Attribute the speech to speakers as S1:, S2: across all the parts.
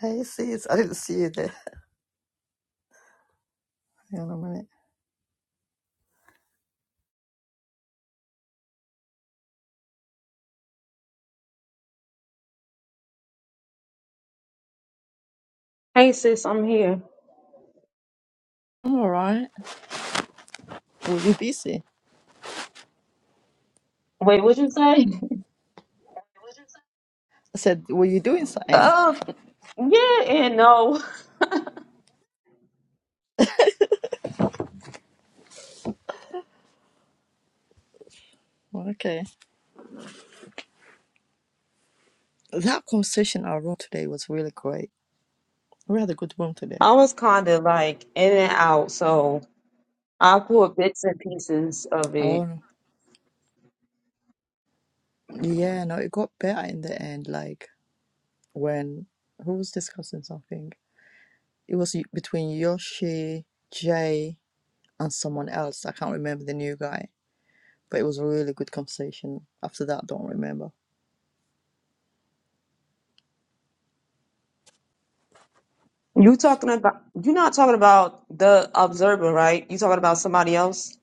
S1: Hey sis, I didn't see you there. Hang on a minute.
S2: Hey sis, I'm here.
S1: I'm alright. Were you busy?
S2: Wait, what you say?
S1: I said, were you doing something?
S2: Uh, yeah and no.
S1: Well, okay. That conversation in our room today was really great. We had a good room today.
S2: I was kind of like in and out, so I caught bits and pieces of it.
S1: Oh yeah, no, it got better in the end. Like when who was discussing something? It was y- between Yoshi, Jay, and someone else. I can't remember the new guy, but it was a really good conversation. After that, I don't remember.
S2: You talking about? You're not talking about the observer, right? You talking about somebody else?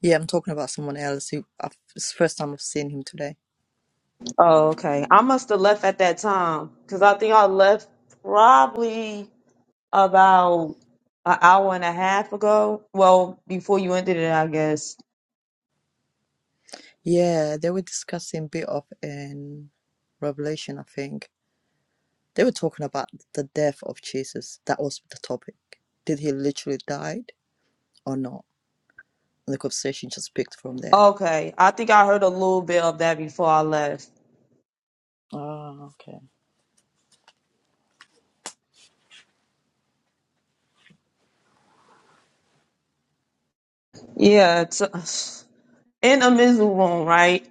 S1: Yeah, I'm talking about someone else who I've, it's the first time I've seen him today
S2: Oh, okay. I must have left at that time because I think I left probably about an hour and a half ago. Well, before you ended it, I guess.
S1: Yeah, they were discussing bit of in Revelation, I think. They were talking about the death of Jesus. That was the topic. Did he literally died or not? And the conversation just picked from there.
S2: Okay, I think I heard a little bit of that before I left.
S1: Oh, okay.
S2: Yeah, it's uh, in a miserable right?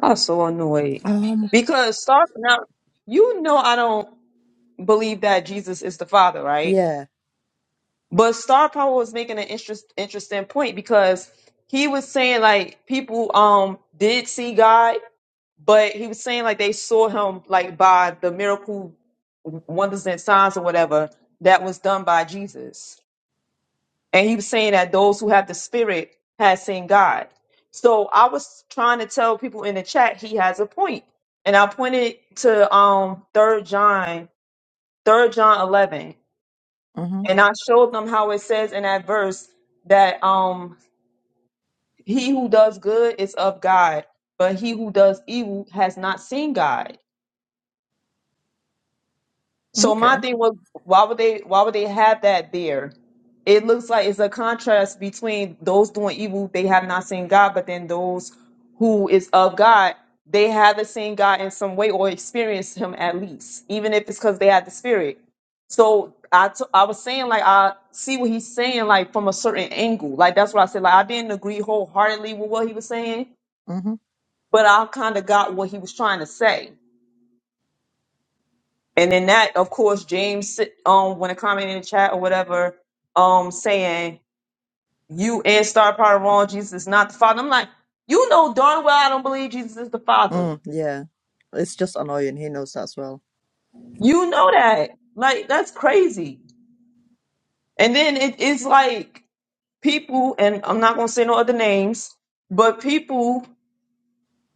S2: I was so annoyed
S1: Um,
S2: because starting out, you know, I don't believe that Jesus is the Father, right?
S1: yeah.
S2: But Star Power was making an interest, interesting point because he was saying like people um did see God, but he was saying like they saw him like by the miracle wonders and signs or whatever that was done by Jesus. and he was saying that those who have the spirit has seen God. So I was trying to tell people in the chat he has a point, and I pointed to um third John, third John eleven,
S1: Mm-hmm.
S2: and I showed them how it says in that verse that um he who does good is of God, but he who does evil has not seen God. So my
S1: Okay.
S2: thing was, why would they? Why would they have that there? It looks like it's a contrast between those doing evil, they have not seen God, but then those who is of God, they haven't seen God in some way or experienced Him at least, even if it's because they had the Spirit. So I, t- I was saying like I see what he's saying like from a certain angle, like that's what I said. Like I didn't agree wholeheartedly with what he was saying,
S1: Mm-hmm.
S2: but I kind of got what he was trying to say. And in that, of course, James sit- um when a comment in the chat or whatever, um saying you and Star Power wrong, Jesus is not the Father. I'm like, you know darn well I don't believe Jesus is the Father.
S1: Mm, yeah. It's just annoying. He knows that as well.
S2: You know that. Like that's crazy. And then it is like people, and I'm not gonna say no other names, but people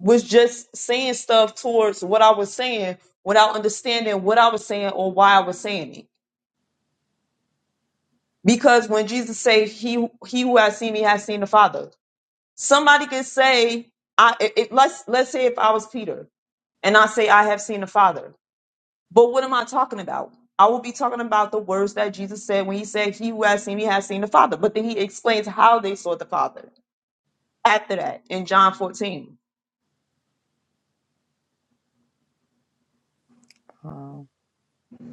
S2: was just saying stuff towards what I was saying without understanding what I was saying or why I was saying it. Because when Jesus said, "He he who has seen me has seen the Father," Somebody could say, I it, it- let's let's say if I was Peter and I say I have seen the Father. But what am I talking about? I will be talking about the words that Jesus said when he said, He who has seen me has seen the Father. But then he explains how they saw the Father after that in John 14.
S1: Wow.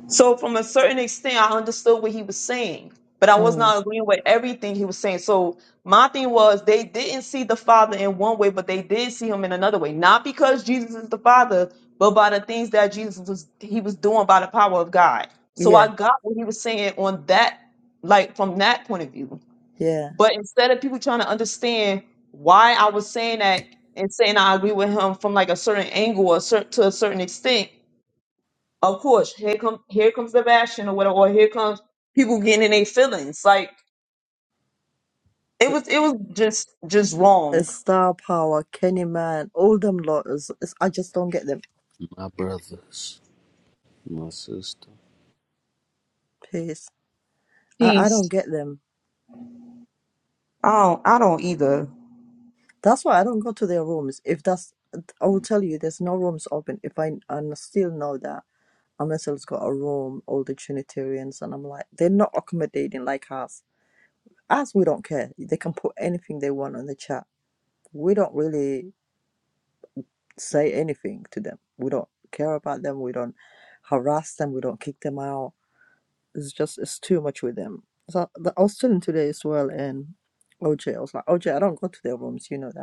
S2: So, from a certain extent, I understood what he was saying, but I was
S1: Mm,
S2: not agreeing with everything he was saying. So, my thing was they didn't see the Father in one way, but they did see him in another way. Not because Jesus is the Father, but by the things that Jesus was he was doing by the power of God. So,
S1: yeah.
S2: I got what he was saying on that, like from that point of view.
S1: Yeah.
S2: But instead of people trying to understand why I was saying that and saying I agree with him from like a certain angle or cer- to a certain extent, of course, here come here comes the bashing or whatever, or here comes people getting in their feelings. Like it
S1: But
S2: was it was just just wrong.
S1: it's star power, Kenny Man, all them lawyers. It's, I just don't get them.
S3: my brothers, my sister.
S1: Peace. I, I don't
S2: Peace.
S1: get them.
S2: I don't I don't either.
S1: That's why I don't go to their rooms. If that's, I will tell you, there's no rooms open. If I and I still know that Amasel's got a room, all the Trinitarians, and I'm like, they're not accommodating like us. Us, we don't care. They can put anything they want on the chat. We don't really say anything to them. We don't care about them. We don't harass them. We don't kick them out. It's just, it's too much with them. So the- I was telling today as well, and OJ, I was like, OJ, I don't go to their rooms. You know that.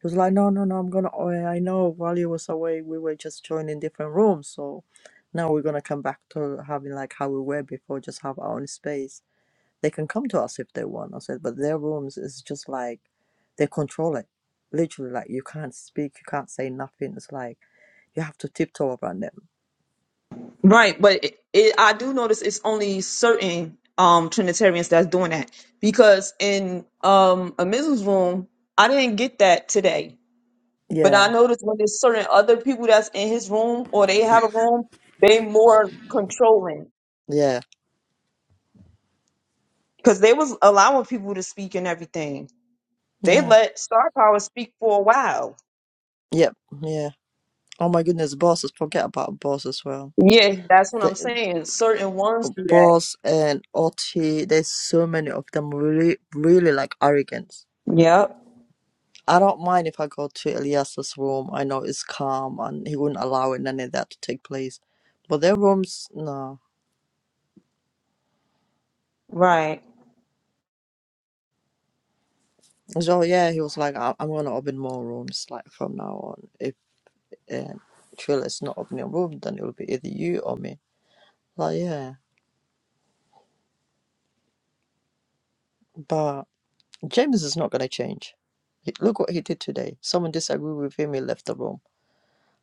S1: He was like, no, no, no, I'm gonna. oh, yeah, I know while Valia was away. We were just joining different rooms, so now we're gonna come back to having like how we were before, just have our own space. They can come to us if they want. I said, but their rooms is just like they control it. Literally, like you can't speak, you can't say nothing. It's like you have to tiptoe around them.
S2: Right, but it, it, I do notice it's only certain um Trinitarians that's doing that because in um a Amizu's room, I didn't get that today. But I
S1: Yeah,
S2: noticed when there's certain other people that's in his room or they have a room, they more controlling
S1: yeah,
S2: because they was allowing people to speak and everything. They
S1: yeah,
S2: let Star Power speak for a while.
S1: yep, yeah. Oh my goodness, bosses. Forget about bosses as well.
S2: Yeah, that's what
S1: They
S2: I'm saying. Certain ones do that.
S1: Boss and Otti, there's so many of them really, really like arrogance.
S2: Yep.
S1: I don't mind if I go to Elias's room. I know it's calm and he wouldn't allow it, none of that to take place. But their rooms, no.
S2: Right.
S1: So yeah, he was like, I- I'm gonna open more rooms like from now on. If um, Trilla is not opening a room, then it'll be either you or me. Like yeah, but James is not gonna change. He- Look what he did today. Someone disagreed with him. He left the room.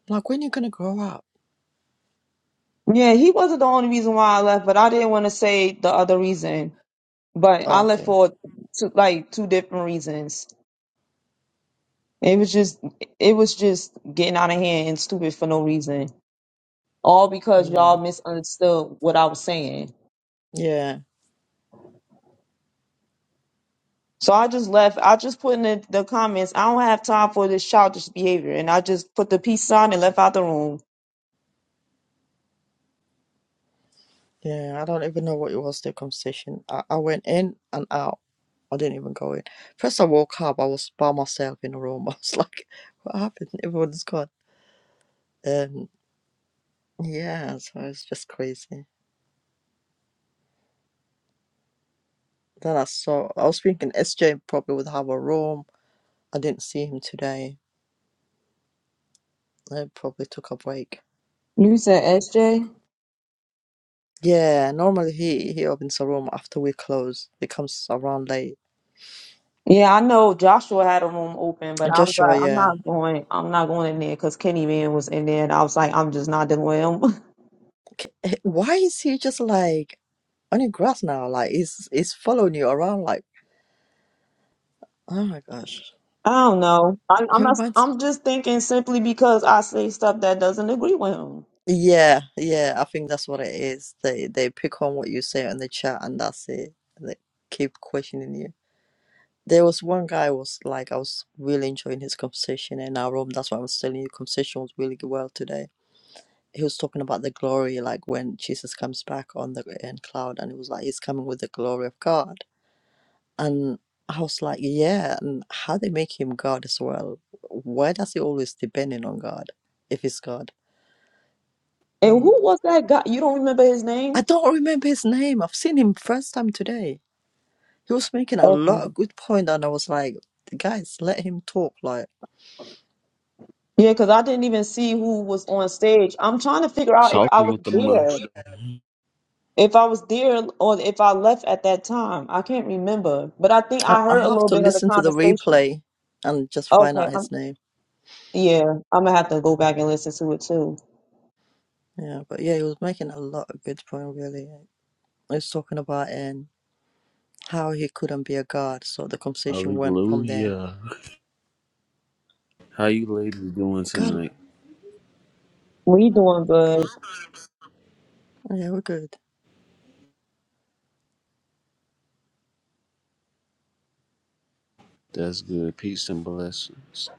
S1: Like when you gonna grow up?
S2: Yeah, he wasn't the only reason why I left, but I didn't want to say the other reason But
S1: Oh,
S2: I left
S1: okay.
S2: for two, like two different reasons. It was just it was just getting out of hand and stupid for no reason. All because
S1: Hmm.
S2: y'all misunderstood what I was saying.
S1: Yeah,
S2: So I just left. I just put in the, the comments, I don't have time for this childish behavior. And I just put the peace sign and left out the room.
S1: yeah. I don't even know what it was, the conversation. I, I went in and out. I didn't even go in. First, I woke up. I was by myself in a room. I was like, what happened? Everyone's gone. Um, yeah, so it's just crazy. Then I saw, I was thinking SJ probably would have a room. I didn't see him today. I probably took a break.
S2: You said SJ?
S1: Yeah, normally he, he opens a room after we close. He comes around late.
S2: Yeah, I know Joshua had a room open, but I was
S1: Joshua,
S2: like, I'm
S1: yeah.
S2: not going, I'm not going in there because Kenny Man was in there and I was like, I'm just not dealing with him.
S1: K- eh, Why is he just like. Only grass now. Like it's it's following you around. Like oh my gosh,
S2: I don't know. I, I'm
S1: It
S2: not.
S1: reminds
S2: I'm just thinking simply because I say stuff that doesn't agree with him.
S1: yeah, yeah. I think that's what it is. They they pick on what you say in the chat, and that's it. And they keep questioning you. There was one guy was like I was really enjoying his conversation in our room. That's why I was telling you conversation was really well today. He was talking about the glory, like when Jesus comes back on the in cloud, and it was like he's coming with the glory of God. And I was like, yeah, and how they make him God as well? Why does he always depending on God if he's God?
S2: And
S1: And
S2: who was that guy? You don't remember his
S1: I
S2: name?
S1: don't remember his name. I've seen him first time today. He was making a lot of
S2: Okay.
S1: good point, and I was like, guys, let him talk. Like,
S2: Yeah, because I didn't even see who was on stage. I'm trying to figure out if I
S3: Talking
S2: was
S3: with the monks.
S2: there, if I was there, or if I left at that time. I can't remember, but I think
S1: I,
S2: I
S1: I
S2: heard a
S1: have
S2: little
S1: to
S2: bit of the
S1: listen to the
S2: conversation.
S1: replay and just find
S2: Okay.
S1: out his
S2: I'm,
S1: name.
S2: yeah, I'm gonna have to go back and listen to it too.
S1: Yeah, but yeah, he was making a lot of good point. Really, he was talking about and how he couldn't be a god. So the conversation went from there.
S3: Hallelujah. How you ladies doing
S1: God,
S3: tonight?
S2: We doing good.
S1: yeah, we're good.
S3: That's good. Peace and blessings.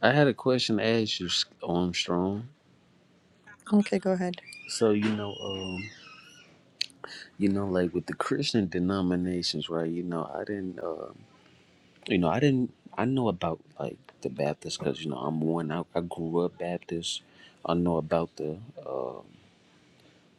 S3: I had a question to ask you, Armstrong.
S1: Okay, go ahead.
S3: So you know, um, you know, like with the Christian denominations, right? You know, I didn't, uh, you know, I didn't, I know about like the Baptist because you know I'm one. I, I grew up Baptist. I know about the. uh,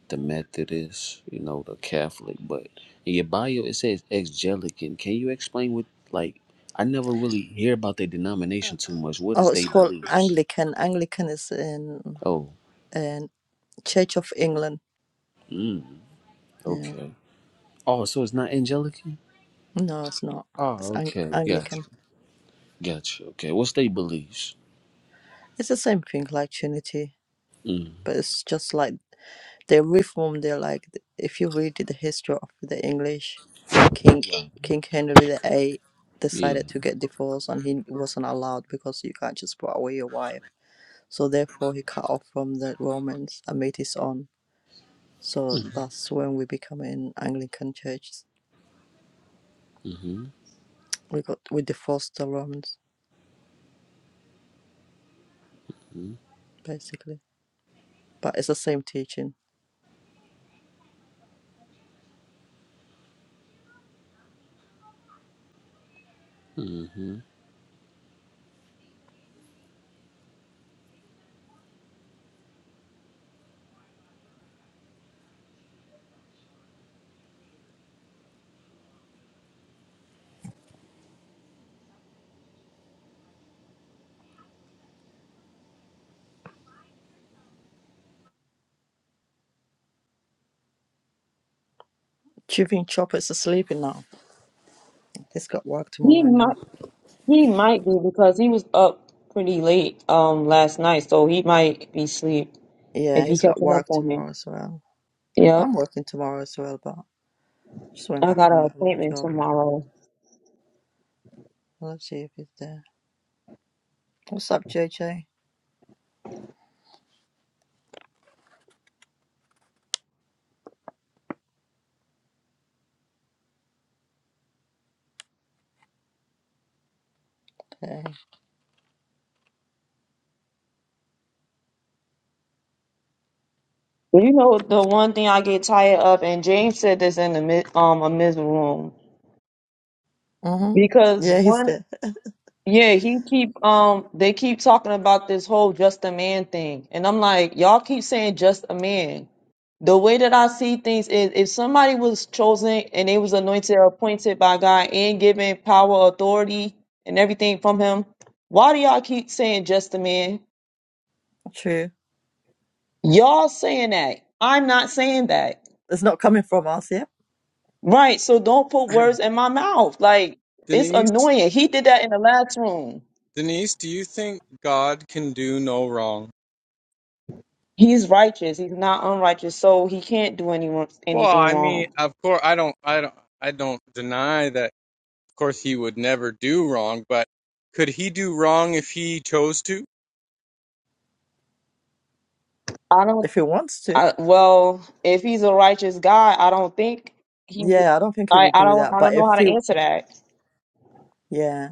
S3: the Methodist, you know, the Catholic, but in your bio it says ex-Jellican. Can you explain what like I never really hear about their denomination too much. What
S1: Oh,
S3: is
S1: it's
S3: they
S1: called
S3: beliefs?
S1: Anglican. Anglican is in
S3: Oh,
S1: in Church of England.
S3: mm,
S1: Yeah.
S3: okay. Oh, so it's not Angelican?
S1: No, it's not. It's
S3: Oh,
S1: Ang-
S3: okay. Gotcha.
S1: Anglican.
S3: Gotcha. Okay. What's they beliefs?
S1: It's the same thing like Trinity,
S3: Mm.
S1: but it's just like they reformed. They're like if you read the history of the English, King
S3: Right.
S1: King Henry the Eighth
S3: Yeah.
S1: decided to get divorced and he wasn't allowed because you can't just put away your wife. So therefore he cut off from the Romans and made his own. So that's when we become an Anglican church
S3: Mm-hmm.
S1: we got with the first alarms basically but it's the same teaching
S3: Mm-hmm.
S1: chewing chopper's asleep now he's got work
S2: He
S1: tomorrow
S2: might.
S1: now
S2: He might be because he was up pretty late um last night, so he might be asleep
S1: yeah
S2: if he
S1: he's got
S2: catching up
S1: work
S2: on me.
S1: tomorrow as well i'm
S2: Yep.
S1: working tomorrow as well but just went
S2: I
S1: back
S2: got
S1: to
S2: an
S1: my little
S2: appointment
S1: job
S2: tomorrow.
S1: let's see if he's there what's up jj hey
S2: But you know the one thing I get tired of, and James said this in the mid um a mid room
S1: mm-hmm.
S2: because
S1: yeah he's
S2: one
S1: there
S2: yeah he keep um they keep talking about this whole just a man thing, and I'm like y'all keep saying just a man. the way that I see things is if somebody was chosen and they was anointed or appointed by God and given power, authority, and everything from him, why do y'all keep saying just a man?
S1: true
S2: Y'all saying that. I'm not saying that.
S1: it's not coming from us yeah
S2: Right. So don't put words in my mouth. Like it's
S4: Denise,
S2: annoying. He did that in the last room.
S4: Denise, do you think God can do no wrong?
S2: He's righteous. He's not unrighteous. So he can't do any,
S4: Well,
S2: anything
S4: I mean,
S2: wrong.
S4: of course, I don't, I don't, I don't deny that. Of course, he would never do wrong, but could he do wrong if he chose to?
S2: I don't
S1: if he wants to
S2: I, well, if he's a righteous God, I don't think he.
S1: yeah i don't think he
S2: I,
S1: would
S2: I
S1: do
S2: don't.
S1: that
S2: I
S1: but
S2: don't know
S1: if
S2: how to
S1: he
S2: answer that.
S1: yeah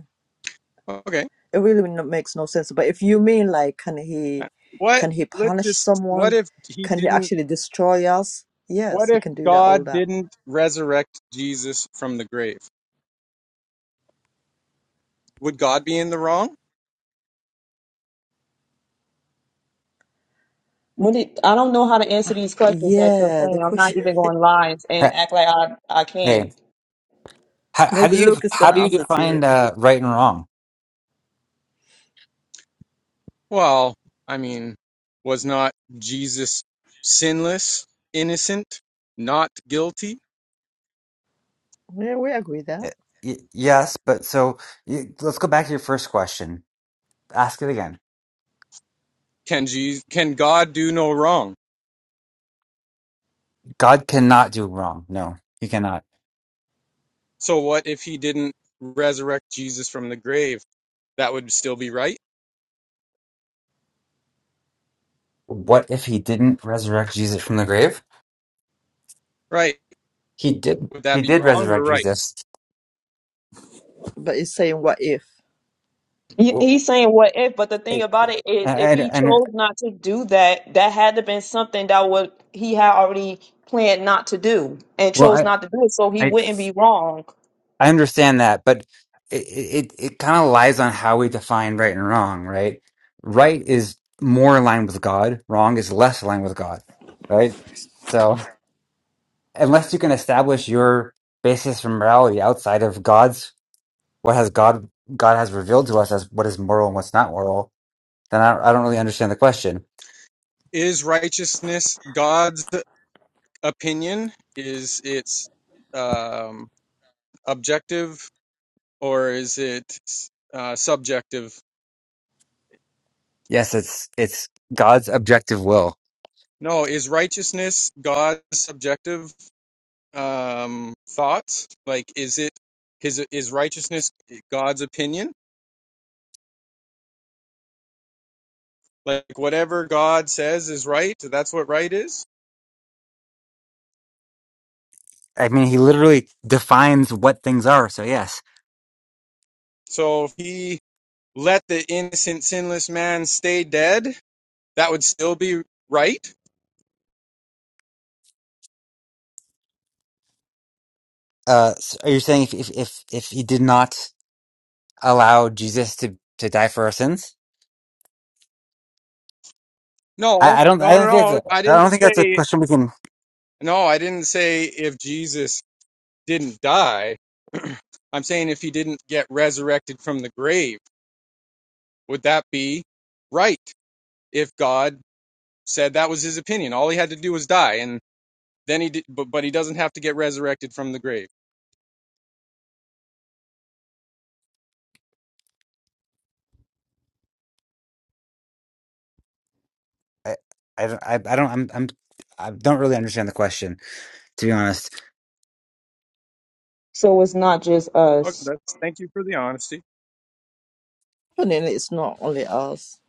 S4: Okay,
S1: it really no- makes no sense. But if you mean like, can he,
S4: what?
S1: can he
S4: Let's
S1: punish
S4: just. What
S1: someone?
S4: if he
S1: Can he
S4: didn't?
S1: actually destroy us? Yes,
S4: What
S1: he
S4: if
S1: can do that. All
S4: God
S1: that.
S4: didn't resurrect Jesus from the grave? Would God be in the wrong?
S2: When did, I don't know how to answer these questions that you're
S1: Yeah, the
S2: saying. I'm not
S1: question.
S2: even going to lie and,
S5: Uh,
S2: and act like I I
S5: Okay.
S2: can.
S5: How, how do
S1: Maybe
S5: you
S1: Luke is
S5: how
S1: gonna
S5: do you
S1: answer to
S5: define
S1: you.
S5: uh, right and wrong?
S4: Well, I mean, was not Jesus sinless, innocent, not guilty?
S1: Yeah, we agree there.
S5: Uh, y- yes, but so y let's go back to your first question. Ask it again.
S4: Can Jesus, can God do no wrong?
S5: God cannot do wrong. No, he cannot.
S4: So what if he didn't resurrect Jesus from the grave? That would still be right?
S5: What if he didn't resurrect Jesus from the grave?
S4: Right.
S5: He did.
S4: Would that
S5: He
S4: be
S5: did
S4: wrong or
S5: resurrect
S4: right?
S5: Jesus.
S1: But it's saying what if?
S2: He- He's
S5: Well,
S2: saying what if, but the thing
S5: I-
S2: about it is, if
S5: And
S2: he
S5: and
S2: chose not to do that, that had to been something that would he had already planned not to do and
S5: well,
S2: chose
S5: I
S2: not to do it, so he
S5: I
S2: wouldn't be wrong.
S5: I understand that, but it it, it kind of lies on how we define right and wrong, right? Right is more aligned with God, wrong is less aligned with God, right? So unless you can establish your basis for morality outside of God's what has God God has revealed to us as what is moral and what's not moral, then I, I don't really understand the question.
S4: Is righteousness God's opinion? Is it um, objective or is it uh, subjective?
S5: Yes, it's it's God's objective will.
S4: No, is righteousness God's subjective um, thoughts? Like, is it his is righteousness God's opinion? Like whatever God says is right, that's what right is.
S5: I mean, he literally defines what things are. So yes,
S4: So if he let the innocent, sinless man stay dead, that would still be right?
S5: uh, so are you saying if, if if if he did not? allow Jesus to to die for our sins?
S4: No,
S5: I, I don't
S4: no,
S5: I
S4: no,
S5: don't think
S4: no.
S5: that's
S4: I
S5: a, I don't
S4: didn't
S5: think that's a
S4: say,
S5: question we can
S4: no, I didn't say if Jesus didn't die. I'm saying if he didn't get resurrected from the grave, would that be right? If God said that was his opinion, all he had to do was die, and then he did, but, but he doesn't have to get resurrected from the grave.
S5: I, I don't I, I don't I'm, I'm I don't really understand the question to be honest.
S2: So it's not just
S4: Okay,
S2: us.
S4: that's, thank you for the honesty.
S1: But then it's not only us.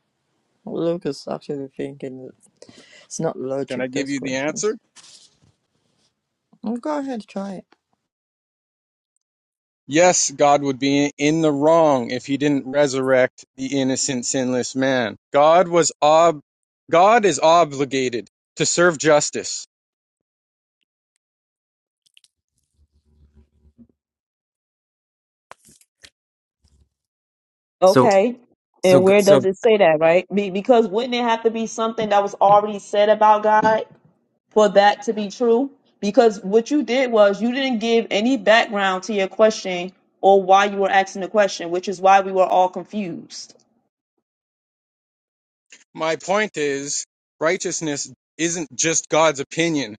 S1: Luke is actually thinking it's not
S4: Can I
S1: logic.
S4: give
S1: Those
S4: you the
S1: questions.
S4: answer?
S1: Well, go ahead, try it.
S4: Yes, God would be in the wrong if he didn't resurrect the innocent, sinless man. God was ob- God is obligated to serve justice.
S5: So
S2: Okay.
S5: so
S2: And
S5: g-
S2: where does
S5: so
S2: it say that, right? Be- because wouldn't it have to be something that was already said about God for that to be true? Because what you did was you didn't give any background to your question or why you were asking the question, which is why we were all confused.
S4: My point is, righteousness isn't just God's opinion.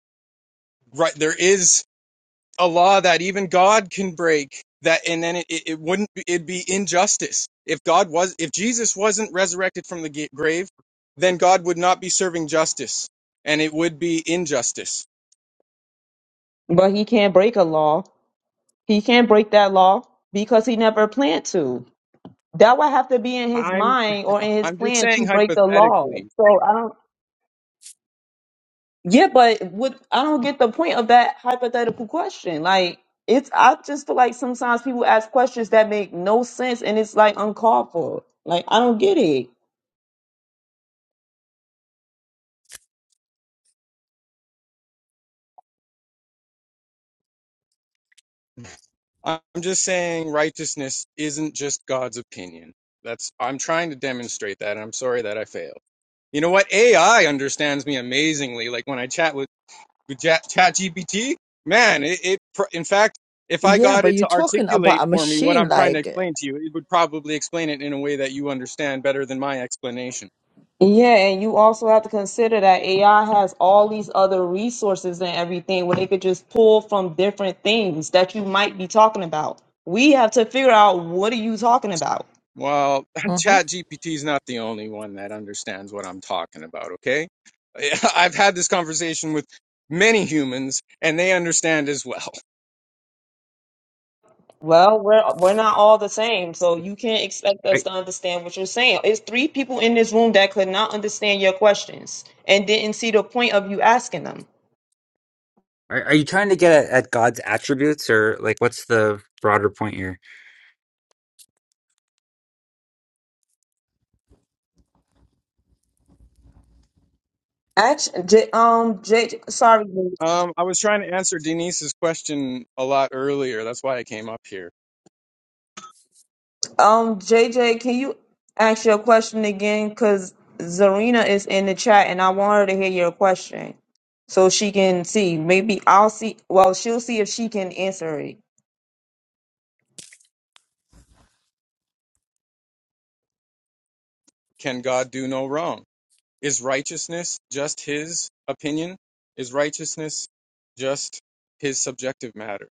S4: Right, there is a law that even God can break that, and then it, it, it wouldn't be, it'd be injustice. If God was, if Jesus wasn't resurrected from the ga- grave, then God would not be serving justice, and it would be injustice.
S2: But he can't break a law. He can't break that law because he never planned to. That would have to be in his
S4: I'm
S2: mind or in his
S4: I'm just
S2: plan to
S4: saying
S2: break the law.
S4: hypothetically.
S2: So I don't Yeah, but what I don't get the point of that hypothetical question. Like it's I just feel like sometimes people ask questions that make no sense and it's like uncalled for. Like I don't get it.
S4: I'm just saying righteousness isn't just God's opinion. That's I'm trying to demonstrate that. and I'm sorry that I failed. You know what? AI understands me amazingly. Like when I chat with with Chat GPT, man, it, it pr- in fact, if I
S1: Yeah,
S4: got
S1: but
S4: it
S1: you're
S4: to
S1: talking about
S4: articulate
S1: a
S4: for me what
S1: machine
S4: I'm trying to
S1: like.
S4: explain to you, it would probably explain it in a way that you understand better than my explanation.
S2: Yeah, and you also have to consider that AI has all these other resources and everything where they could just pull from different things that you might be talking about. We have to figure out what are you talking about?
S4: Well,
S1: Mm-hmm.
S4: ChatGPT is not the only one that understands what I'm talking about, okay? Yeah, I've had this conversation with many humans and they understand as well.
S2: Well, we're we're not all the same, so you can't expect
S5: are,
S2: us to understand what you're saying. It's three people in this room that could not understand your questions and didn't see the point of you asking them.
S5: are are you trying to get at, at God's attributes or like what's the broader point here?
S2: Actually, J, um, J, sorry, Luke.
S4: Um, I was trying to answer Denise's question a lot earlier. That's why I came up here.
S2: um, JJ, can you ask your question again? Because Zarina is in the chat, and I want her to hear your question, so she can see. Maybe I'll see. Well, she'll see if she can answer it.
S4: Can God do no wrong? Is righteousness just his opinion? Is righteousness just his subjective matter?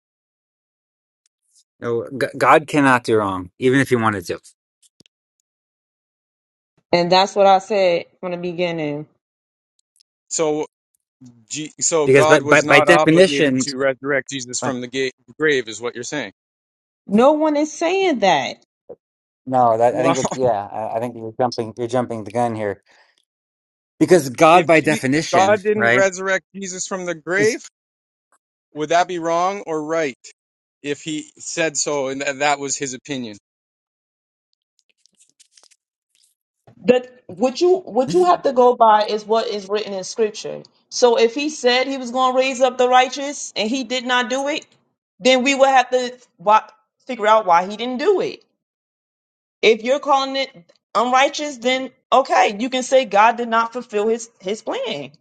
S5: No, G- God cannot do wrong even if he wanted to.
S2: And that's what I said from the beginning.
S4: So, G- so
S5: Because
S4: God
S5: but by,
S4: was
S5: by, by
S4: not obligated
S5: definition
S4: to resurrect Jesus
S5: but-
S4: from the ga- grave, is what you're saying.
S2: No one is saying that.
S5: no, that I
S4: Well.
S5: think that's yeah, I, I think you're jumping you're jumping the gun here. Because
S4: If
S5: God by
S4: G- if
S5: definition,
S4: God didn't
S5: right?
S4: resurrect Jesus from the grave, would that be wrong or right? If he said so, and tha- that was his opinion.
S2: That what you what you have to go by is what is written in scripture. So if he said he was going to raise up the righteous and he did not do it, then we would have to wa- figure out why he didn't do it. If you're calling it unrighteous, then okay, you can say God did not fulfill his his plan,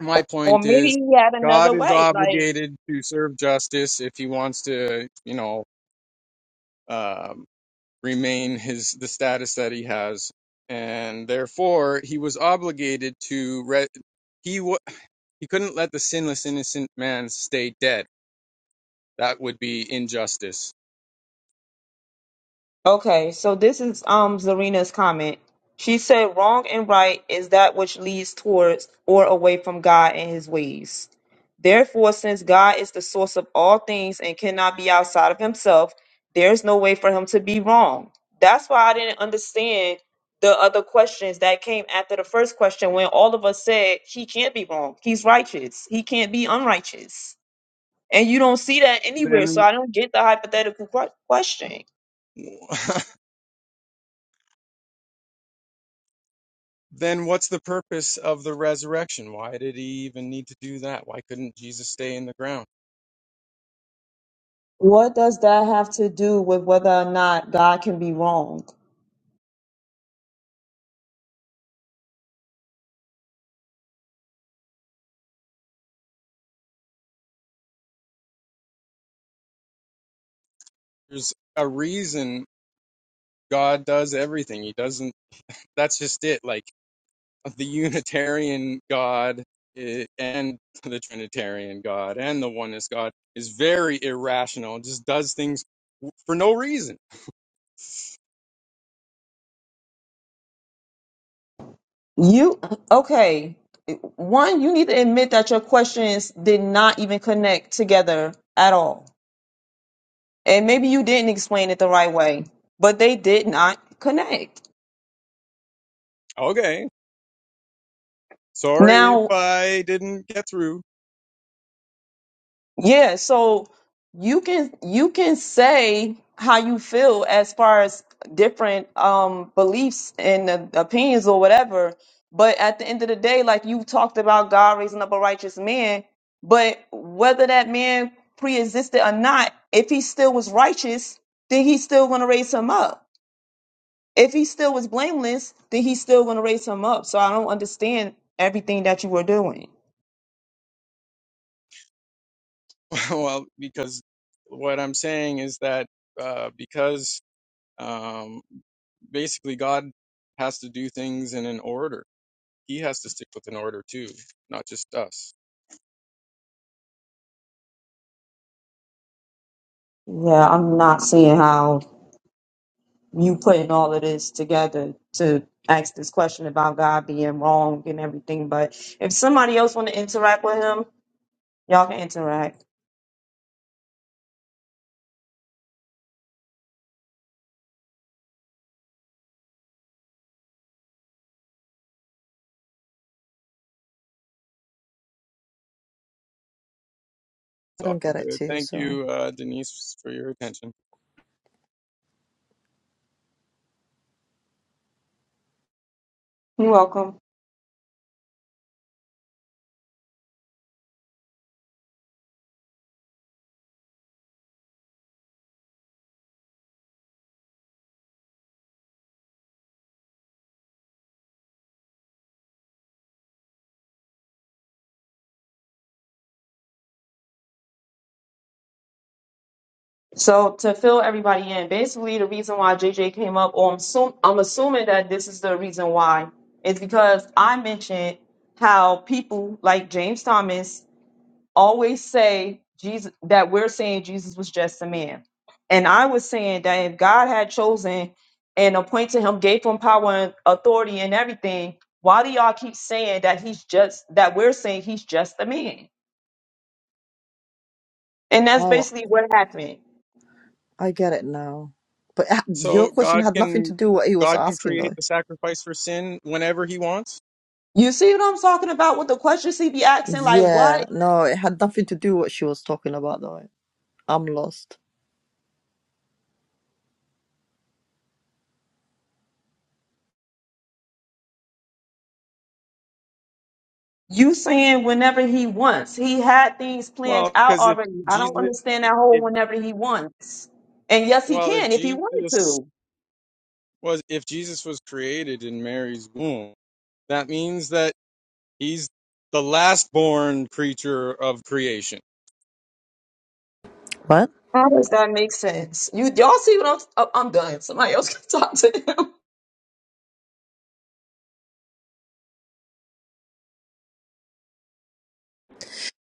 S4: My
S2: or
S4: point
S2: maybe
S4: is,
S2: he had another
S4: God is
S2: way. Like.
S4: obligated to serve justice if he wants to, you know, um, remain his the status that he has, and therefore he was obligated to. Re- he wa he couldn't let the sinless innocent man stay dead. That would be injustice.
S2: Okay, so this is um Zarina's comment. She said wrong and right is that which leads towards or away from God and his ways. Therefore, since God is the source of all things and cannot be outside of himself, there's no way for him to be wrong. That's why I didn't understand the other questions that came after the first question when all of us said he can't be wrong. He's righteous. He can't be unrighteous. And you don't see that anywhere, so
S4: Then
S2: I don't get the hypothetical que- question.
S4: then what's the purpose of the resurrection? Why did he even need to do that? Why couldn't Jesus stay in the ground?
S2: What does that have to do with whether or not God can be wrong?
S4: There's a reason God does everything. He doesn't, that's just it. Like the Unitarian God eh, and the Trinitarian God and the Oneness God is very irrational, just does things w- for no reason.
S2: You okay? One, you need to admit that your questions did not even connect together at all, and maybe you didn't explain it the right way, but they did not connect.
S4: Okay. Sorry if
S2: Now,
S4: I didn't get through.
S2: Yeah, so you can you can say how you feel as far as different um beliefs and uh, opinions or whatever, but at the end of the day, like you talked about God raising up a righteous man, but whether that man pre-existed or not, if he still was righteous, then he's still going to raise him up. If he still was blameless, then he's still going to raise him up. So I don't understand everything that you were doing.
S4: well, because what I'm saying is that uh, because Um, basically, God has to do things in an order. He has to stick with an order too, not just us.
S2: Yeah, I'm not seeing how you putting all of this together to ask this question about God being wrong and everything. But if somebody else want to interact with him, y'all can interact.
S1: I
S4: It's all
S1: don't get it
S4: good.
S1: too.
S4: Thank
S1: So.
S4: you, uh, Denise, for your attention.
S2: You're welcome. So to fill everybody in, basically the reason why JJ came up, or I'm, assum- I'm assuming that this is the reason why, is because I mentioned how people like James Thomas always say Jesus that we're saying Jesus was just a man. And I was saying that if God had chosen and appointed him, gave him power and authority and everything, why do y'all keep saying that he's just that we're saying he's just a man? And that's
S1: oh.
S2: basically what happened.
S1: I get it now. But it- ha- your
S4: So
S1: question
S4: God
S1: had nothing to
S4: can
S1: do what he was
S4: God can
S1: asking
S4: create
S1: though.
S4: the sacrifice for sin whenever He wants.
S2: You see what I'm talking about with the questions he be asking, like
S1: Yeah,
S2: what?
S1: no, it had nothing to do what she was talking about though. I'm lost.
S2: You saying whenever he wants. He had things planned
S4: Well,
S2: out
S4: because if
S2: already. I don't
S4: Jesus,
S2: understand that whole
S4: if
S2: whenever he wants. And yes, he
S4: well, if
S2: can if he wanted
S4: Jesus
S2: to.
S4: was if Jesus was created in Mary's womb, that means that He's the last born creature of creation
S6: What?
S2: How does that make sense? You y'all see what I'm? oh, I'm done. Somebody else can talk to him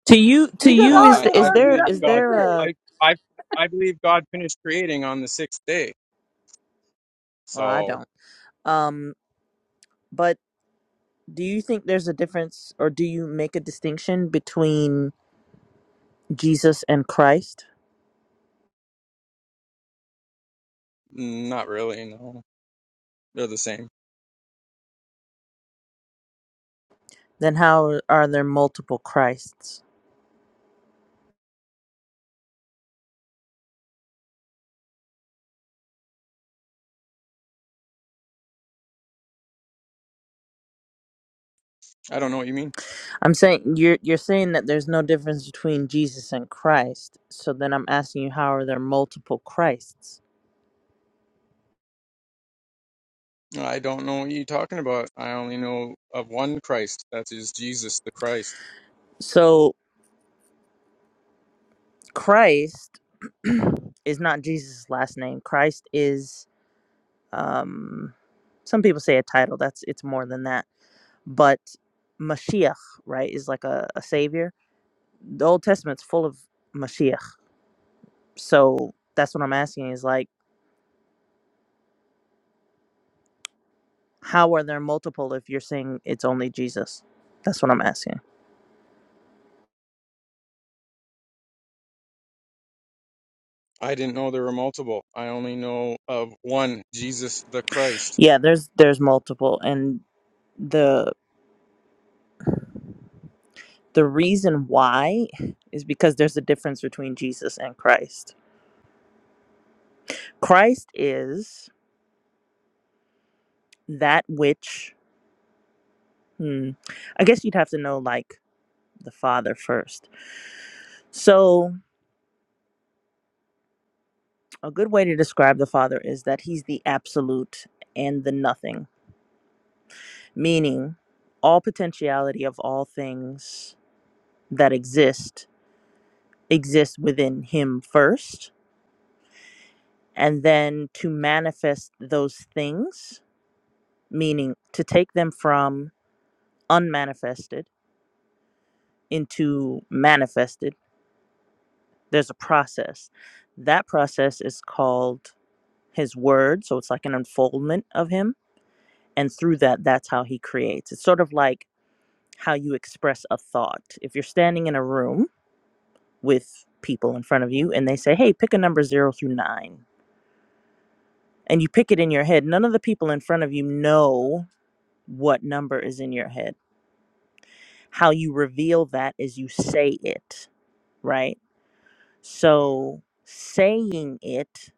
S6: To you to
S4: Well,
S2: because
S6: you
S2: how
S6: is
S2: in
S4: I,
S2: the
S6: the,
S4: I
S6: is
S2: world does
S6: there
S4: believe
S2: that
S6: is
S2: make
S4: God.
S6: there
S4: cr-
S2: sense?
S6: a
S4: I, I I believe God finished creating on the sixth day.
S6: well I
S4: So
S6: don't. Um but do you think there's a difference or do you make a distinction between Jesus and Christ?
S4: mm, not really. No, they're the same.
S6: Then how are there multiple Christs?
S4: I don't know what you mean.
S6: I'm saying you're you're saying that there's no difference between Jesus and Christ. So then I'm asking you how are there multiple Christs?
S4: I don't know what you're talking about. I only know of one Christ. That is Jesus the Christ.
S6: So Christ is not Jesus' last name. Christ is um some people say a title that's it's more than that but mashiach right is like a, a savior the old testament's full of mashiach so that's what i'm asking is like how are there multiple if you're saying it's only jesus that's what i'm asking
S4: I didn't know there were multiple. I only know of one Jesus the Christ.
S6: yeah there's there's multiple and the the reason why is because there's a difference between jesus and christ christ is that which hmm, i guess you'd have to know like the father first So, a good way to describe the Father is that He's the absolute and the nothing, meaning all potentiality of all things that exist exist within Him first. And then to manifest those things, meaning to take them from unmanifested into manifested, there's a process. That process is called His Word. So, it's like an unfoldment of Him and through that that's how he creates it's sort of like how you express a thought if you're standing in a room with people in front of you and they say hey pick a number 0 through 9 and you pick it in your head none of the people in front of you know what number is in your head how you reveal that is you say it right so saying it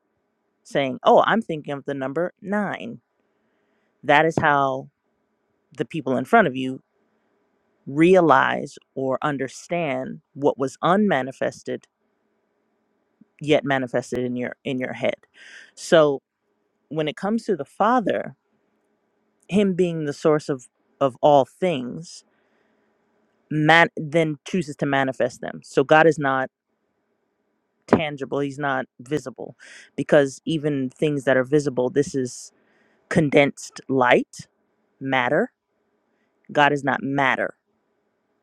S6: saying oh i'm thinking of the number 9 that is how the people in front of you realize or understand what was unmanifested yet manifested in your in your head so when it comes to the father him being the source of of all things man then chooses to manifest them so god is not tangible he's not visible because even things that are visible this is condensed light matter god is not matter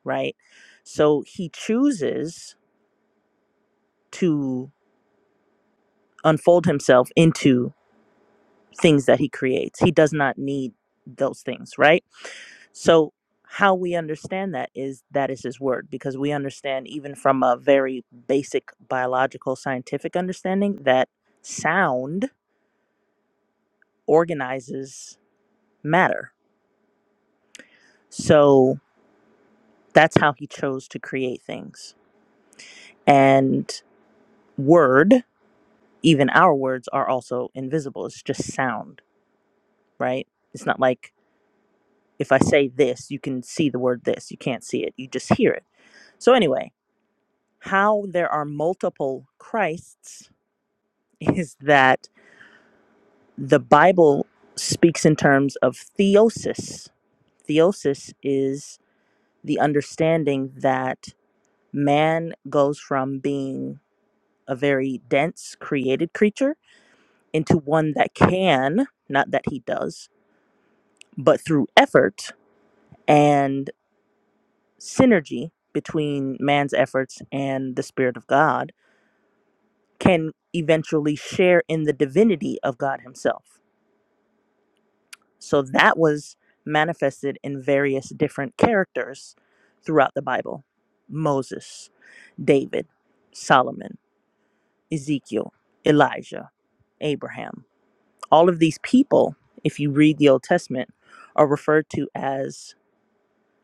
S6: right so he chooses to unfold himself into things that he creates. He does not need those things, right? So how we understand that is that is his word because we understand even from a very basic biological scientific understanding that sound organizes matter. So that's how he chose to create things. And word, even our words are also invisible. It's just sound, right? It's not like if I say this, you can see the word this. You can't see it. You just hear it So, anyway, how there are multiple Christs is that the Bible speaks in terms of theosis. Theosis is the understanding that man goes from being a very dense created creature into one that can, not that he does, but through effort and synergy between man's efforts and the Spirit of God can eventually share in the divinity of God Himself. So that was manifested in various different characters throughout the Bible Moses, David, Solomon, Ezekiel, Elijah, Abraham. All of these people, if you read the Old Testament, are referred to as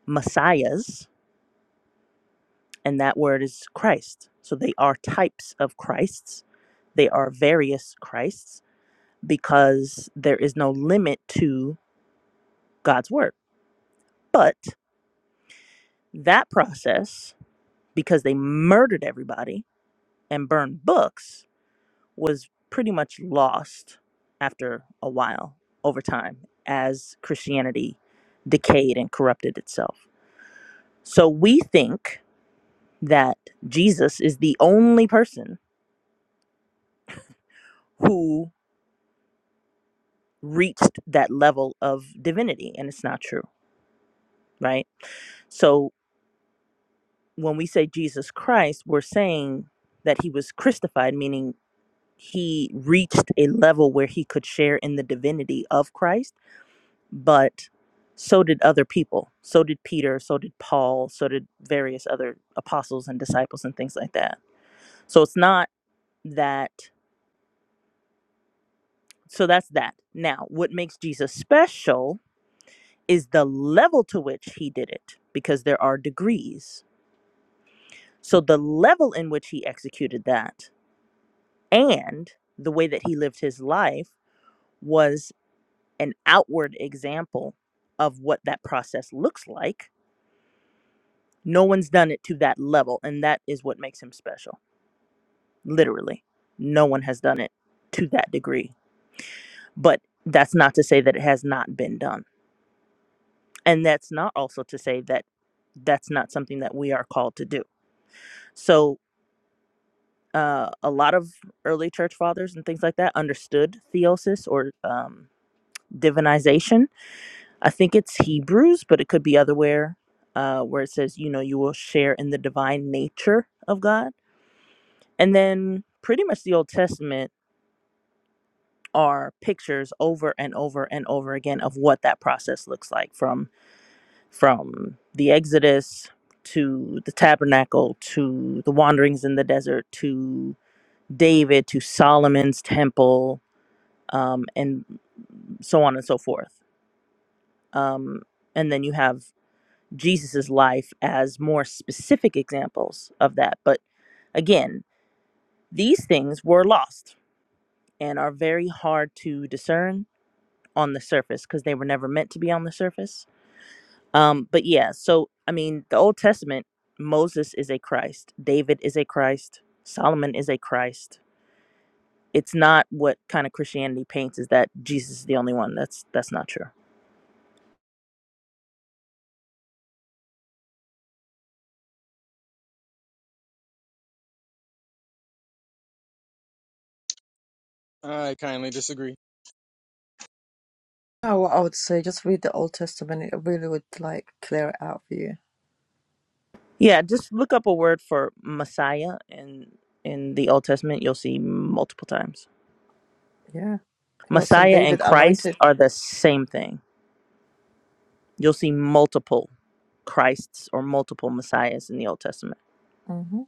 S6: messiahs, and that word is Christ. So they are types of Christs, they are various Christs because there is no limit to God's word. But that process, because they murdered everybody and burned books, was pretty much lost after a while over time as Christianity decayed and corrupted itself. So we think that Jesus is the only person who reached that level of divinity, and it's not true, right? So when we say Jesus Christ, we're saying that he was crucified, meaning he reached a level where he could share in the divinity of Christ, but so did other people. So did Peter, so did Paul, so did various other apostles and disciples and things like that. So it's not that, so that's that. Now, what makes Jesus special is the level to which he did it, because there are degrees. So the level in which he executed that And the way that he lived his life was an outward example of what that process looks like. No one's done it to that level. And that is what makes him special. Literally, no one has done it to that degree. But that's not to say that it has not been done. And that's not also to say that that's not something that we are called to do. So, uh, a lot of early church fathers and things like that understood theosis or um, divinization I think it's Hebrews, but it could be other where, uh, where it says, you know, you will share in the divine nature of God. And then pretty much the Old Testament are pictures over and over and over again of what that process looks like from from the Exodus to the tabernacle to the wanderings in the desert to David to Solomon's temple um, and so on and so forth. Um, and then you have Jesus's life as more specific examples of that. But again, these things were lost and are very hard to discern on the surface because they were never meant to be on the surface. Um, but yeah, so I mean, the Old Testament, Moses is a Christ, David is a Christ, Solomon is a Christ. It's not what kind of Christianity paints is that Jesus is the only one. That's that's not true.
S4: I kindly disagree.
S1: Oh, what I would say just read the Old Testament. It really would like clear it out for you.
S6: Yeah, just look up a word for Messiah in in the Old Testament. You'll see multiple times.
S1: Yeah, he was on
S6: Messiah and
S1: David
S6: Christ
S1: anointed.
S6: are the same thing. You'll see multiple Christs or multiple Messiahs in the Old Testament.
S1: hmm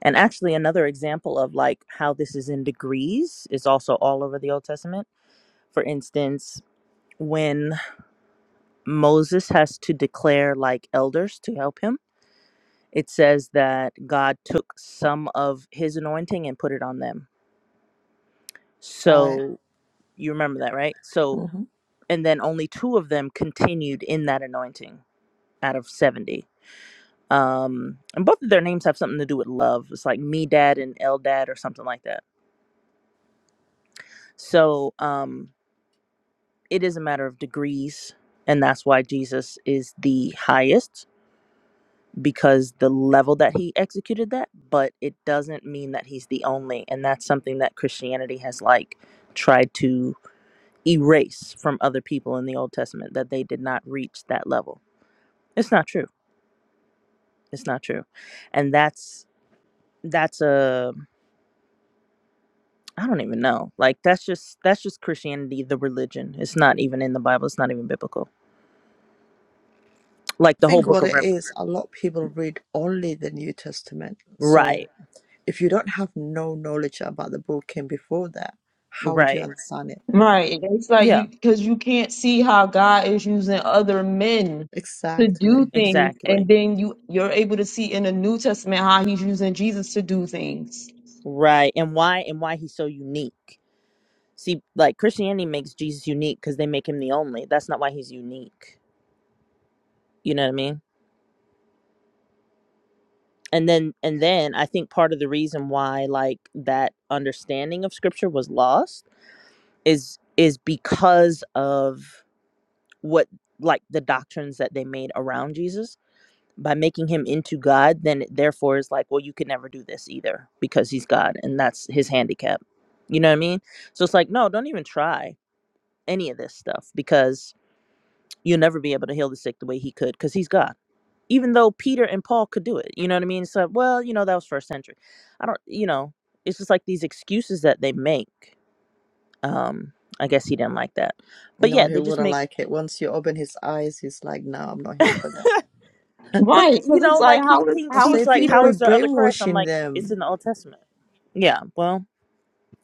S6: And actually, another example of like how this is in degrees is also all over the Old Testament. For instance, when Moses has to declare like elders to help him, it says that God took some of his anointing and put it on them.
S1: Right.
S6: So you remember that, right? So,
S1: hmm
S6: and then only two of them continued in that anointing out of 70 um and both of their names have something to do with love it's like me dad and el dad or something like that so um it is a matter of degrees and that's why jesus is the highest because the level that he executed that but it doesn't mean that he's the only and that's something that christianity has like tried to erase from other people in the old testament that they did not reach that level it's not true it's not true and that's that's a I don't even know. Like that's just that's just Christianity, the religion. It's not even in the Bible. It's not even biblical. Like
S1: I
S6: the whole
S1: think
S6: book
S1: what
S6: of
S1: it
S6: Revelation.
S1: is, a lot of people read only the New Testament. So
S6: Right.
S1: if you don't have no knowledge about the book came before that, how would you
S6: Right.
S1: understand it?
S2: Right. It's like
S6: Yeah.
S2: you because you can't see how God is using other men to
S1: Exactly.
S2: do things, and
S6: Exactly.
S2: then you you're able to see in the New Testament how He's using Jesus to do things.
S6: Right. And why and why he's so unique. See, like Christianity makes Jesus unique because they make him the only. That's not why he's unique. You know what I mean? And then and then I think part of the reason why like that understanding of scripture was lost is is because of what like the doctrines that they made around Jesus by making him into God, then it therefore is like, well, you can never do this either because he's God and that's his handicap. You know what I mean? So it's like, no, don't even try any of this stuff because you'll never be able to heal the sick the way he could because he's God. Even though Peter and Paul could do it, you know what I mean? So, well, you know, that was first century. I don't, you know, it's just like these excuses that they make. Um, I guess he didn't like that. But
S1: No,
S6: yeah,
S1: he
S6: they just
S1: wouldn't
S6: make.
S1: like it. Once you open his eyes, he's like, no, I'm not here for that.
S6: But
S2: Right.
S6: you
S2: Because
S6: know,
S2: it's like
S6: like he
S2: how is
S6: thinks
S1: Because
S2: how is
S1: they
S6: he's like,
S1: think
S6: how
S1: we're
S2: Peter?
S6: is there other Christ? I'm
S1: brainwashing
S6: like, it's
S1: them.
S6: in the Old Testament. Yeah, well,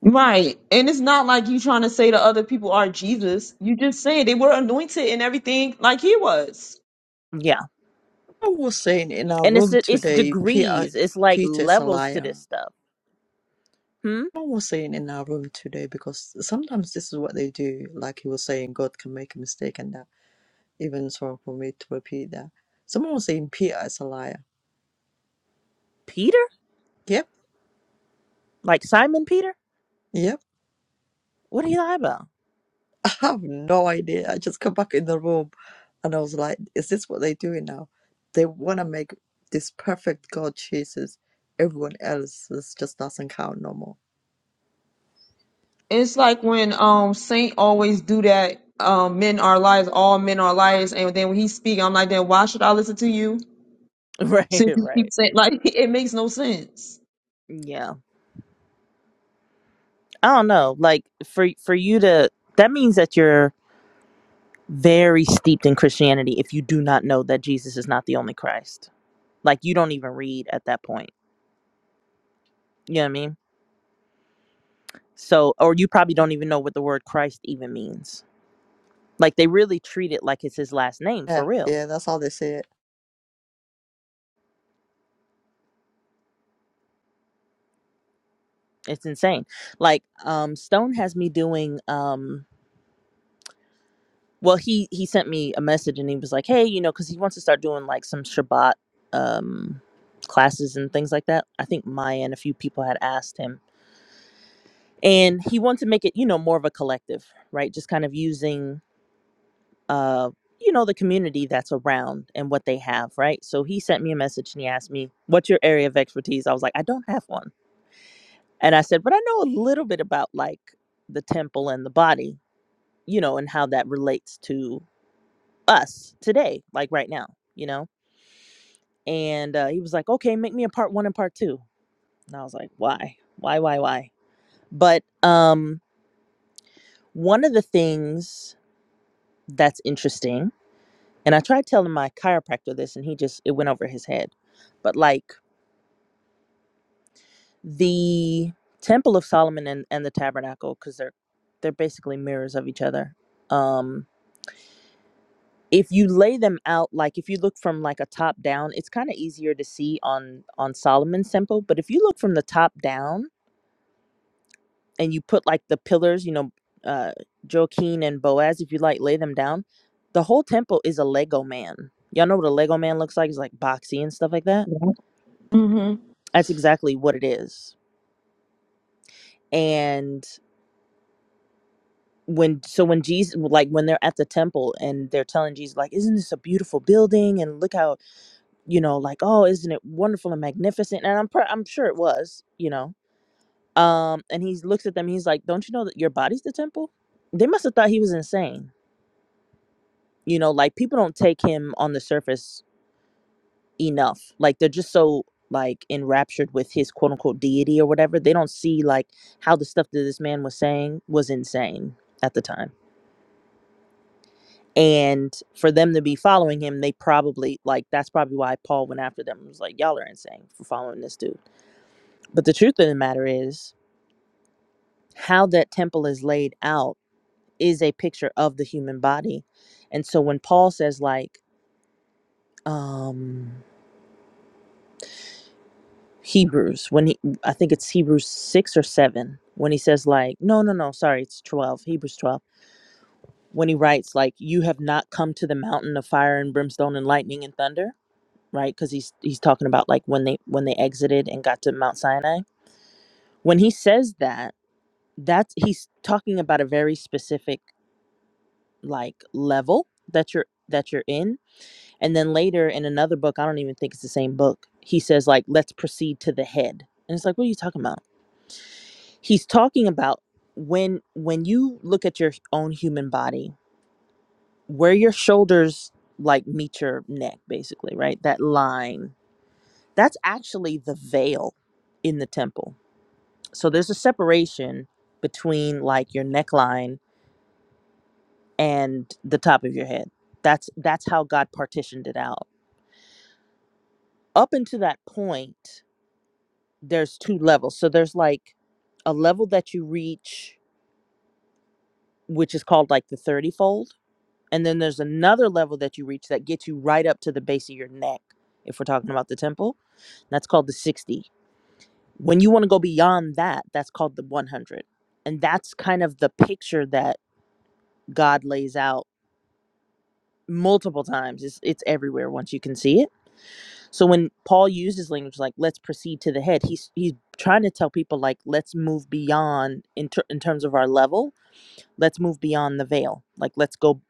S2: Right. And it's not like you trying to say the other people are Jesus. You just saying they were anointed and everything like he was.
S6: yeah,
S1: I was saying in our
S6: and it's
S1: room
S6: it's
S1: today, Peter,
S6: degrees. It's like
S1: Peter's a
S6: levels to
S1: liar.
S6: this stuff. Hmm.
S1: I was saying in our room today because sometimes this is what they do. Like he was saying, God can make a mistake and that. Even so, for me to repeat that. Someone was saying Peter is a liar.
S6: Peter,
S1: Yep,
S6: like Simon Peter,
S1: yep.
S6: what are you lie about?
S1: I have no idea. I just come back in the room and I was like, is this what they're doing now? They want to make this perfect God Jesus. Everyone else is just doesn't count no more.
S2: It's like when um Saint always do that. Um, men are liars. All men are liars. And then when he speak, I'm like, then why should I listen to you?
S6: Right,
S2: Since you keep
S6: right.
S2: saying like it makes no sense.
S6: Yeah, I don't know. Like for for you to that means that you're very steeped in Christianity if you do not know that Jesus is not the only Christ. Like you don't even read at that point. You know what I mean? So, or you probably don't even know what the word Christ even means Like they really treat it like it's his last name
S1: Yeah,
S6: for real.
S1: yeah, that's how they say it.
S6: It's insane. Like um Stone has me doing um well he he sent me a message and he was like, "Hey, you know, cuz he wants to start doing like some Shabbat um classes and things like that." I think Maya and a few people had asked him. And he wants to make it, you know, more of a collective, right? Just kind of using uh you know the community that's around and what they have, right? So he sent me a message and he asked me, "What's your area of expertise?" I was like, "I don't have one." And I said, but I know a little bit about like the temple and the body, you know, and how that relates to us today, like right now, you know? And uh, he was like, okay, make me a part one and part two. And I was like, why? Why, why, why? But um, one of the things that's interesting, and I tried telling my chiropractor this and he just, it went over his head. But like the Temple of Solomon and, and the Tabernacle, because they're, they're basically mirrors of each other. Um, if you lay them out like if you look from like a top down it's kind of easier to see on on solomon's temple but if you look from the top down and you put like the pillars you know uh joaquin and boaz if you like lay them down the whole temple is a lego man y'all know what a lego man looks like it's like boxy and stuff like that
S2: Yeah. hmm
S6: that's exactly what it is and when so when jesus like when they're at the temple and they're telling jesus like isn't this a beautiful building and look how you know, like, "Oh, isn't it wonderful and magnificent?" And I'm pr- I'm sure it was, you know. Um, and he looks at them. He's like, "Don't you know that your body's the temple?" They must have thought he was insane. You know, like people don't take him on the surface enough. Like they're just so like enraptured with his quote unquote deity or whatever. They don't see like how the stuff that this man was saying was insane at the time. And for them to be following him, they probably like that's probably why Paul went after them and was like, Y'all are insane for following this dude But the truth of the matter is, how that temple is laid out is a picture of the human body. And so when Paul says, like, um, Hebrews, when he, I think it's Hebrews 6 or 7, when he says, like, no, no, no, sorry, it's 12, Hebrews 12, when he writes, like, you have not come to the mountain of fire and brimstone and lightning and thunder right because he's he's talking about like when they when they exited and got to mount sinai when he says that that's he's talking about a very specific like level that you're that you're in and then later in another book i don't even think it's the same book he says like let's proceed to the head and it's like what are you talking about he's talking about when when you look at your own human body where your shoulders like meet your neck basically right that line that's actually the veil in the temple so there's a separation between like your neckline and the top of your head that's that's how god partitioned it out up until that point, there's two levels. So there's like a level that you reach, which is called like the 30 fold. And then there's another level that you reach that gets you right up to the base of your neck, if we're talking about the temple. that's called the 60. When you want to go beyond that, that's called the 100. And that's kind of the picture that God lays out multiple times. It's, it's everywhere once you can see it So when Paul uses language like "let's proceed to the head," he's he's trying to tell people like let's move beyond in ter- in terms of our level. Let's move beyond the veil. Like let's go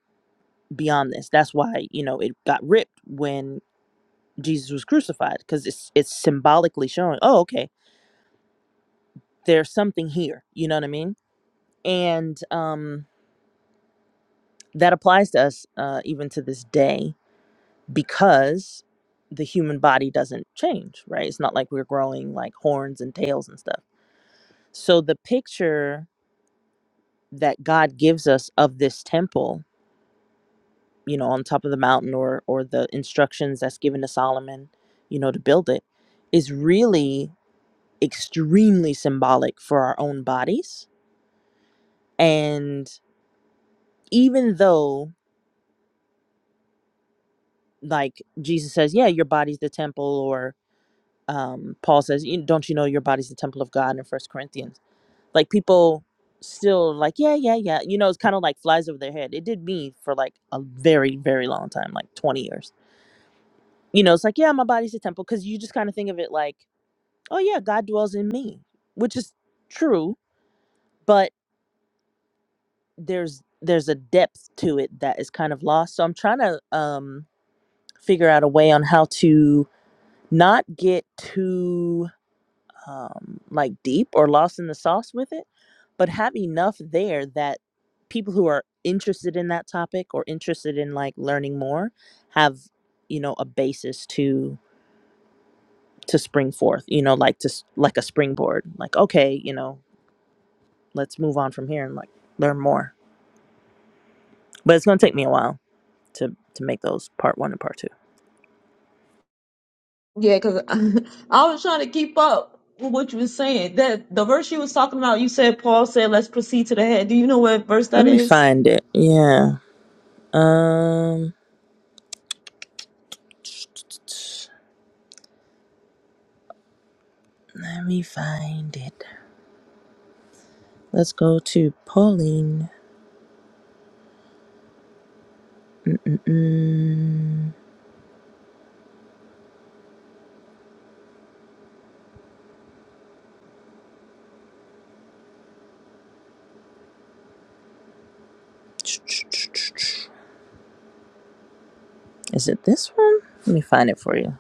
S6: beyond this. That's why you know it got ripped when Jesus was crucified because it's it's symbolically showing. Oh, okay, there's something here. You know what I mean? And um, that applies to us uh, even to this day because the human body doesn't change. Right? It's not like we're growing like horns and tails and stuff So the picture that God gives us of this temple, you know, on top of the mountain or or the instructions that's given to Solomon, you know, to build it is really extremely symbolic for our own bodies. And even though like Jesus says, yeah, your body's the temple or um, Paul says, "You- don't you know your body's the temple of God in First Corinthians? like people still like yeah yeah yeah you know it's kind of like flies over their head it did me for like a very very long time like 20 years you know it's like yeah my body's a temple because you just kind of think of it like oh yeah god dwells in me which is true but there's there's a depth to it that is kind of lost so i'm trying to um figure out a way on how to not get too um, like deep or lost in the sauce with it, but have enough there that people who are interested in that topic or interested in like learning more have you know a basis to to spring forth you know like to s- like a springboard like okay you know let's move on from here and like learn more but it's going to take me a while to to make those part 1 and part 2
S2: Yeah, because I was trying to keep up with what you were saying. That the verse you was talking about, you said Paul said, "Let's proceed to the head." Do you know what verse
S6: let
S2: that
S6: me
S2: is?
S6: find it yeah um let me find it let's go to pauline Mm-mm-mm. Is it this one? Let me find it for you.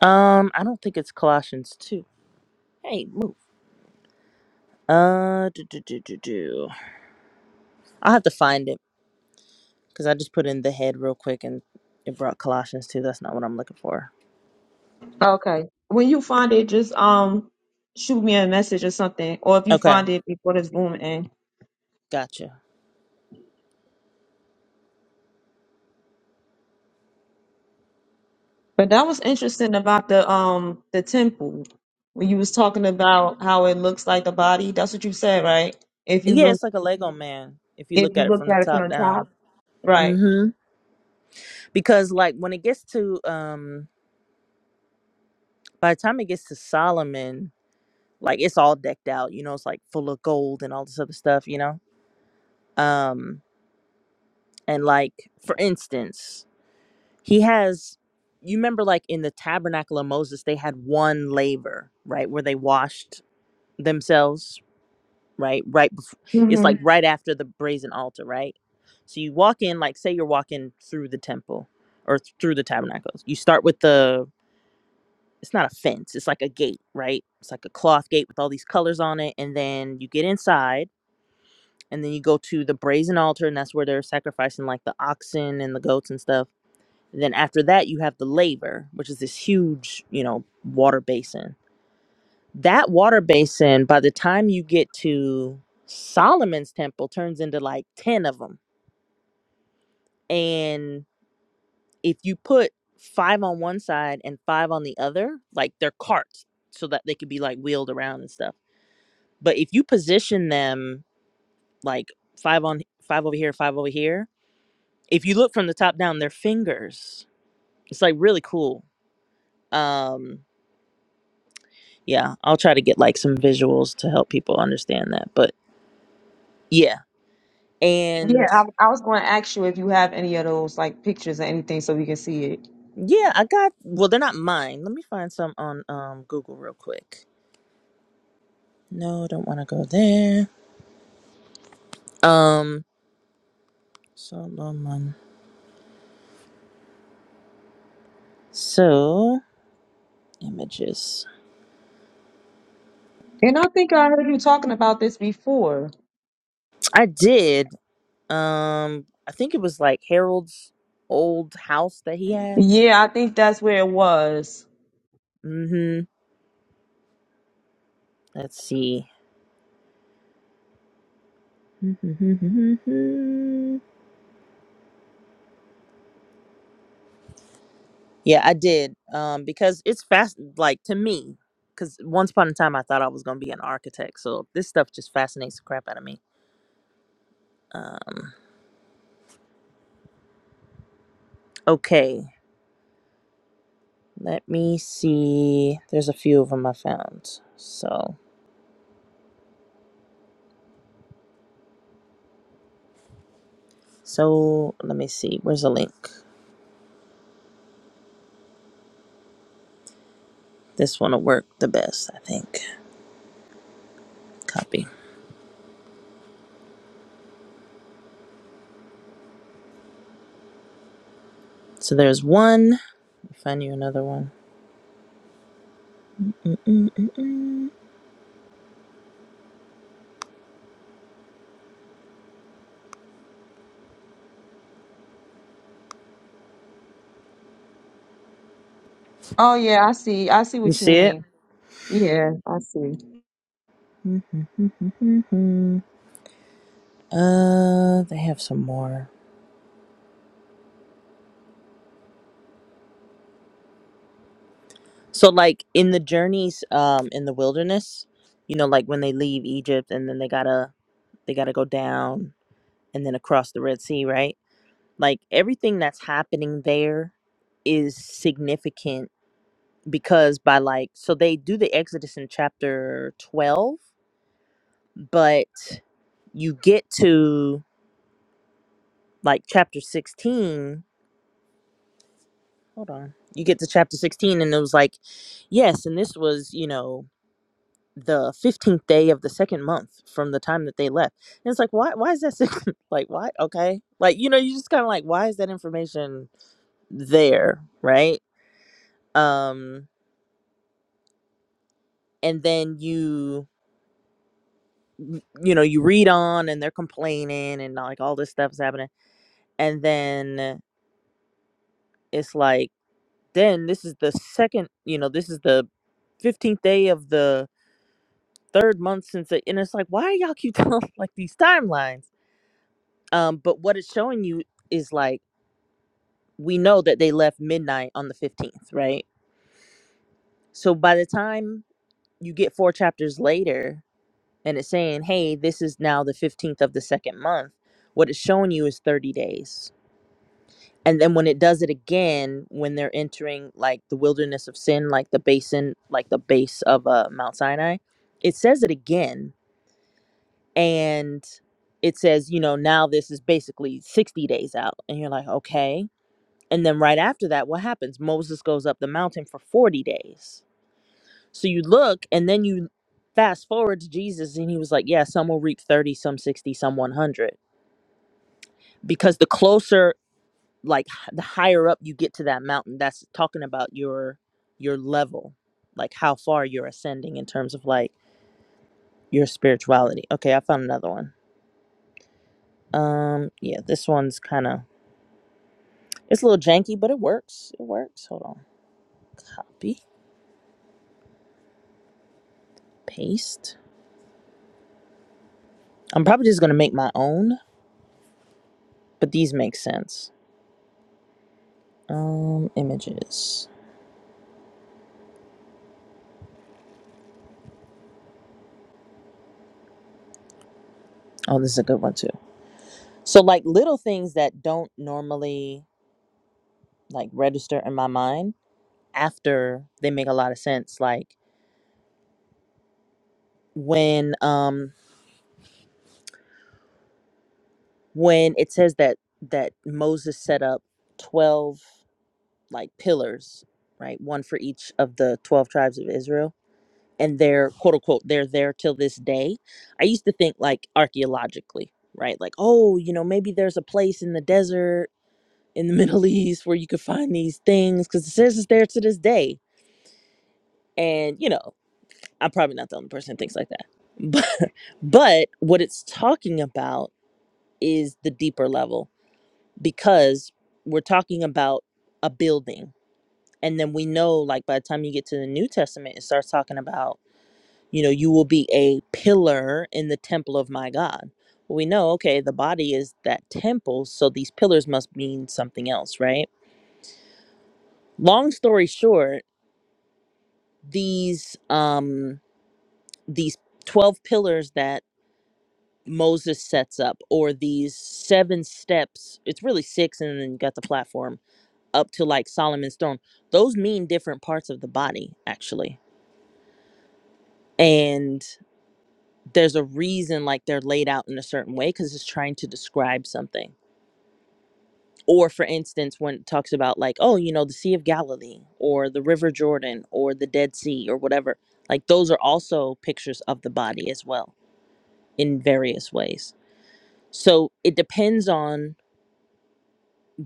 S6: Um, I don't think it's Colossians 2. Hey, move. Uh, do, do, do, do, do. I'll have to find it because I just put in the head real quick and it brought Colossians 2. That's not what I'm looking for.
S2: Okay. When you find it, just um shoot me a message or something, or if you
S6: Okay,
S2: find it before this room ends.
S6: gotcha.
S2: But that was interesting about the um the temple when you was talking about how it looks like the body. That's what you said, right? If you
S6: Yeah,
S2: look
S6: it's like a Lego man if you
S2: if
S6: look
S2: you
S6: at it
S2: look
S6: from the
S2: at it
S6: top
S2: from the
S6: down.
S2: top, right?
S6: Mm-hmm. Because like when it gets to um by the time it gets to Solomon, like it's all decked out, you know, it's like full of gold and all this other stuff, you know? um and like for instance he has you remember like in the tabernacle of moses they had one laver right where they washed themselves right right before, it's
S2: hmm
S6: like Mhm. right after the brazen altar right so you walk in like say you're walking through the temple or th- through the tabernacles you start with the it's not a fence it's like a gate right it's like a cloth gate with all these colors on it and then you get inside and then you go to the brazen altar and that's where they're sacrificing like the oxen and the goats and stuff Then after that, you have the labor, which is this huge, you know, water basin. That water basin, by the time you get to Solomon's temple, turns into like 10 of them. And if you put five on one side and five on the other, like they're carts so that they could be like wheeled around and stuff. But if you position them like five on five over here, five over here, if you look from the top down, they're fingers. It's like really cool. Um, yeah i'll try to get like some visuals to help people understand that but yeah
S2: Yeah,
S6: and
S2: I, I was going to ask you if you have any of those like pictures or anything so we can see it.
S6: yeah i got well they're not mine let me find some on um google real quick no don't want to go there um solomon so images
S2: And I think I heard you talking about this before.
S6: i did um i think it was like harold's old house that he had
S2: Yeah, I think that's where it was.
S6: mm-hmm let's see Yeah, I did. Um, because it's fast, like to me, because once upon a time I thought I was gonna be an architect. So this stuff just fascinates the crap out of me. Um, okay, let me see. There's a few of them I found. So, so let me see. Where's the link? This one will work the best, I think. Copy. So there's one. Find you another one. Mm,
S2: Oh yeah, I see. I see
S6: You
S2: what you
S6: see it?
S2: mean. Yeah, I see.
S6: uh, they have some more. So like in the journeys um in the wilderness, you know, like when they leave Egypt and then they gotta they gotta go down and then across the Red Sea, right? Like everything that's happening there is significant because by like so they do the Exodus in chapter twelve, but you get to like chapter sixteen. Hold on. You get to chapter sixteen and it was like, yes, and this was, you know, the 15th day of the second month from the time that they left. And it's like, why, why is that? six- like, why? Okay. Like, you know, you just kind of like, why is that information there? Right. Um, and then you, you know, you read on and they're complaining and like all this stuff's happening. And then it's like, then this is the second, you know, this is the 15th day of the third month since it, and it's like, why y'all keep telling like these timelines? Um, but what it's showing you is like, we know that they left midnight on the 15th, right? So by the time you get four chapters later and it's saying, hey, this is now the 15th of the second month, what it's showing you is 30 days. And then when it does it again, when they're entering like the wilderness of sin, like the basin, like the base of uh, Mount Sinai, it says it again. And it says, you know, now this is basically 60 days out. And you're like, okay And then right after that, what happens? Moses goes up the mountain for 40 days. So you look and then you fast forward to Jesus, and he was like, Yeah, some will reap 30, some 60, some 100. Because the closer, like h- the higher up you get to that mountain, that's talking about your your level, like how far you're ascending in terms of like your spirituality. Okay, I found another one. Um, yeah, this one's kind of it's a little janky, but it works. It works. Hold on. Copy, paste. I'm probably just gonna make my own, but these make sense. Um, images. Oh, this is a good one too. So like little things that don't normally like register in my mind after they make a lot of sense. Like when um when it says that that Moses set up twelve like pillars, right? One for each of the twelve tribes of Israel and they're quote unquote they're there till this day i used to think like archaeologically right like oh you know maybe there's a place in the desert in the middle east where you could find these things because it says it's there to this day and you know i'm probably not the only person that thinks like that but but what it's talking about is the deeper level because we're talking about a building and then we know like by the time you get to the new testament it starts talking about you know, you will be a pillar in the temple of my God. Well, we know, okay, the body is that temple, so these pillars must mean something else, right? Long story short, these um these 12 pillars that Moses sets up or these seven steps, it's really six and then you got the platform up to like Solomon's throne. Those mean different parts of the body actually. And there's a reason like they're laid out in a certain way cuz it's trying to describe something or for instance when it talks about like oh you know the sea of galilee or the river jordan or the dead sea or whatever like those are also pictures of the body as well in various ways so it depends on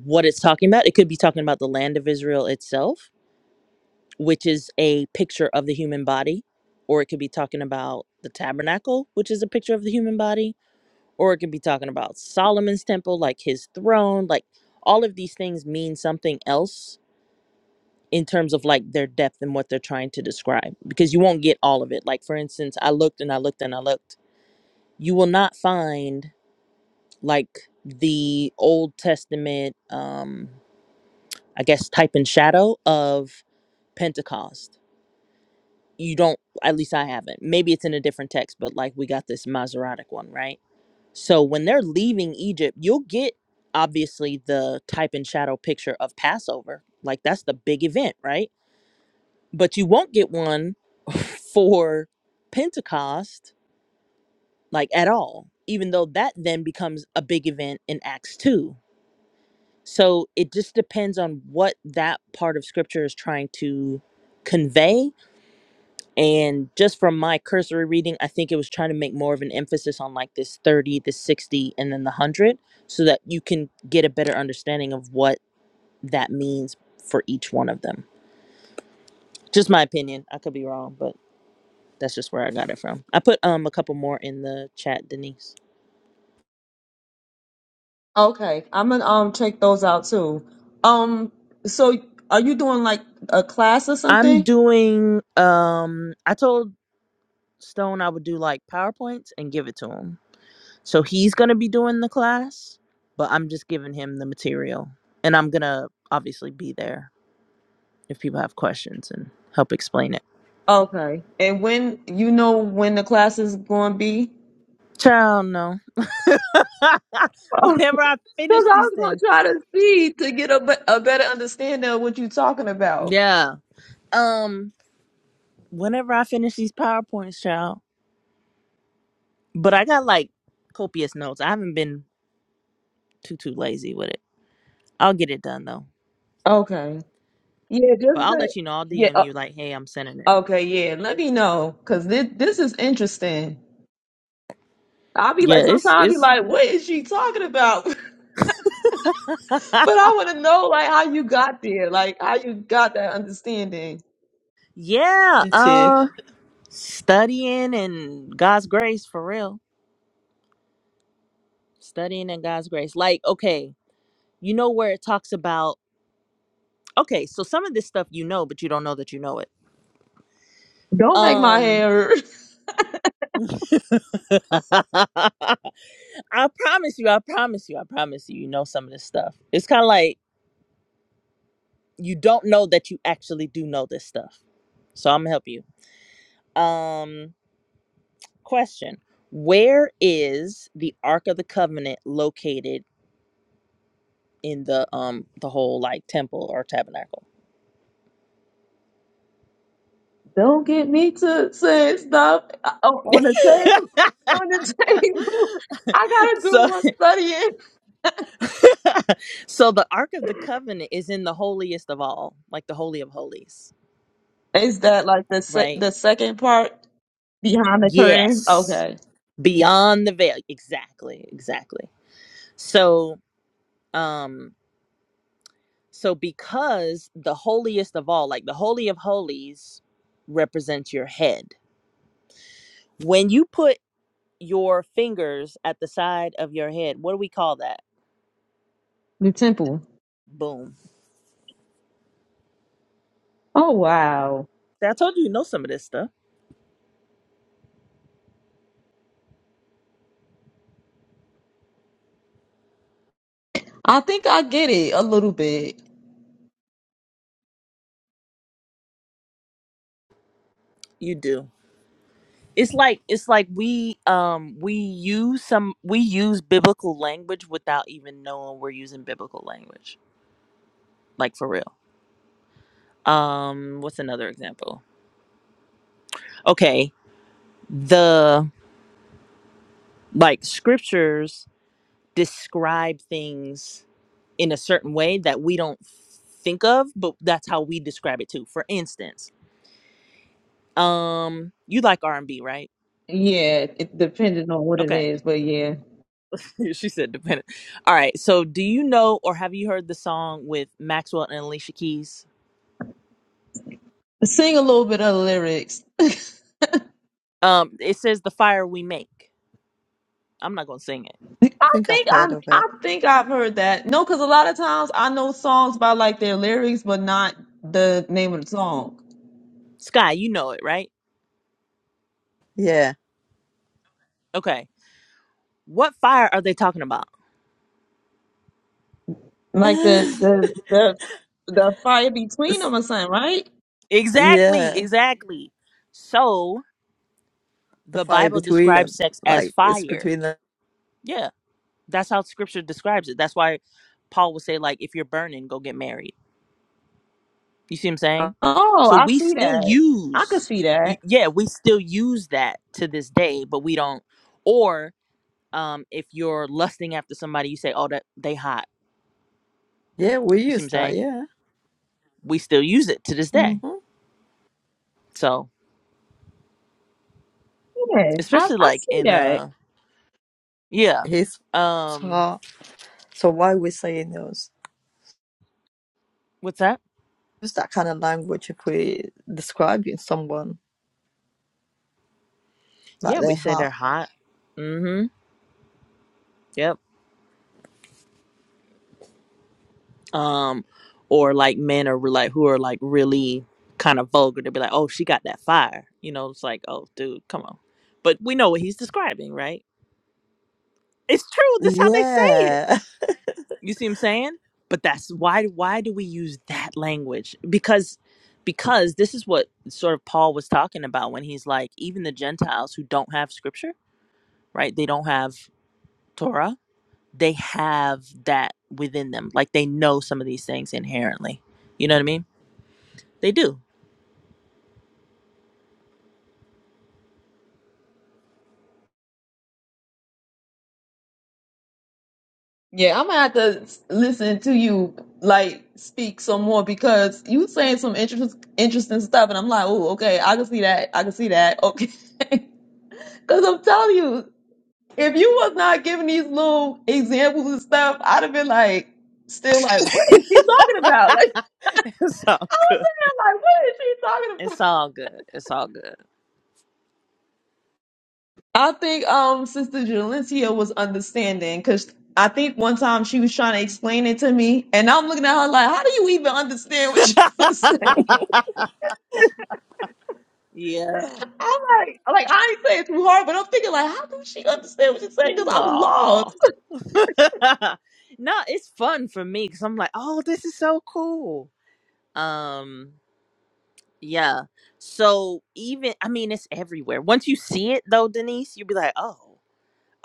S6: what it's talking about it could be talking about the land of israel itself which is a picture of the human body or it could be talking about the tabernacle which is a picture of the human body or it could be talking about solomon's temple like his throne like all of these things mean something else in terms of like their depth and what they're trying to describe because you won't get all of it. Like for instance, I looked and I looked and I looked. You will not find like the Old Testament um I guess type and shadow of Pentecost. You don't at least I haven't. Maybe it's in a different text, but like we got this Masoretic one, right? So when they're leaving Egypt, you'll get obviously the type and shadow picture of Passover. Like that's the big event, right? but you won't get one for Pentecost, like at all, even though that then becomes a big event in Acts 2. So it just depends on what that part of scripture is trying to convey. And just from my cursory reading, I think it was trying to make more of an emphasis on like this 30, the 60, and then the 100 so that you can get a better understanding of what that means for each one of them. Just my opinion. I could be wrong, but. That's just where I got it from. I put um a couple more in the chat, Denise.
S2: Okay, I'm gonna um check those out too. Um, so are you doing like a class or
S6: I'm
S2: something?
S6: doing um I told Stone I would do like PowerPoints and give it to him. So he's going to be doing the class, but I'm just giving him the material and I'm going to obviously be there if people have questions and help explain it.
S2: Okay, and when you know when the class is going to be?
S6: Child, no.
S2: Oh,
S6: Whenever
S2: Because
S6: I finish these
S2: I was gonna
S6: things.
S2: try to see to get a, be- a better understanding of what you're talking about.
S6: Yeah. Um whenever I finish these PowerPoints, child. But I got like copious notes. I haven't been too too lazy with it. I'll get it done though.
S2: Okay. Yeah,
S6: But
S2: just
S6: I'll
S2: that.
S6: let you know. I'll
S2: Yeah.
S6: DM
S2: uh,
S6: you like, hey, I'm sending it.
S2: okay. Yeah. Let me know because this this is interesting. I'll be
S6: Yeah,
S2: like, sometimes
S6: it's
S2: I'll be
S6: it's
S2: like, what is she talking about? But I want to know like how you got there, like how you got that understanding.
S6: yeah.
S1: Me too.
S6: Uh, studying and God's grace for real. Studying and God's grace. Like, okay, you know where it talks about. Okay, so some of this stuff you know, but you don't know that you know it.
S2: Don't make my
S6: Um,
S2: hair hurt.
S6: I promise you, I promise you, I promise you, you know some of this stuff. It's kind of like you don't know that you actually do know this stuff. So I'm gonna help you. Um, question: Where is the Ark of the Covenant located in the um the whole like temple or tabernacle?
S2: Don't get me to say stuff uh, on the table. On the table, I gotta do
S6: so,
S2: more studying.
S6: so the Ark of the Covenant is in the holiest of all, like the holy of holies,
S2: Is that like the sec
S6: right?
S2: the second part behind the curtain?
S6: Yes,
S2: Okay,
S6: beyond the veil. Exactly, exactly. So, um, so because the holiest of all, like the holy of holies, represents your head When you put your fingers at the side of your head, what do we call that?
S2: the temple.
S6: Boom.
S2: Oh wow,
S6: See, I told you you know some of this stuff.
S2: I think I get it a little bit.
S6: You do. It's like it's like we um we use some we use biblical language without even knowing we're using biblical language. Like for real. Um what's another example? Okay, the like scriptures describe things in a certain way that we don't think of, but that's how we describe it too. For instance, um, you like R and B, right?
S2: Yeah, it depending on what it
S6: Okay,
S2: is, but yeah,
S6: she said dependent. All right, so do you know or have you heard the song with Maxwell and Alicia Keys?
S2: sing a little bit of the lyrics.
S6: Um, it says the fire we make. I'm not gonna sing it.
S1: I
S2: I
S1: think I've
S2: think I
S1: heard of it.
S2: I think I've heard that. No, because a lot of times I know songs by like their lyrics, but not the name of the song.
S6: Sky, you know it, right?
S1: Yeah.
S6: Okay, what fire are they talking about?
S2: Like the the the the fire between
S1: It's-
S2: them or something, right?
S6: Exactly,
S1: yeah,
S6: exactly. So
S1: the
S6: the
S1: fire
S6: Bible
S1: between
S6: describes
S1: them.
S6: sex as
S1: Like, it's
S6: fire.
S1: between them.
S6: Yeah That's how scripture describes it. That's why Paul would say, like, if you're burning, go get married. You see what I'm saying?
S2: Oh,
S6: So
S2: I
S6: we
S2: see
S6: still
S2: that. I could
S6: use,
S2: see
S6: y-
S2: that.
S6: yeah, we still use that to this day, but we don't. Or um, if you're lusting after somebody, you say, oh, that they hot.
S1: Yeah, we
S6: You see what
S1: use
S6: I'm
S1: that,
S6: saying?
S1: yeah.
S6: We still use it to this
S1: hmm
S6: day. So
S2: Yeah, I,
S6: especially
S2: I
S6: like
S2: see
S6: in,
S2: that.
S6: uh, yeah,
S1: His
S6: um,
S1: heart. So why are we saying those?
S6: what's that?
S1: Use that kind of language if we describing someone Like
S6: Yeah, we
S1: their
S6: say they're
S1: heart.
S6: hot. Mm-hmm. Yep. um or like men are re- like who are like really kind of vulgar to be like oh she got that fire you know it's like oh dude come on but we know what he's describing right it's true that's how they say it
S1: Yeah.
S6: you see what i'm saying but that's why why do we use that language because because this is what sort of paul was talking about when he's like even the gentiles who don't have scripture right they don't have torah they have that within them like they know some of these things inherently you know what i mean they do
S2: Yeah, I'm gonna have to s- listen to you like speak some more because you saying some interesting interesting stuff, and I'm like, oh, okay, I can see that. I can see that. Okay, because I'm telling you. if you was not giving these little examples and stuff, I'd have been like, still like, what is she talking about? Like,
S6: It's all
S2: I was
S6: good.
S2: sitting there like, what is she talking about?
S6: It's all good. It's all good.
S2: I think um Sister Jalencia was understanding because I think one time she was trying to explain it to me, and I'm looking at her like, how do you even understand what she was saying?
S6: Yeah.
S2: I'm like, like I ain't saying it too hard, but I'm thinking like, how does she understand what she's saying? Because I'm
S6: Aw.
S2: lost.
S6: no, it's fun for me because I'm like, oh, this is so cool. Um, yeah. So even I mean, it's everywhere. Once you see it though, Denise, you'll be like, oh,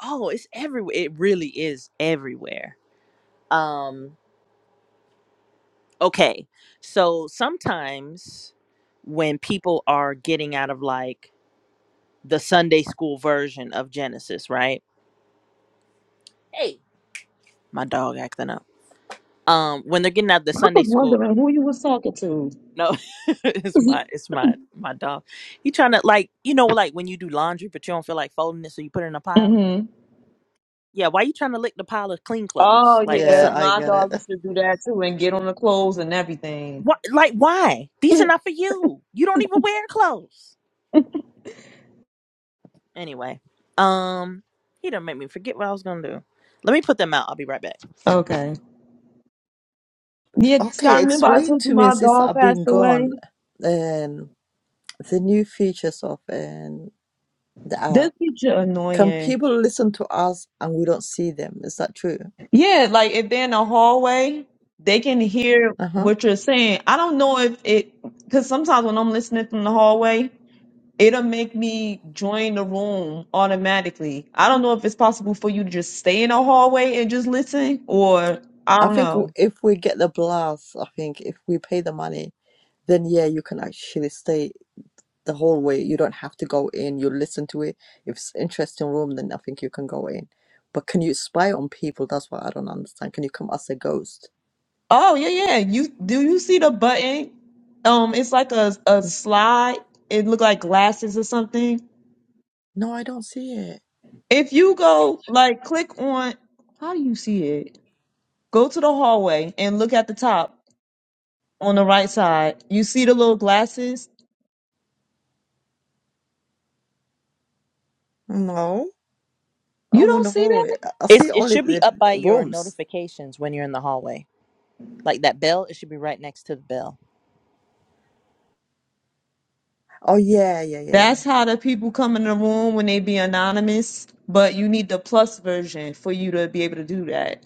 S6: oh, it's everywhere. It really is everywhere. Um, okay. So sometimes when people are getting out of like the Sunday school version of Genesis, right? Hey, My dog acting up. Um, when they're getting out of the
S2: I
S6: Sunday
S2: was
S6: school,
S2: wondering who you was talking to.
S6: no, it's my it's my my dog. He trying to like you know like when you do laundry but you don't feel like folding it, so you put it in a pile.
S2: hmm
S6: Yeah, why you trying to lick the pile of clean clothes?
S2: Oh
S6: Like, what's
S2: yeah,
S1: Yeah,
S6: up?
S1: I
S2: my
S1: get it.
S2: dog used to do that too and get on the clothes and everything.
S6: What like why? These are not for you. You don't even wear clothes. Anyway, um, he done make me forget what I was gonna do. Let me put them out. I'll be right back.
S2: Okay. Yeah,
S1: Okay,
S2: Scott, remember I
S1: explain
S2: told you
S1: to me
S2: my
S1: since
S2: dog
S1: I've
S2: passed
S1: been gone
S2: away?
S1: um, the new features of um, the
S2: This
S1: app.
S2: teacher
S1: Can
S2: annoying.
S1: people listen to us and we don't see them? Is that true?
S2: Yeah, like if they're in the hallway, they can hear
S1: Uh huh.
S2: what you're saying. I don't know if it, because sometimes when I'm listening from the hallway, it'll make me join the room automatically. I don't know if it's possible for you to just stay in the hallway and just listen, or I
S1: I
S2: don't
S1: think w-
S2: know.
S1: if we get the blast, I think if we pay the money, then yeah, you can actually stay the whole way. You don't have to go in. You listen to it. If it's interesting room, then I think you can go in. But can you spy on people? That's what I don't understand. Can you come as a ghost?
S2: Oh yeah, yeah. You do you see the button? Um, it's like a a slide. It look like glasses or something.
S1: No, I don't see it.
S2: If you go like click on, how do you see it? Go to the hallway and look at the top on the right side. You see the little glasses?
S1: No,
S2: You
S1: I'm on
S2: don't
S1: the
S2: see
S1: hallway.
S2: that?
S1: I I
S6: It's
S1: see
S6: it
S1: only
S6: should be
S1: the
S6: up by your
S1: rooms.
S6: notifications when you're in the hallway. Like that bell, it should be right next to the bell.
S1: Oh yeah, yeah, yeah, yeah.
S2: That's how the people come in the room when they be anonymous. But you need the plus version for you to be able to do that.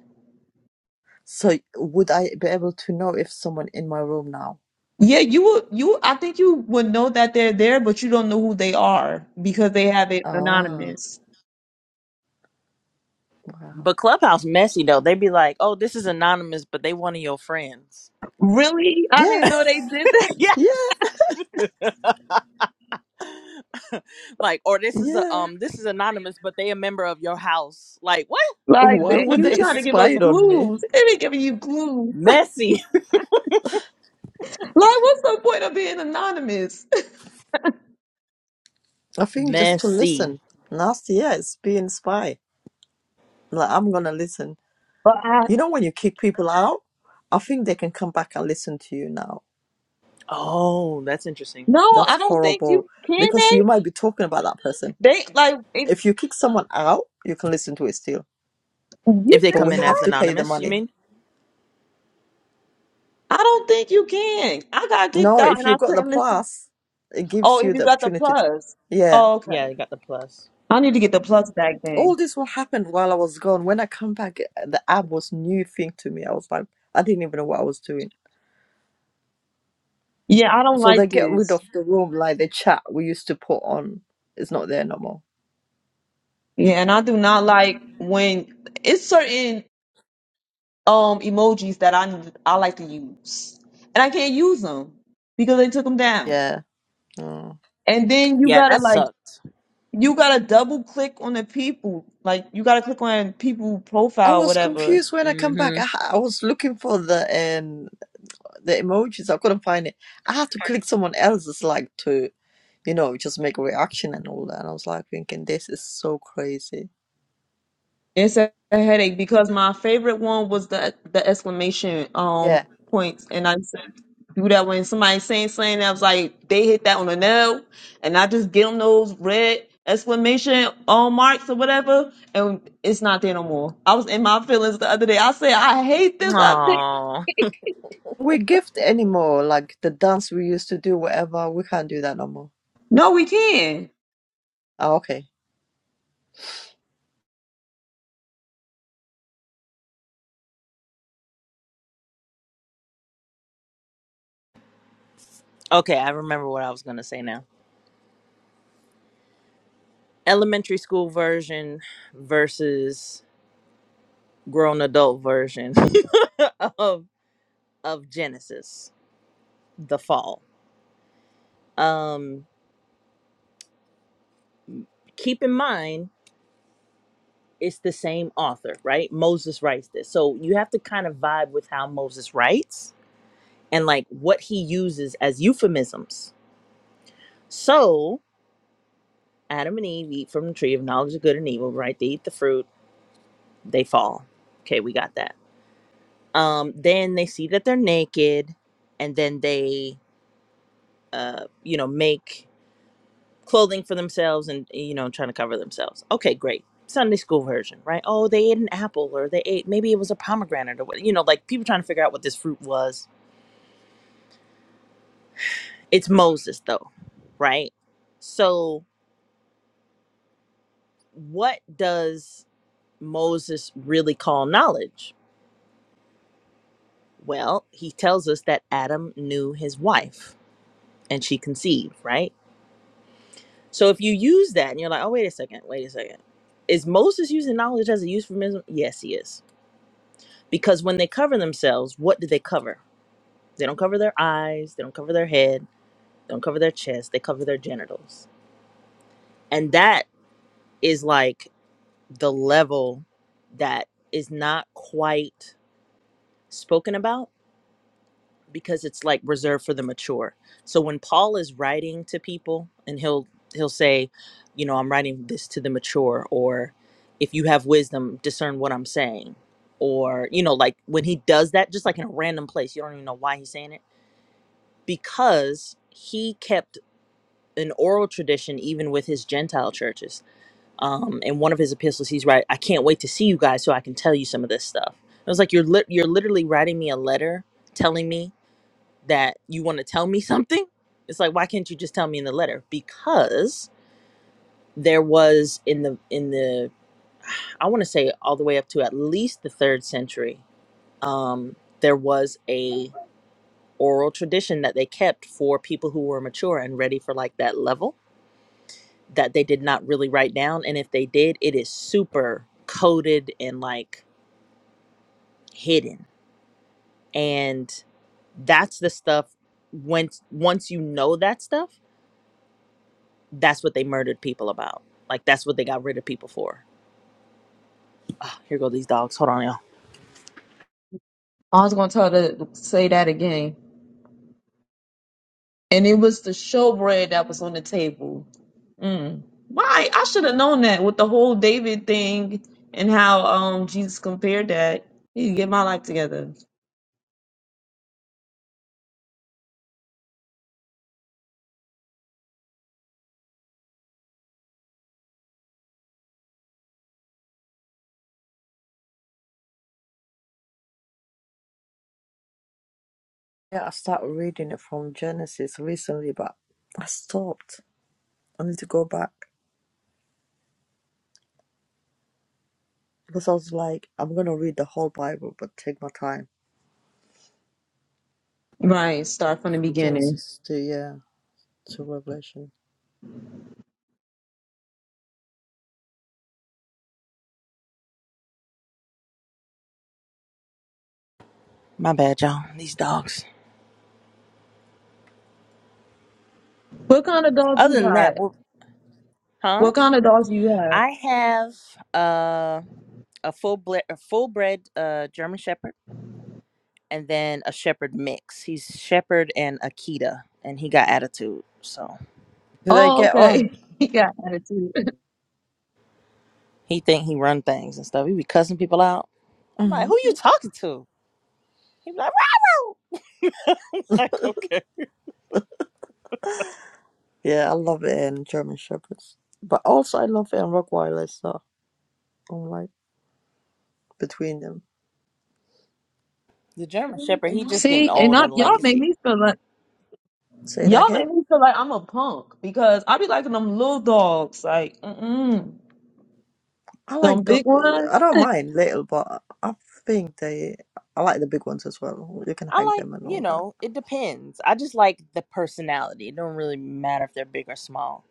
S1: So would I be able to know if someone in my room now?
S2: Yeah, you will. You, I think you would know that they're there, but you don't know who they are because they have it
S1: Ah,
S2: anonymous.
S1: wow.
S6: But Clubhouse messy though. They be like, "Oh, this is anonymous," but they one of your friends.
S2: Really, I didn't
S1: Yeah,
S2: know they did that.
S1: yeah,
S6: like or this is a
S1: yeah.
S6: um this is anonymous but they a member of your house like what
S2: Like,
S1: Why
S2: then
S1: would
S2: you
S1: they
S2: trying to give us
S1: spy on me?
S2: clues? They be giving you clues.
S6: messy
S2: Like, what's the point of being anonymous?
S1: I think just to
S6: messy
S1: listen. Nasty, yeah, it's being spy. Like I'm gonna listen.
S2: But I,
S1: You know when you kick people out, I think they can come back and listen to you now.
S6: oh that's interesting
S2: no,
S1: That's
S2: I don't think
S1: horrible
S2: you can.
S1: because
S2: They,
S1: you might be talking about that person
S2: they like, if,
S1: If you kick someone out, you can listen to it still,
S6: if
S2: you
S6: they
S1: but
S6: come
S2: think
S1: we
S6: in
S2: so?
S1: have
S6: as
S1: to pay the
S6: anonymous you
S1: money.
S6: mean
S2: I don't think you can. I got kicked
S1: No,
S2: out
S1: if
S2: and
S1: you
S2: I
S1: got the
S2: couldn't listen.
S1: plus, it
S2: Oh,
S1: gives
S2: if
S1: you
S2: you
S1: the
S2: got the
S1: opportunity. To,
S2: plus.
S1: yeah.
S2: Oh,
S6: yeah
S2: okay.
S6: you got the plus
S2: I need to get the plus back
S1: All
S2: then.
S1: this will happen while I was gone. When I come back, the app was new thing to me. I was like, I didn't even know what I was doing.
S2: Yeah, I don't
S1: So
S2: like
S1: they get rid
S2: this.
S1: of the room, like the chat we used to put on. It's not there no more.
S2: Yeah, and I do not like when it's certain um emojis that I I like to use, and I can't use them because they took them down.
S1: Yeah. Mm.
S2: And then you
S6: yeah
S2: gotta
S6: that
S2: like
S6: sucks
S2: you gotta double click on the people, like you gotta click on people
S1: I
S2: profile, or
S1: was
S2: whatever,
S1: confused when I come back.
S6: mm-hmm
S1: I, ha- I was looking for the um, the emojis. I couldn't find it. I had to click someone else's like to. you know, just make a reaction and all that. And I was like thinking, this is so crazy.
S2: It's a headache because my favorite one was the the exclamation um
S1: Yeah.
S2: points, and I said do that when somebody's saying something. I was like, they hit that on the nail, and I just give them those red exclamation um marks or whatever, and it's not there no more. I was in my feelings the other day. I said, I hate this update.
S6: oh
S1: We gift anymore, like the dance we used to do, whatever, we can't do that no more.
S2: No, we can.
S1: Ah, okay.
S6: okay i remember what i was gonna say now elementary school version versus grown adult version of of genesis the fall um keep in mind it's the same author, right? Moses writes this. So you have to kind of vibe with how Moses writes and like what he uses as euphemisms. So Adam and Eve eat from the tree of knowledge of good and evil, right? They eat the fruit, they fall. Okay, we got that. Um, then they see that they're naked, and then they, uh, you know, make clothing for themselves and eh, you know trying to cover themselves okay great sunday school version right oh they ate an apple or they ate maybe it was a pomegranate or what you know like people trying to figure out what this fruit was it's moses though right so what does moses really call knowledge well he tells us that adam knew his wife and she conceived right so if you use that and you're like oh wait a second wait a second is moses using knowledge as a euphemism yes he is because when they cover themselves, what do they cover? They don't cover their eyes, they don't cover their head, they don't cover their chest, they cover their genitals. And that is like the level that is not quite spoken about because it's like reserved for the mature. So when Paul is writing to people and he'll he'll say, you know, I'm writing this to the mature or if you have wisdom, discern what I'm saying. Or, you know, like when he does that, just like in a random place, you don't even know why he's saying it because he kept an oral tradition even with his Gentile churches. Um, in one of his epistles, he's right. I can't wait to see you guys so I can tell you some of this stuff. It was like you're lit you're literally writing me a letter telling me that you want to tell me something. It's like why can't you just tell me in the letter? Because there was in the in the I want to say all the way up to at least the third century, um, there was a oral tradition that they kept for people who were mature and ready for like that level that they did not really write down and if they did it is super coded and like hidden and that's the stuff once once you know that stuff that's what they murdered people about like that's what they got rid of people for here go these dogs hold on y'all
S2: I was gonna tell her to say that again, and it was the showbread that was on the table. Mm. Why? I should have known that with the whole David thing and how um Jesus compared that. You can get my life together.
S1: Yeah, I started reading it from Genesis recently, but I stopped. I need to go back. Because I was like, I'm gonna read the whole Bible, but take my time.
S2: Right. Start from the
S1: From
S2: beginning.
S1: Genesis to yeah, to Revelation.
S6: my bad y'all these dogs
S2: What kind of dog you
S6: other than that
S2: got?
S6: we're, huh
S2: What kind of dogs you have?
S6: i have uh a full ble- a full bred uh german shepherd and then a shepherd mix. He's shepherd and Akita, and he got attitude. So
S1: Do they
S2: Oh,
S1: get on?
S2: okay. He got attitude.
S6: he think he run things and stuff. He be cussing people out. I'm like,
S1: Mhm.
S6: who you talking to? He be like, "Rah, rah." I'm like, okay.
S1: Yeah, I love it in German Shepherds. But also I love it in Rockwilder, so I'm like between them.
S6: The German shepherd, he just getting
S2: See, and
S6: old
S2: I,
S6: and
S2: y'all make
S6: lazy.
S2: me feel like
S1: Say that
S2: y'all
S1: again.
S2: make me feel like I'm a punk because I be liking them little dogs, like mm-mm.
S1: I
S2: them
S1: like the.
S2: big ones.
S1: I don't mind little, but I think they. I like the big ones as well. You can
S6: I
S1: hang
S6: like,
S1: them and
S6: you
S1: all that.
S6: know, it depends. I just like the personality. It don't really matter if they're big or small.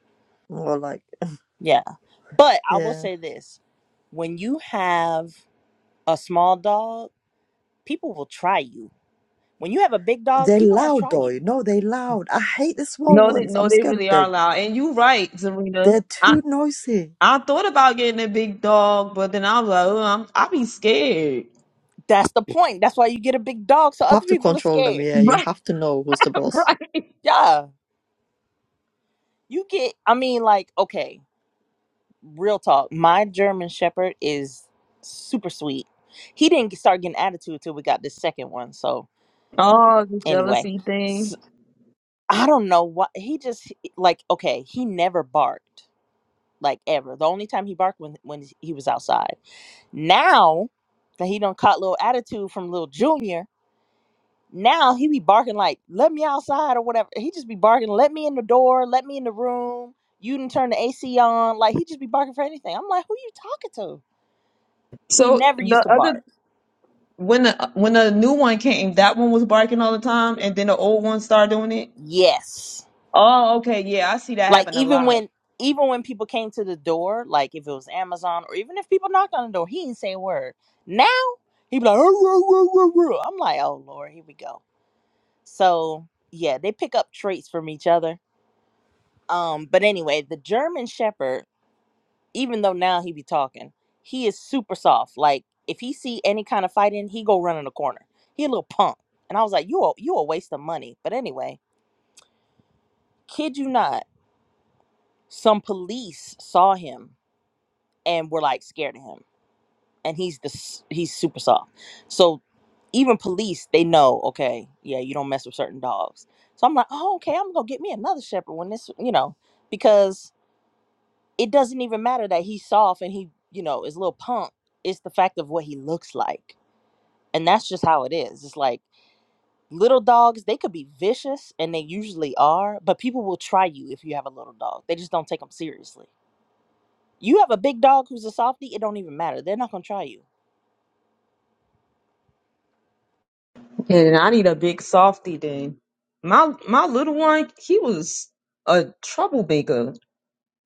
S1: Or like,
S6: Yeah, but I will
S1: yeah,
S6: say this: when you have a small dog, people will try you. When you have a big dog,
S1: they're
S6: people don't
S1: loud
S6: try
S1: though.
S6: you
S1: No, they're loud. I hate the small
S2: no, they
S1: ones.
S2: no,
S1: I'm
S2: they
S1: scared
S2: really
S1: of
S2: are
S1: them.
S2: loud. And you right, Zarina.
S1: They're too noisy.
S2: I thought about getting a big dog, but then I was like, oh, I'm, I be scared.
S6: That's the point. That's why you get a big dog so
S1: You
S6: other
S1: have to
S6: people are
S1: control them.
S6: scared.
S1: Yeah, you
S2: Right,
S1: have to know who's the boss.
S2: right.
S6: Yeah. You get I mean like okay, real talk. My German shepherd is super sweet. He didn't get- start getting attitude till we got the second one. So
S2: Oh, the
S6: anyway,
S2: jealousy thing.
S6: s I don't know what he just like okay, he never barked like ever. The only time he barked when when he was outside. Now that he don't caught little attitude from little junior, Now he be barking like, let me outside or whatever. He just be barking, let me in the door, let me in the room. You didn't turn the AC on. Like he just be barking for anything. I'm like, who you talking to? He
S2: So
S6: never used
S2: the
S6: to
S2: other
S6: bark.
S2: when the when the new one came, that one was barking all the time, and then the old one started doing it.
S6: Yes.
S2: Oh, okay, yeah, I see that
S6: Like
S2: happen a
S6: even
S2: lot.
S6: when even when people came to the door, like if it was Amazon or even if people knocked on the door, he didn't say a word. Now he be like, oh, oh, oh, oh, oh." I'm like, oh Lord, here we go. So yeah, they pick up traits from each other. Um, but anyway, the German Shepherd even though now he be talking, he is super soft. Like if he see any kind of fighting, he go run in the corner. He a little punk. And I was like, you a, you a waste of money. But anyway, kid you not, some police saw him and were like scared of him. And he's the s- he's super soft. So even police, they know, okay, yeah, you don't mess with certain dogs. So I'm like, oh, okay, I'm gonna get me another shepherd when this, you know, because it doesn't even matter that he's soft and he, you know, is a little punk. It's the fact of what he looks like. And that's just how it is. It's like little dogs, they could be vicious and they usually are, but people will try you if you have a little dog. They just don't take them seriously. You have a big dog who's a softie, it don't even matter. They're not going to try you.
S2: And I need a big softy then. My my little one, he was a troublemaker,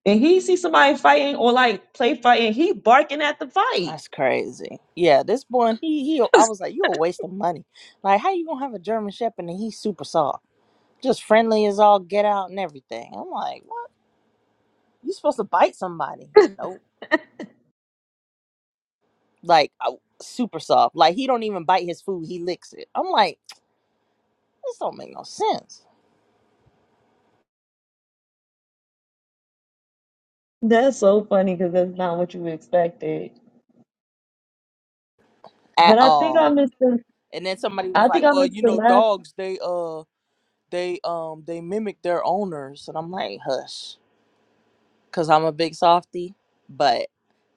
S2: and he see somebody fighting or like play fighting, he barking at the fight.
S6: That's crazy. Yeah, this one, he, he, I was like, you a waste of money. Like, how you going to have a German Shepherd and he's super soft? Just friendly as all get out and everything. I'm like, what? You supposed to bite somebody. Nope. like uh, super soft. Like he don't even bite his food; he licks it. I'm like, this don't make no sense
S2: That's so funny because that's not what you expected.
S6: at
S2: But I think I
S6: all.
S2: missed the
S6: And then somebody was
S2: I think
S6: like,
S2: I
S6: well,
S2: missed
S6: you
S2: the
S6: know,
S2: last
S6: dogs they uh they um they mimic their owners, and I'm like, hush, because I'm a big softie, but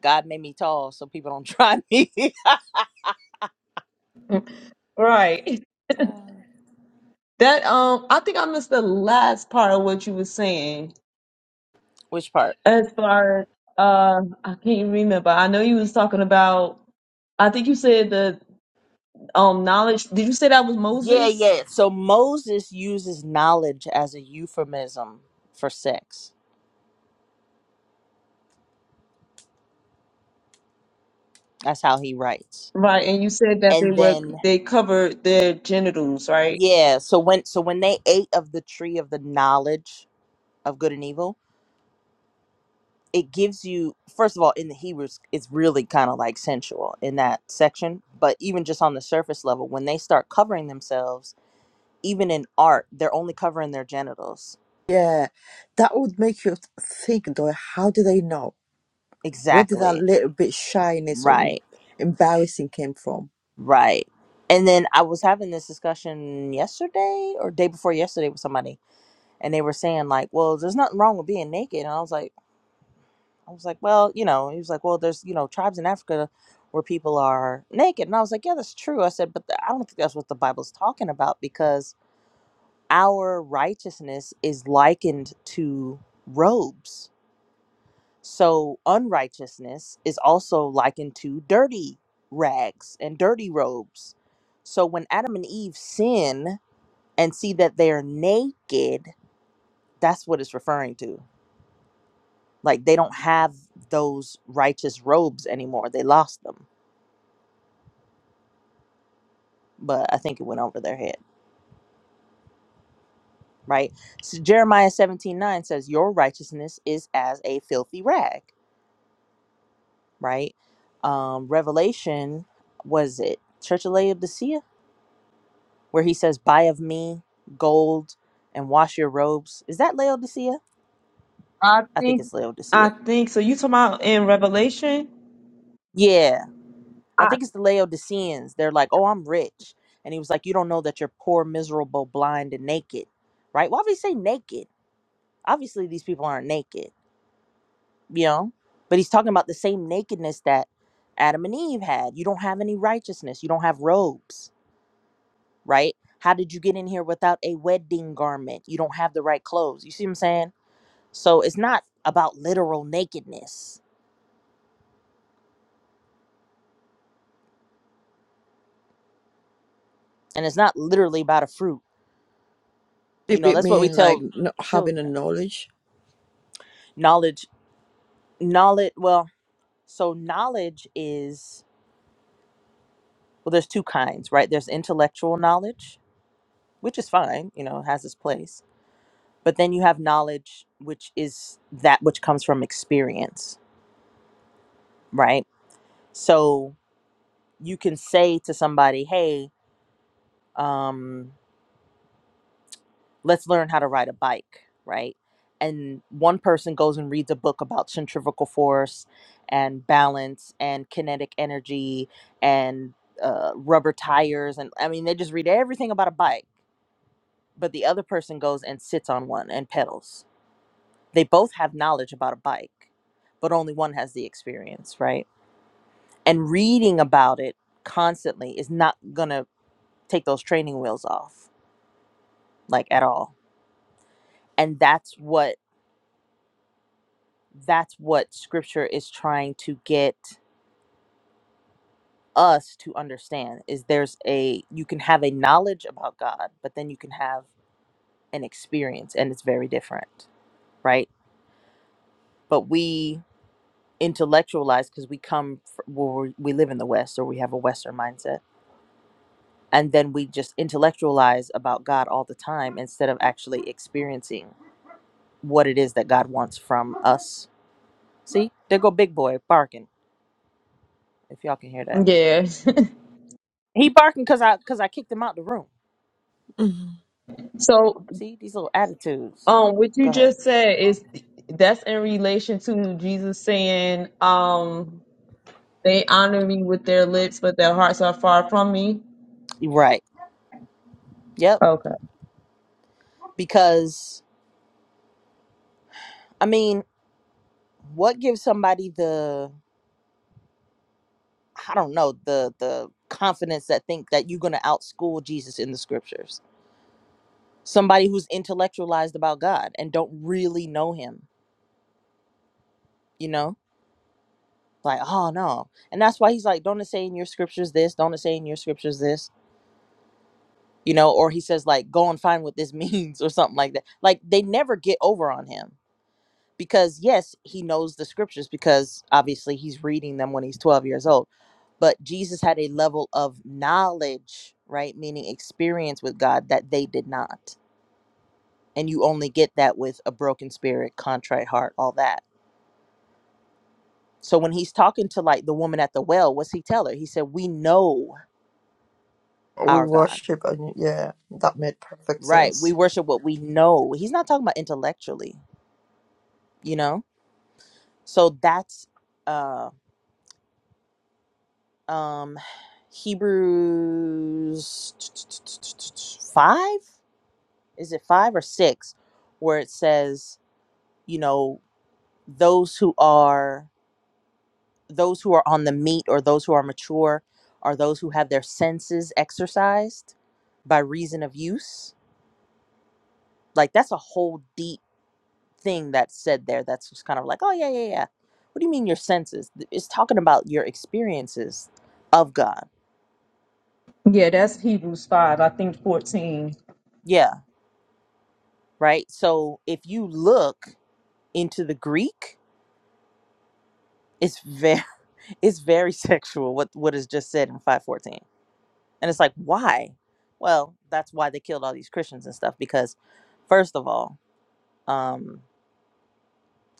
S6: God made me tall so people don't try me.
S2: right.
S6: Uh,
S2: That um I think I missed the last part of what you were saying
S6: Which part?
S2: as far as uh I can't remember. I know you was talking about I think you said the um knowledge did you say that was
S6: Yeah,
S2: Moses?
S6: yeah. So Moses uses knowledge as a euphemism for sex. That's how he writes.
S2: Right, and you said that they
S6: And
S2: were
S6: then
S2: they covered their genitals, right?
S6: Yeah, so when so when they ate of the tree of the knowledge of good and evil, it gives you first of all in the Hebrews it's really kind of like sensual in that section, but even just on the surface level when they start covering themselves, even in art, they're only covering their genitals.
S1: Yeah, that would make you think though. How do they know? Where did that
S6: Exactly.
S1: little bit shyness or em-
S6: Right.
S1: embarrassing came from?
S6: Right. And then I was having this discussion yesterday or day before yesterday with somebody and they were saying like, "Well, there's nothing wrong with being naked." And I was like, I was like, well, you know, he was like, well, there's, you know, tribes in Africa where people are naked. And I was like, yeah, that's true. I said, but th- I don't think that's what the Bible's talking about because our righteousness is likened to robes. So unrighteousness is also likened to dirty rags and dirty robes. So when Adam and Eve sin and see that they're naked, that's what it's referring to. Like they don't have those righteous robes anymore, they lost them. but I think it went over their head, right? So Jeremiah 17 9 says, Your righteousness is as a filthy rag, right? Um, Revelation, was it Church of Laodicea, where he says, Buy of me gold and wash your robes? Is that Laodicea?
S2: I
S6: I think
S2: think
S6: it's
S2: I
S6: Laodicea.
S2: think so you talking about in Revelation?
S6: Yeah, I
S2: I
S6: think it's the Laodiceans. They're like, Oh, I'm rich. And he was like, You don't know that you're poor, miserable, blind, and naked, right? Why would he say naked? Obviously, these people aren't naked you know but he's talking about the same nakedness that adam and eve had you don't have any righteousness you don't have robes right how did you get in here without a wedding garment you don't have the right clothes you see what i'm saying so it's not about literal nakedness and it's not literally about a fruit
S1: A
S6: you know
S1: bit
S6: that's what we
S1: mean like
S6: tell
S1: not having a
S6: children
S1: knowledge.
S6: knowledge knowledge well so knowledge is well there's two kinds right there's intellectual knowledge which is fine you know it has its place but then you have knowledge which is that which comes from experience right so you can say to somebody hey um, let's learn how to ride a bike right and one person goes and reads a book about centrifugal force and balance and kinetic energy and uh, rubber tires and i mean they just read everything about a bike but the other person goes and sits on one and pedals they both have knowledge about a bike but only one has the experience right and reading about it constantly is not gonna take those training wheels off like at all and that's what that's what scripture is trying to get us to understand is there's a you can have a knowledge about god but then you can have an experience and it's very different right but we intellectualize because we come fr- where we live in the west or we have a western mindset and then we just intellectualize about god all the time instead of actually experiencing what it is that God wants from us. See, there go big boy barking. If y'all can hear that,
S2: yeah.
S6: he barking because I because I kicked him out the room.
S2: So
S6: See these little attitudes.
S2: Um, what you
S6: Go ahead.
S2: just said is that's in relation to Jesus saying, um, they honor me with their lips, but their hearts are far from me.
S6: Right. Yep.
S2: Okay.
S6: Because I mean, what gives somebody the I don't know the the confidence that think that you're gonna outschool Jesus in the scriptures? Somebody who's intellectualized about God and don't really know Him. You know, like oh no, and that's why He's like, don't it say in your scriptures this? Don't it say in your scriptures this? you know, or he says like go and find what this means or something like that. Like they never get over on him because yes, he knows the scriptures because obviously he's reading them when he's 12 years old. But Jesus had a level of knowledge, right? Meaning experience with God that they did not. And you only get that with a broken spirit, contrite heart, all that. So when he's talking to like the woman at the well, what's he tell her? He said, "We know
S1: we
S6: our God."
S1: worship and yeah that made perfect
S6: Right? We
S1: sense
S6: worship what we know. He's not talking about intellectually, you know? So that's uh um Hebrews 5 is it 5 or 6 where it says, you know, those who are those who are on the meat or those who are mature are those who have their senses exercised by reason of use. Like that's a whole deep thing that's said there that's just kind of like, oh yeah, yeah, yeah. What do you mean your senses? Th- It's talking about your experiences of God.
S2: Yeah, that's Hebrews 5, I think 14.
S6: Yeah right? So if you look into the Greek, it's very it's very sexual what what is just said in 514. And it's like, why? Well, that's why they killed all these Christians and stuff because first of all, um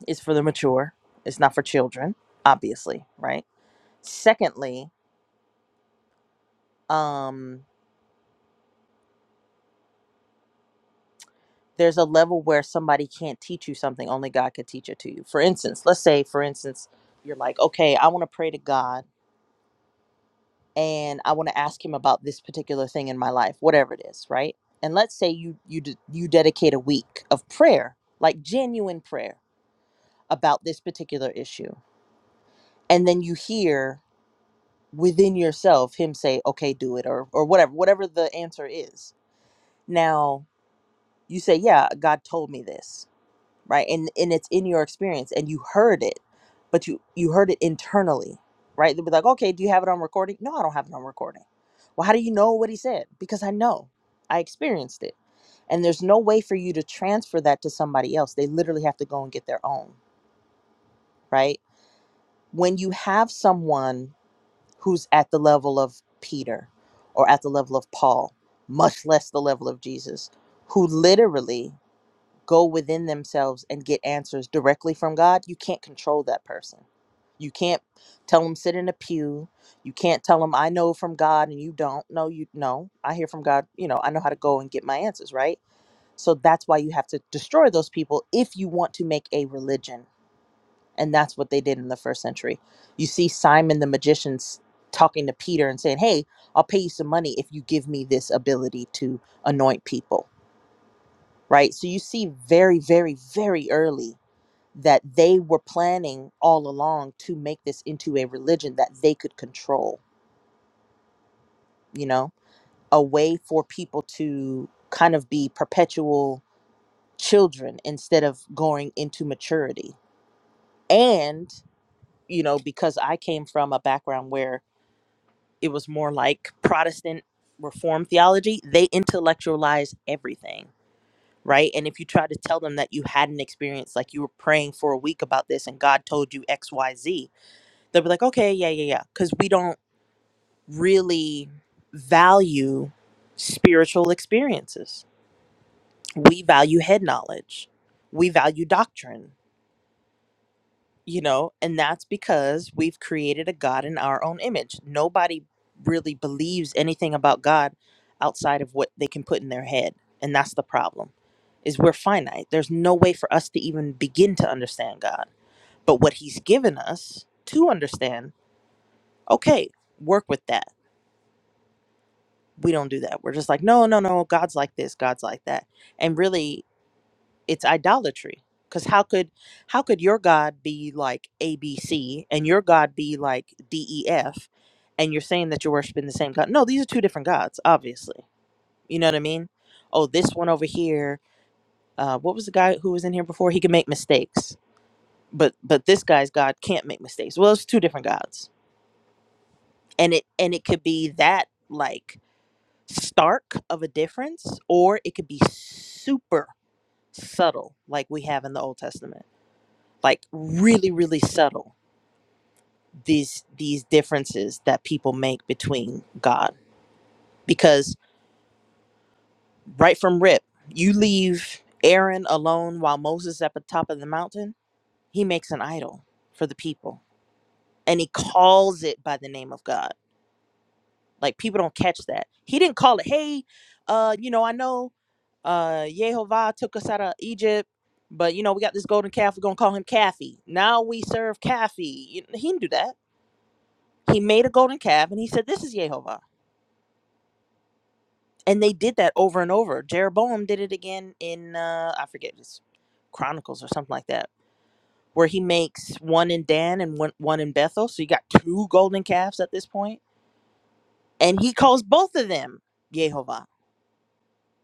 S6: it's for the mature. It's not for children, obviously, right? Secondly, um there's a level where somebody can't teach you something only God could teach it to you. For instance, let's say for instance you're like, "Okay, I want to pray to God and I want to ask him about this particular thing in my life, whatever it is, right? And let's say you you d- you dedicate a week of prayer, like genuine prayer about this particular issue. And then you hear within yourself him say, "Okay, do it," or or whatever, whatever the answer is. Now, you say, "Yeah, God told me this." right and and it's in your experience and you heard it but you you heard it internally right they'll be like okay do you have it on recording no i don't have it on recording well how do you know what he said because i know i experienced it and there's no way for you to transfer that to somebody else they literally have to go and get their own right when you have someone who's at the level of peter or at the level of paul much less the level of jesus who literally go within themselves and get answers directly from God, you can't control that person. You can't tell them sit in a pew. You can't tell them I know from God and you don't. No, you no. I hear from God. You know, I know how to go and get my answers right. So that's why you have to destroy those people if you want to make a religion, and that's what they did in the first century. You see Simon the magician s- talking to Peter and saying, "Hey, I'll pay you some money if you give me this ability to anoint people." Right? So you see very, very, very early that they were planning all along to make this into a religion that they could control, you know, a way for people to kind of be perpetual children instead of going into maturity. And, you know, because I came from a background where it was more like Protestant reform theology, they intellectualize everything. Right. And if you try to tell them that you had an experience, like you were praying for a week about this and God told you XYZ, they'll be like, okay, yeah, yeah, yeah. Because we don't really value spiritual experiences. We value head knowledge, we value doctrine, you know, and that's because we've created a God in our own image. Nobody really believes anything about God outside of what they can put in their head. And that's the problem is we're finite. There's no way for us to even begin to understand God. But what he's given us to understand, okay, work with that we don't do that. We're just like, no, no, no, God's like this, God's like that. And really it's idolatry. Cause how could how could your God be like A B C and your God be like D E F and you're saying that you're worshiping the same God? No, these are two different gods, obviously. You know what I mean? Oh, this one over here, uh, what was the guy who was in here before? He can make mistakes. But but this guy's God can't make mistakes. Well, it's two different gods. And it and it could be that like stark of a difference or it could be super subtle like we have in the old testament like really really subtle these these differences that people make between god because right from rip you leave aaron alone while moses at the top of the mountain he makes an idol for the people and he calls it by the name of god Like people don't catch that. He didn't call it, hey, uh, you know, I know uh Yehovah took us out of Egypt, but you know, we got this golden calf, we're gonna call him Kathy. Now we serve Kathy. You He didn't do that. He made a golden calf and he said, This is Yehovah. And they did that over and over. Jeroboam did it again in uh I forget it's Chronicles or something like that, where he makes one in Dan and one one in Bethel. So you got two golden calves at this point. And he calls both of them Yehovah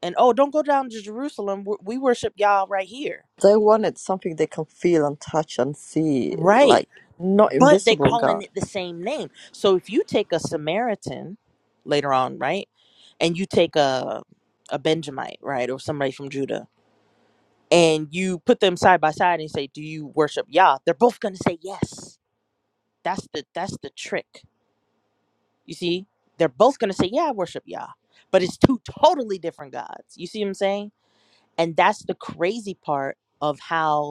S6: and oh don't go down to jerusalem we we worship y'all right here
S1: they wanted something they can feel and touch and see
S6: right
S1: like not
S6: but they
S1: invisible
S6: calling
S1: god
S6: it the same name so if you take a samaritan later on right and you take a a benjamite right or somebody from judah and you put them side by side and say do you worship yah they're both gonna say yes that's the that's the trick you see they're both gonna say yeah i worship yah but it's two totally different gods you see what i'm saying and that's the crazy part of how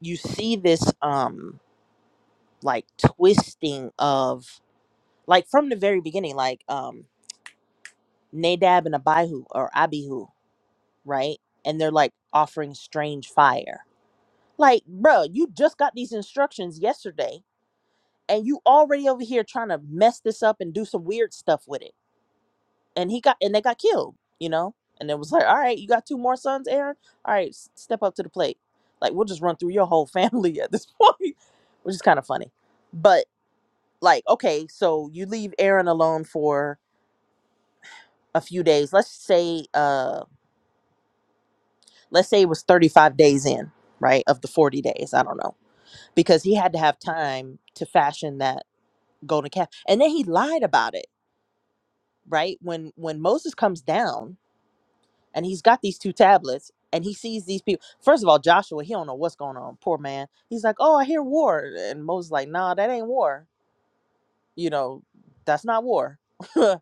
S6: you see this um like twisting of like from the very beginning like um nadab and abihu or abihu right and they're like offering strange fire like bruh you just got these instructions yesterday and you already over here trying to mess this up and do some weird stuff with it and he got and they got killed you know and it was like all right you got two more sons aaron all right s- step up to the plate like we'll just run through your whole family at this point which is kind of funny but like okay so you leave aaron alone for a few days let's say uh let's say it was 35 days in right of the 40 days i don't know because he had to have time to fashion that golden calf and then he lied about it right when when moses comes down and he's got these two tablets and he sees these people first of all joshua he don't know what's going on poor man he's like oh i hear war and moses like nah that ain't war you know that's not war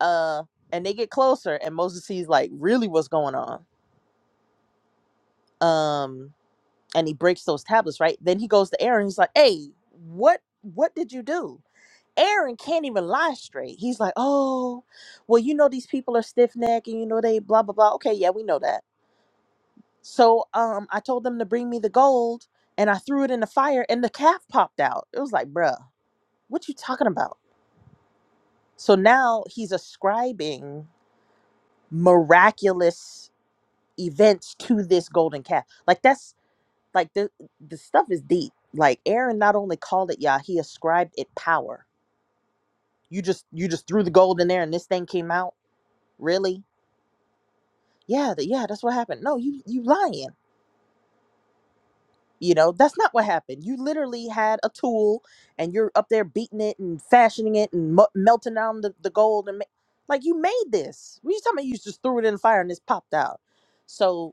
S6: uh and they get closer and moses sees like really what's going on um and he breaks those tablets right then he goes to aaron he's like hey what what did you do aaron can't even lie straight he's like oh well you know these people are stiff-necked and you know they blah blah blah okay yeah we know that so um i told them to bring me the gold and i threw it in the fire and the calf popped out it was like bruh what you talking about so now he's ascribing miraculous events to this golden calf. Like that's like the the stuff is deep. Like Aaron not only called it Yah, he ascribed it power. You just you just threw the gold in there and this thing came out. Really? Yeah, th- yeah, that's what happened. No, you you lying. You know, that's not what happened. You literally had a tool and you're up there beating it and fashioning it and mu- melting down the, the gold and ma- like you made this. What you talking about? You just threw it in the fire and this popped out. So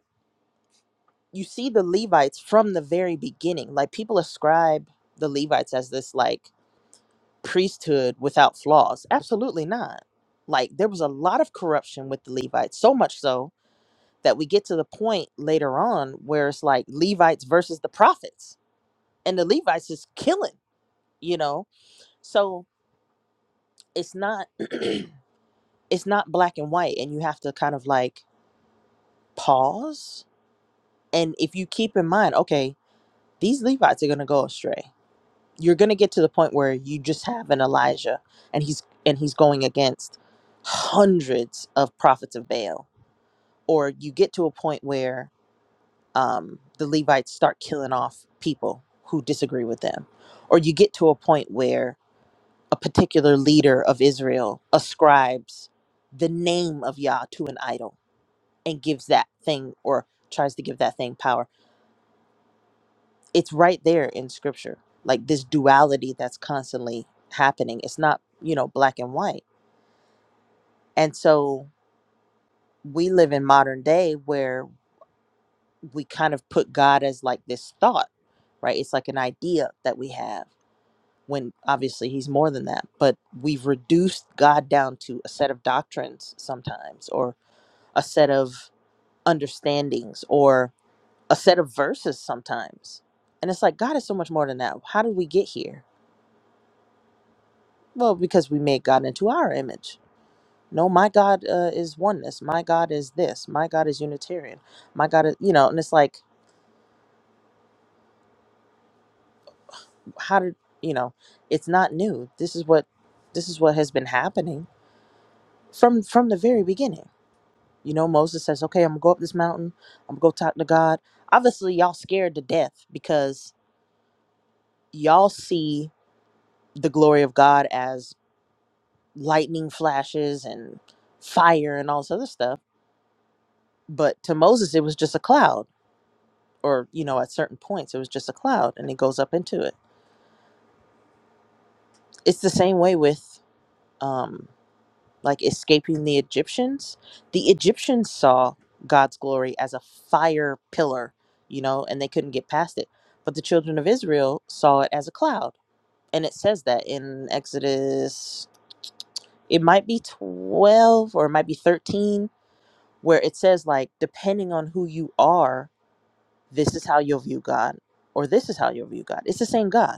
S6: you see the Levites from the very beginning. Like people ascribe the Levites as this like priesthood without flaws. Absolutely not. Like there was a lot of corruption with the Levites, so much so that we get to the point later on where it's like Levites versus the prophets. And the Levites is killing, you know? So it's not it's not black and white and you have to kind of like pause. And if you keep in mind, okay, these Levites are gonna go astray you're going to get to the point where you just have an Elijah and he's and he's going against hundreds of prophets of Baal or you get to a point where um, the Levites start killing off people who disagree with them or you get to a point where a particular leader of Israel ascribes the name of Yah to an idol and gives that thing or tries to give that thing power it's right there in scripture like this duality that's constantly happening it's not you know black and white and so we live in modern day where we kind of put god as like this thought right it's like an idea that we have when obviously he's more than that but we've reduced god down to a set of doctrines sometimes or a set of understandings or a set of verses sometimes and it's like god is so much more than that how did we get here Well, because we made God into our image. No, my God uh, is oneness. My God is this. My God is Unitarian. My God is, you know, and it's like, how did you know? It's not new. This is what, this is what has been happening from from the very beginning. You know, Moses says, "Okay, I'm gonna go up this mountain. I'm gonna go talk to God." Obviously, y'all scared to death because y'all see the glory of God as lightning flashes and fire and all this other stuff. But to Moses, it was just a cloud or you know at certain points it was just a cloud and it goes up into it it's the same way with um like escaping the egyptians the egyptians saw god's glory as a fire pillar you know and they couldn't get past it but the children of israel saw it as a cloud and it says that in exodus it might be 12 or it might be 13 where it says like depending on who you are this is how you'll view god or this is how you'll view god it's the same god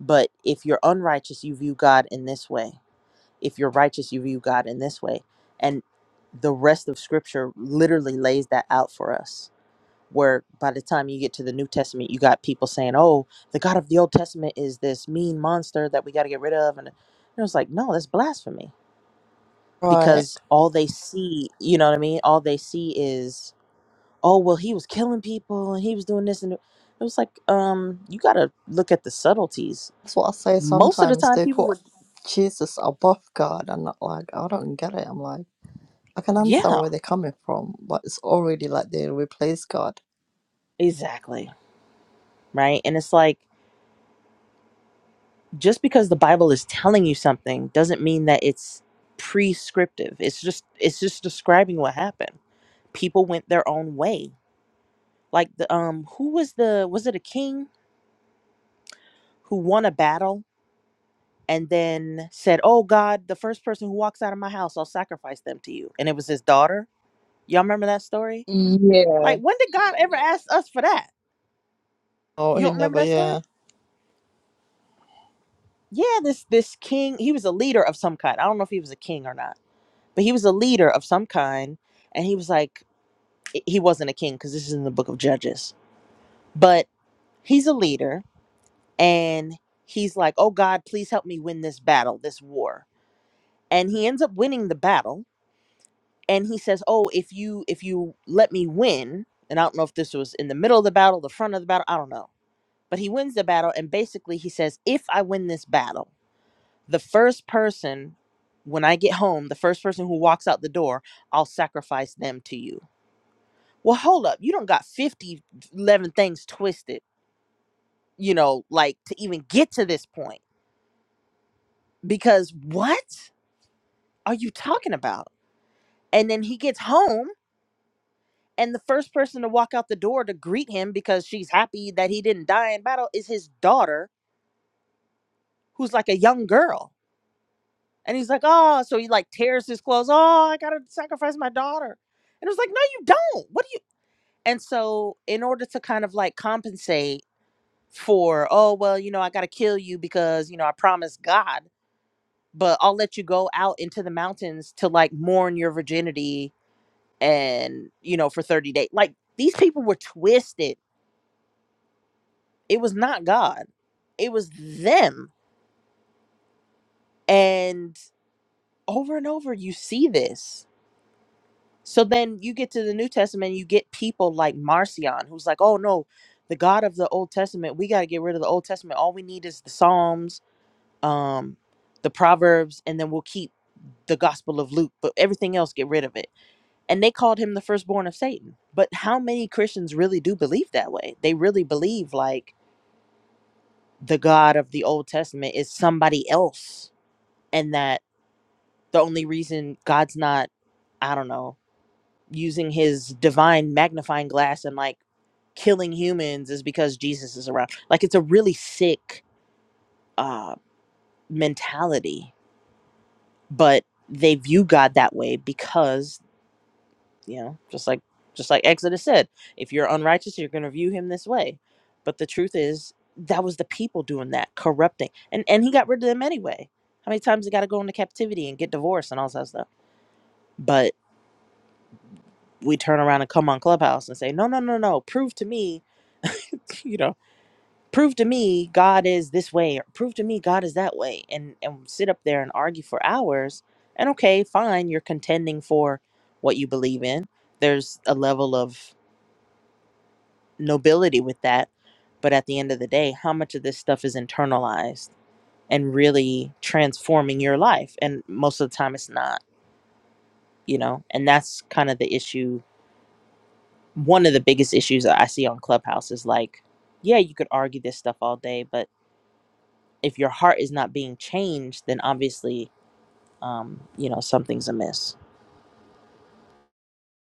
S6: But if you're unrighteous, you view God in this way. If you're righteous, you view God in this way. And the rest of scripture literally lays that out for us. Where by the time you get to the New Testament, you got people saying, oh, the God of the Old Testament is this mean monster that we got to get rid of. And it was like, no, that's blasphemy.
S1: right
S6: Because all they see, you know what I mean? All they see is, oh, well, he was killing people and he was doing this. And it was like, um, you got to look at the subtleties
S1: that's what i say
S6: most of the
S1: sometimes
S6: time
S1: they
S6: people
S1: put jesus above god and not like i don't get it i'm like i can understand
S6: Yeah,
S1: where they're coming from but it's already like they replace god
S6: exactly. Right. And it's like just because the Bible is telling you something doesn't mean that it's prescriptive. It's just it's just describing what happened. People went their own way. Like the um who was the was it a king who won a battle and then said, "Oh God, the first person who walks out of my house, I'll sacrifice them to you." And it was his daughter. Y'all remember that story?
S2: Yeah.
S6: Like when did God ever ask us for that?
S1: oh
S6: You
S1: he
S6: don't remember
S1: never
S6: that story?
S1: yeah
S6: Yeah, this this king, he was a leader of some kind. I don't know if he was a king or not but he was a leader of some kind and he was like he wasn't a king because this is in the book of judges but he's a leader and he's like oh god please help me win this battle this war and he ends up winning the battle and he says oh if you if you let me win and i don't know if this was in the middle of the battle the front of the battle i don't know but he wins the battle and basically he says if i win this battle the first person when i get home the first person who walks out the door i'll sacrifice them to you well hold up you don't got 50 11 things twisted you know like to even get to this point because what are you talking about and then he gets home and the first person to walk out the door to greet him because she's happy that he didn't die in battle is his daughter who's like a young girl and he's like oh so he like tears his clothes oh i gotta sacrifice my daughter and it was like no you don't what do you and so in order to kind of like compensate for oh well you know i gotta kill you because you know i promised god but i'll let you go out into the mountains to like mourn your virginity and you know for 30 days like these people were twisted it was not god it was them and over and over you see this so then you get to the new testament you get people like marcion who's like oh no the god of the old testament we got to get rid of the old testament all we need is the psalms um the proverbs and then we'll keep the Gospel of Luke, but everything else, get rid of it. And they called him the firstborn of Satan. But how many Christians really do believe that way? They really believe like the God of the Old Testament is somebody else, and that the only reason God's not, I don't know, using his divine magnifying glass and like killing humans is because Jesus is around. Like it's a really sick uh, mentality, but they view God that way because you know just like just like exodus said if you're unrighteous you're going to view him this way but the truth is that was the people doing that corrupting and and he got rid of them anyway how many times they got to go into captivity and get divorced and all that stuff but we turn around and come on clubhouse and say no no no no prove to me you know prove to me god is this way or prove to me god is that way and and sit up there and argue for hours and okay fine you're contending for what you believe in there's a level of nobility with that. But at the end of the day, how much of this stuff is internalized and really transforming your life? And most of the time, it's not, you know? And that's kind of the issue. One of the biggest issues that I see on Clubhouse is like, yeah, you could argue this stuff all day, but if your heart is not being changed, then obviously, um, you know, something's amiss.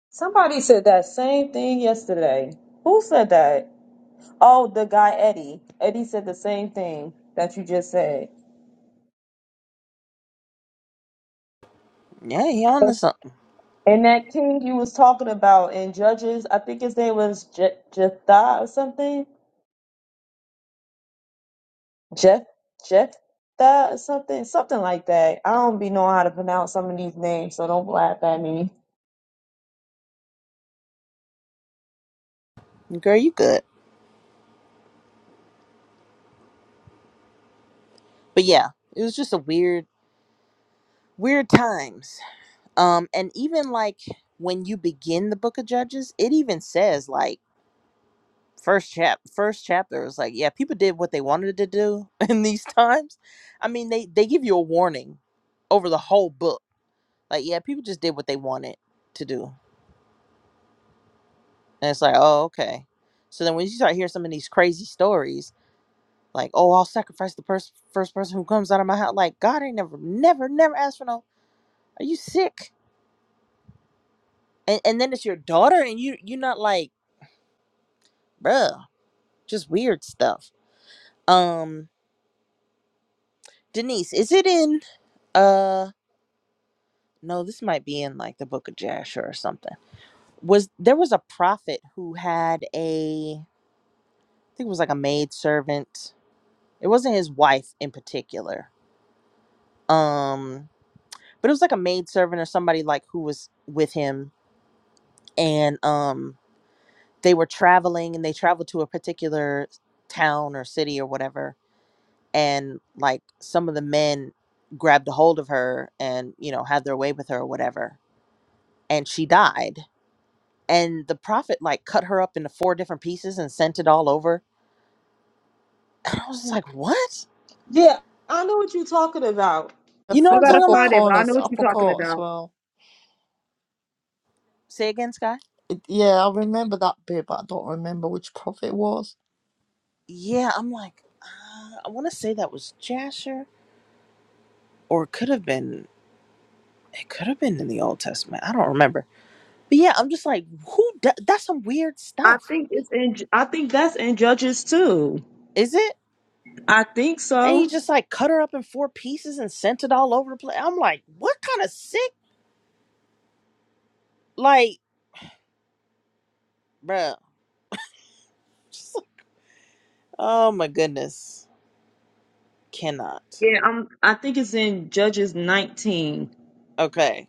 S2: Somebody said that same thing yesterday. Who said that? Oh, the guy Eddie. Eddie said the same thing that you just said.
S6: Yeah, you on to something.
S2: And that king you was talking about in Judges, I think his name was Je- Jephthah or something Jeff Jeff that something something like that. I don't be knowing how to pronounce some of these names, so don't laugh at me.
S6: Girl, you good. But yeah, it was just a weird, weird times um and even like when you begin the book of judges it even says like first chap first chapter is like yeah people did what they wanted to do in these times i mean they they give you a warning over the whole book like yeah people just did what they wanted to do and it's like oh okay so then when you start hearing some of these crazy stories like oh i'll sacrifice the pers- first person who comes out of my house like god ain't never never never asked for no are you sick and, and then it's your daughter and you you're not like bruh just weird stuff. Um, Denise, is it in uh no, this might be in like the book of Jasher or something. Was there was a prophet who had a I think it was like a maid servant. It wasn't his wife in particular. Um, but it was like a maid servant or somebody like who was with him and um they were traveling and they traveled to a particular town or city or whatever and like some of the men grabbed a hold of her and you know had their way with her or whatever and she died and the prophet like cut her up into four different pieces and sent it all over and i was just like what
S2: Yeah, I know what you're talking about.
S1: the
S6: you know what
S2: I
S1: four,
S6: i'm
S1: the
S2: gotta
S6: talking
S1: four
S2: find
S6: about
S2: it, but I know
S1: corners
S2: what
S1: i
S2: you're talking
S1: forgot as
S2: about.
S1: well
S6: say again sky
S1: it, yeah i remember that bit but i don't remember which prophet it was
S6: yeah i'm like uh, i want to say that was jasher or it could have been it could have been in the old testament i don't remember but yeah i'm just like who d- that's some weird
S2: I
S6: stuff
S2: think it's in. I think that's in Judges too.
S6: is it
S2: I think
S6: and he
S2: so.
S6: just like cut her up in four pieces and sent it all over the place. I'm like, what kind of sick, like, bruh. Just- like, oh my goodness, cannot.
S2: Yeah, um, I think it's in Judges 19.
S6: Okay,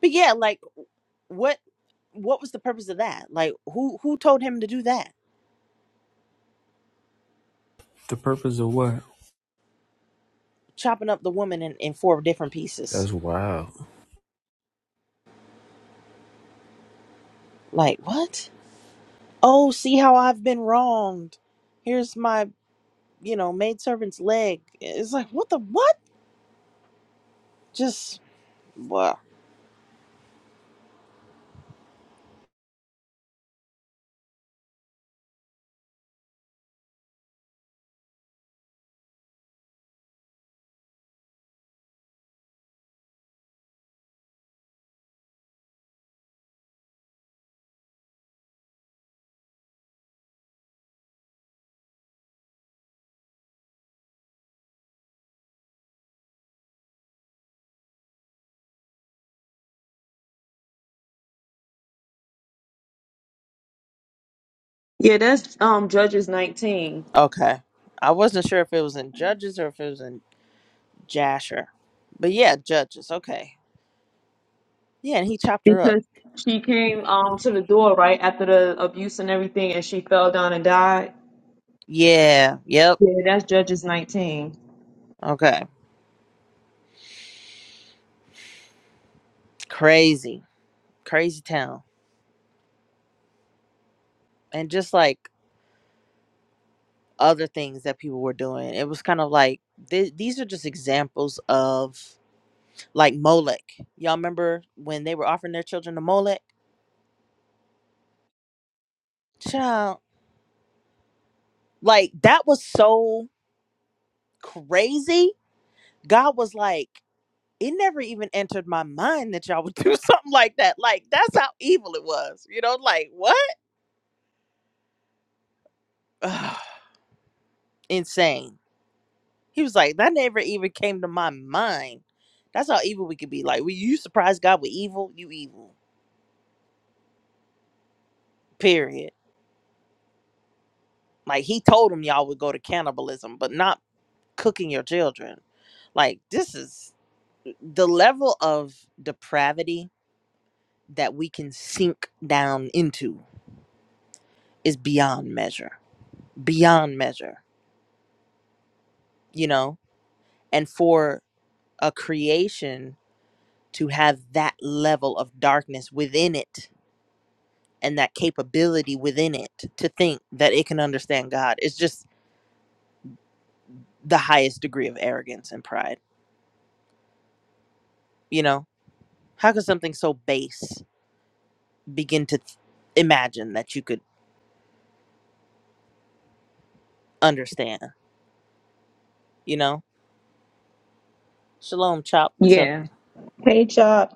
S6: but yeah, like, what, what was the purpose of that? Like, who who told him to do that?
S3: The purpose of what?
S6: Chopping up the woman in in four different pieces.
S3: That's wild.
S6: Like, what? Oh, see how I've been wronged. Here's my, you know, maidservant's leg. It's like, what the what? Just, what?
S2: Yeah, that's um Judges 19
S6: Okay. I wasn't sure if it was in Judges or if it was in Jasher. But yeah, Judges. Okay. Yeah, and he chopped her up.
S2: because she came um to the door right after the abuse and everything, and she fell down and died.
S6: Yeah. Yep.
S2: Yeah, that's Judges 19.
S6: Okay. Crazy. Crazy town. And just like other things that people were doing, it was kind of like th- these are just examples of like Molech. Y'all remember when they were offering their children to Molech? Child. Like that was so crazy. God was like, it never even entered my mind that y'all would do something like that. Like that's how evil it was. You know, like what? Ugh, Insane. He was like, that never even came to my mind. That's how evil we could be. Like, we you surprise God with evil, you evil. Period. Like he told him y'all would go to cannibalism, but not cooking your children. Like this is the level of depravity that we can sink down into is beyond measure. Beyond measure. You know? and for a creation to have that level of darkness within it and that capability within it to think that it can understand God is just the highest degree of arrogance and pride. You know, how could something so base begin to th- imagine that you could understand? You know, Shalom, Chop, what's up?
S2: Yeah. Hey, Chop.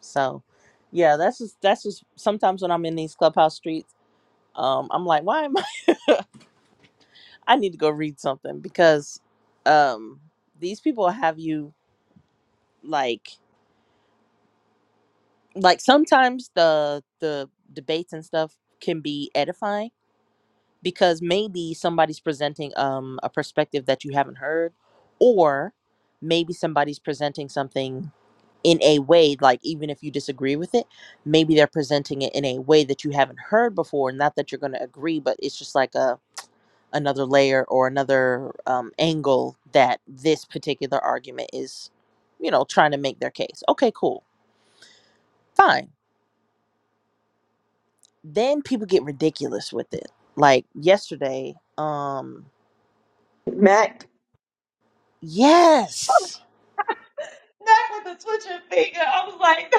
S6: So, yeah, that's just that's just sometimes when I'm in these clubhouse streets, um, I'm like, why am I need to go read something because um these people have you like like sometimes the the debates and stuff can be edifying because maybe somebody's presenting um a perspective that you haven't heard or maybe somebody's presenting something in a way like even if you disagree with it maybe they're presenting it in a way that you haven't heard before not that you're going to agree but it's just like a. another layer or another um, angle that this particular argument is, you know, trying to make their case. Okay, cool, fine. Then people get ridiculous with it. Like yesterday, um,
S2: Mac.
S6: yes,
S2: Mac with the twitching finger. I was like,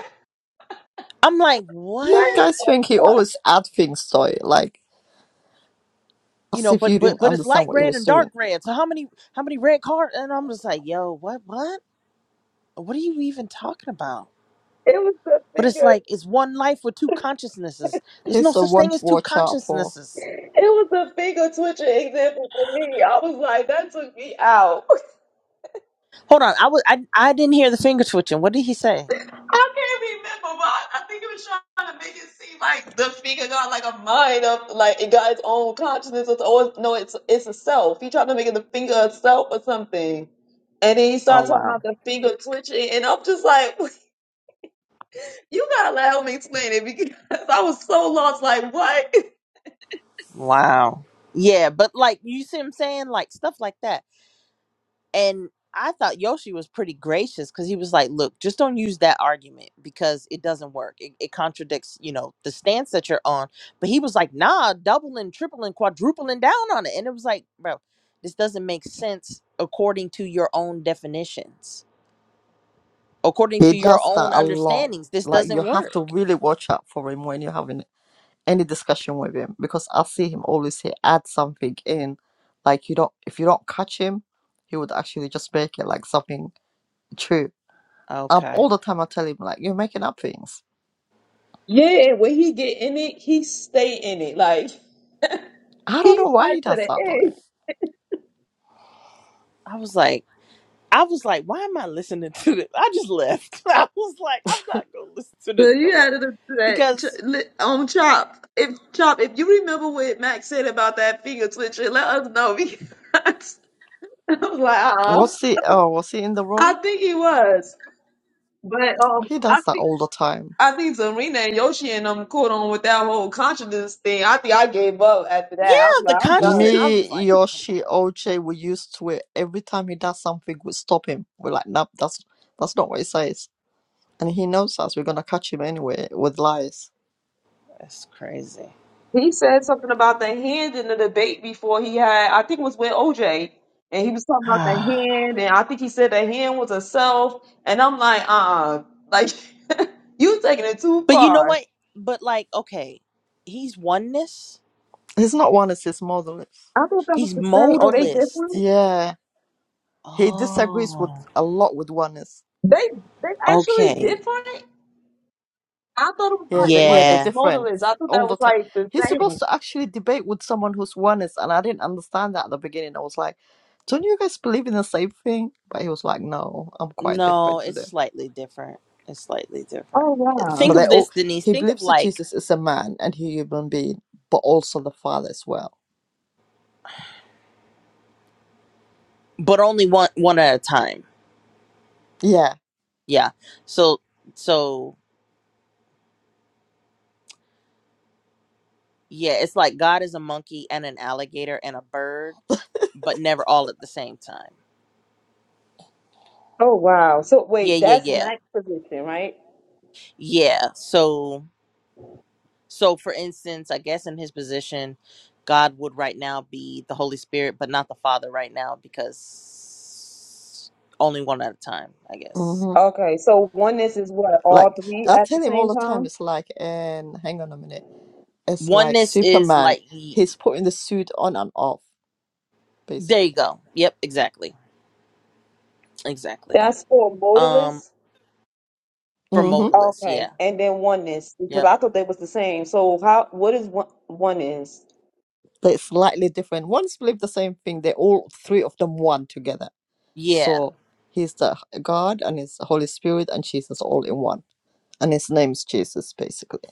S6: I'm like,
S1: you
S2: what?
S6: what?
S1: guys think he always add things to it like
S6: You
S1: as
S6: know,
S1: if
S6: but
S1: you
S6: but
S1: didn't
S6: but it's
S1: understand
S6: light
S1: what he
S6: red
S1: was
S6: and dark
S1: doing.
S6: red. So how many how many red cards? And I'm just like, yo, what what? What are you even talking about?
S2: It was the
S6: But it's
S2: finger.
S6: like it's one life with two consciousnesses. There's no
S1: He's a
S6: such
S1: one
S6: thing
S1: to
S6: as two
S1: watch out for.
S6: consciousnesses
S2: It was the finger twitching example for me. I was like, that took me out.
S6: Hold on. I was I I didn't hear the finger twitching. What did he say?
S2: I can't remember, but I I think it was trying to make it seem like the finger got like a mind of like it got its own consciousness. It's always no, it's it's a self. He tried to make it the finger a self or something. And then he
S6: Oh
S2: started talking
S6: wow.
S2: about the finger twitching, and I'm just like, you gotta let help me explain it because I was so lost. Like, what?
S6: Wow. Yeah, but like you see what I'm saying? Like stuff like that. And I thought Yoshi was pretty gracious because he was like, look, just don't use that argument because it doesn't work. It, it contradicts, you know, the stance that you're on. But he was like, nah, doubling, tripling, quadrupling down on it. And it was like, bro, this doesn't make sense according to your own definitions, according
S1: He
S6: to your
S1: does that
S6: own
S1: a lot.
S6: understandings. This
S1: Like you
S6: doesn't
S1: have
S6: work.
S1: to really watch out for him when you're having any discussion with him because I see him always he add something in. Like you don't if you don't catch him, he would actually just make it like something true. Um,
S6: Okay.
S1: all the time I tell him like you're making up things.
S2: Yeah, and when he get in it, he stay in it. Like
S1: I don't
S2: he
S1: know why
S2: fight
S1: he
S2: to
S1: does
S2: the
S1: that though.
S2: end.
S6: I was like, I was like, why am I listening to this? I just left. I was like, I'm not gonna listen to
S2: So
S6: this no
S2: you
S6: more.
S2: had to do that
S6: Because
S2: ch- li- on Chop. If Chop, if you remember what Max said about that finger twitching, let us know because I was like, oh,
S1: Was he? Oh, was he in the
S2: I
S1: room?
S2: think he was, but um,
S1: He
S2: I
S1: does that
S2: think.
S1: all the time.
S2: I think Serena and Yoshi and them caught on with that whole consciousness thing. I think I gave up after
S6: yeah,
S2: that. I was
S6: the
S2: like, I'm done.
S6: consciousness I
S1: Me,
S6: was like, come
S1: Yoshi,
S6: on,
S1: OJ, we used to it. Every time he does something, we stop him. We're like, nope, that's that's not what he says. And he knows us. We're gonna catch him anyway with lies.
S6: that's crazy.
S2: He said something about the hand in the debate before he had, I think it was with OJ, and he was talking about the
S6: but
S2: hand, and I think he said the hand was a self, and I'm like, uh-uh, like, you taking it too
S6: you know
S2: far.
S6: what? But like, okay, he's oneness,
S1: He's not oneness. He's modalist.
S2: I thought that was
S6: he's
S2: the same. Oh, they different?
S6: modalist.
S1: Yeah, he disagrees with
S6: Oh,
S1: a lot with oneness.
S2: They they actually
S6: okay.
S2: different? I thought it was
S1: Yeah,
S2: like
S1: the, yeah, they're
S2: oneness
S6: Yeah.
S1: different
S2: modalist. I thought that
S1: all the
S2: was
S1: time.
S2: like the
S1: He's supposed
S2: same.
S1: to actually debate with someone who's oneness, and I didn't understand that at the beginning. I was like, don't you guys believe in the same thing? But he was like, no, I'm quite
S6: No,
S1: different to
S6: it's
S1: them.
S6: slightly different. It's slightly different.
S2: Oh
S1: but
S6: Think
S2: wow.
S1: they
S6: of this,
S1: all
S6: Denise.
S1: he
S6: Think of
S1: believes that
S6: like,
S1: Jesus is a man and human being, but also the Father as well.
S6: but only one one at a time.
S1: Yeah.
S6: Yeah. So so Yeah, it's like God is a monkey and an alligator and a bird, but never all at the same time.
S2: Oh wow. So
S6: Yeah,
S2: wait,
S6: yeah,
S2: that's
S6: yeah.
S2: Mac's position, right?
S6: Yeah. So so for instance, I guess in his position, God would right now be the Holy Spirit, but not the Father right now because only one at a time, I guess.
S1: hmm
S2: Okay, so oneness is what, all
S1: Like
S2: three
S1: I
S2: at
S1: tell
S2: the
S1: him all
S2: same
S1: the time,
S2: time?
S1: it's like, and hang on a minute, it's like
S6: Oneness is
S1: Superman.
S6: like y-
S1: He's putting the suit on and off,
S6: there you
S1: basically.
S6: go. Yep, exactly. Exactly.
S2: That's for
S6: Um
S2: modalists.
S6: for
S1: Mm-hmm.
S6: modalists,
S2: Okay,
S6: yeah.
S2: and then oneness because
S6: Yep.
S2: I thought they was the same. So how? What is one oneness?
S1: They're slightly different. One's believe the same thing. They all three of them one together.
S6: Yeah,
S1: So he's the h- God and his Holy Spirit and Jesus all in one, and his name's Jesus, basically.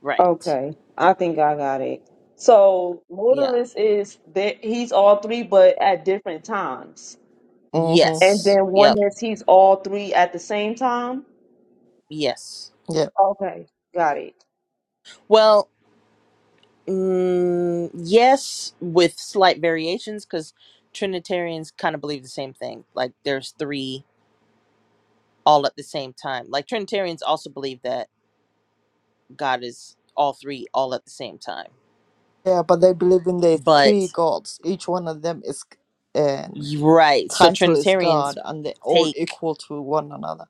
S6: right.
S2: Okay, I think I got it. So
S6: Yeah.
S2: modalist is that he's all three, but at different times.
S1: Mm-hmm.
S2: And
S6: Yes.
S2: then
S6: Yep.
S2: oneness, he's all three at the same time.
S6: Yes.
S1: Yeah.
S2: Okay, got it.
S6: Well, mm, yes, with slight variations, because Trinitarians kind of believe the same thing. Like there's three all at the same time. Like Trinitarians also believe that God is all three all at the same time.
S1: Yeah, but they believe in the three
S6: But
S1: gods. Each one of them is uh,
S6: y- right, so
S1: title is
S6: Trinitarians
S1: God, and they're all
S6: take
S1: equal to one another.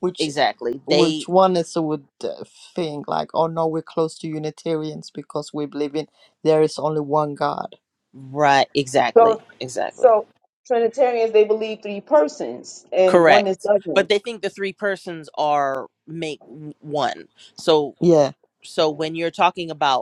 S1: Which,
S6: exactly they
S1: which one is would uh, think like, oh no, we're close to Unitarians because we believe in there is only one God.
S6: right exactly
S2: So,
S6: exactly
S2: so Trinitarians they believe three persons, and oneness
S6: correct. But
S2: doesn't.
S6: they think the three persons are make w- one. So
S1: Yeah.
S6: so when you're talking about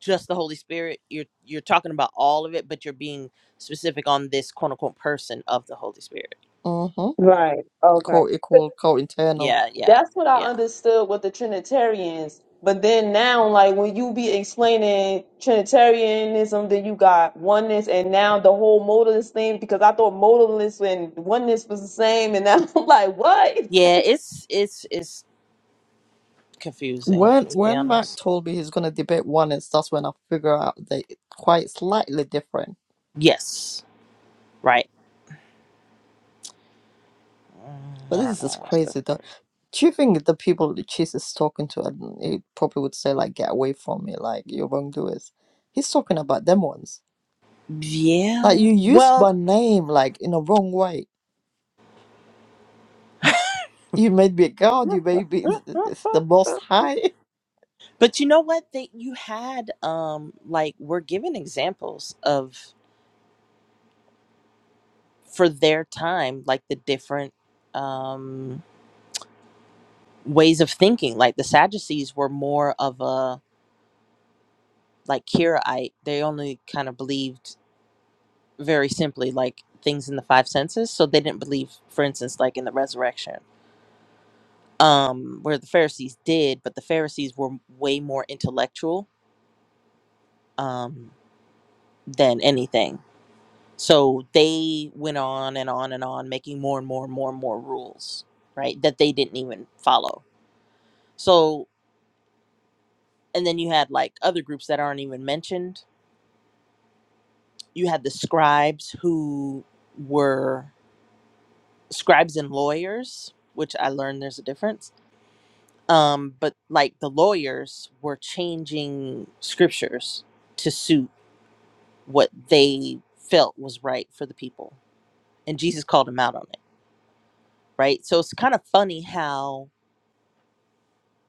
S6: just the Holy Spirit. You're you're talking about all of it, but you're being specific on this quote unquote person of the Holy Spirit.
S1: Mm-hmm.
S2: Right. Okay. 'Cause
S1: Co-equal, co-internal.
S6: Yeah, yeah,
S2: That's what I
S6: yeah,
S2: understood with the Trinitarians. But then now, like when you be explaining Trinitarianism, then you got oneness, and now the whole modalist thing. Because I thought modalist and oneness was the same, and now I'm like, what?
S6: yeah. It's it's it's confusing
S1: When
S6: to be
S1: when Mark
S6: honest.
S1: told me he's gonna debate oneness, that's when I figure out they quite slightly different.
S6: Yes, right. Mm,
S1: But
S6: I don't
S1: this is
S6: know. That's the
S1: crazy though.
S6: first.
S1: Do you think the people that Jesus is talking to, and he probably would say like, "Get away from me, like you're wrongdoers." He's talking about them ones. Like
S6: Yeah.
S1: you used my
S6: Well.
S1: name like in a wrong way. You made me a god. You made me th- th- the Most High.
S6: But you know what? They you had um like we're given examples of for their time like the different um. ways of thinking. Like the Sadducees were more of a like Kiraite. They only kind of believed very simply like things in the five senses. So they didn't believe, for instance, like in the resurrection. Um, where the Pharisees did, but the Pharisees were way more intellectual um, than anything. So they went on and on and on, making more and more and more and more rules, right? That they didn't even follow. So, and then you had like other groups that aren't even mentioned you had the scribes who were scribes and lawyers, which I learned there's a difference. Um, but like the lawyers were changing scriptures to suit what they felt was right for the people. And Jesus called them out on it, right? So it's kind of funny how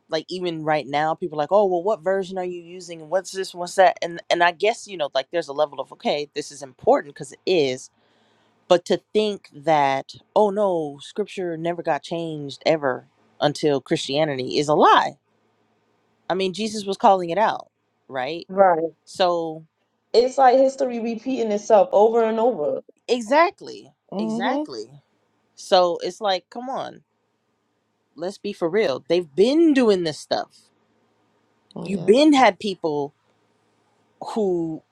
S6: like even right now people are like, "Oh, well what version are you using? What's this? What's that?" And and I guess, you know, like there's a level of, "Okay, this is important because it is." But to think that, oh no, scripture never got changed ever until Christianity is a lie. I mean, Jesus was calling it out, right?
S2: Right.
S6: So,
S2: It's like history repeating itself over and over.
S6: exactly,
S1: Mhm.
S6: exactly. So it's like, come on, let's be for real. They've been doing this stuff. You've
S1: Yeah.
S6: been had people who.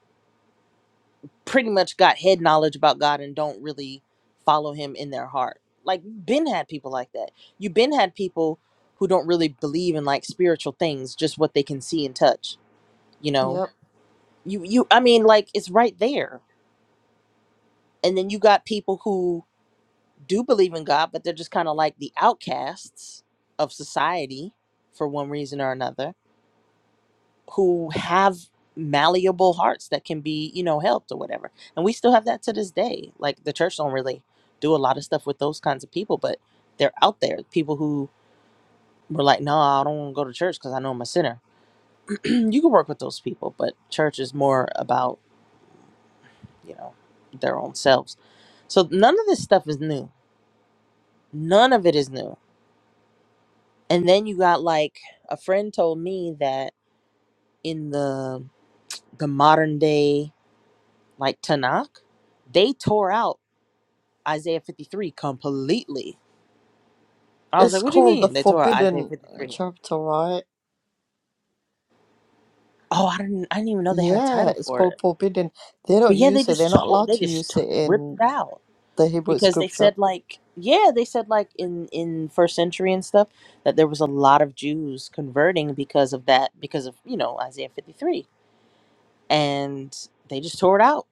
S6: pretty much got head knowledge about God and don't really follow him in their heart. Like Ben had people like that. You Ben had people who don't really believe in like spiritual things, just what they can see and touch, you know.
S1: Yep.
S6: You you I mean like it's right there. And then you got people who do believe in God, but they're just kind of like the outcasts of society for one reason or another who have malleable hearts that can be you know helped or whatever and we still have that to this day like the church don't really do a lot of stuff with those kinds of people but they're out there people who were like no i don't want to go to church because i know i'm a sinner you can work with those people but church is more about you know their own selves so none of this stuff is new none of it is new and then you got like a friend told me that in the the modern day like tanakh they tore out Isaiah 53 completely. I was like,
S1: It's
S6: what do you
S1: called the
S6: mean they tore out Isaiah
S1: Forbidden uh,
S6: 53?
S1: chapter, right?
S6: Oh, I didn't I didn't even know they had a
S1: Yeah.
S6: title
S1: It's
S6: for
S1: called
S6: it.
S1: Forbidden. They
S6: But
S1: don't
S6: yeah, they
S1: use it. They're
S6: just
S1: not
S6: tore,
S1: allowed
S6: they
S1: to
S6: just
S1: use
S6: t-
S1: it
S6: ripped
S1: in
S6: it out
S1: the Hebrew
S6: because they
S1: scripture.
S6: said like yeah, they said like in in first century and stuff that there was a lot of Jews converting because of that because of, you know, Isaiah 53. And they just tore it out.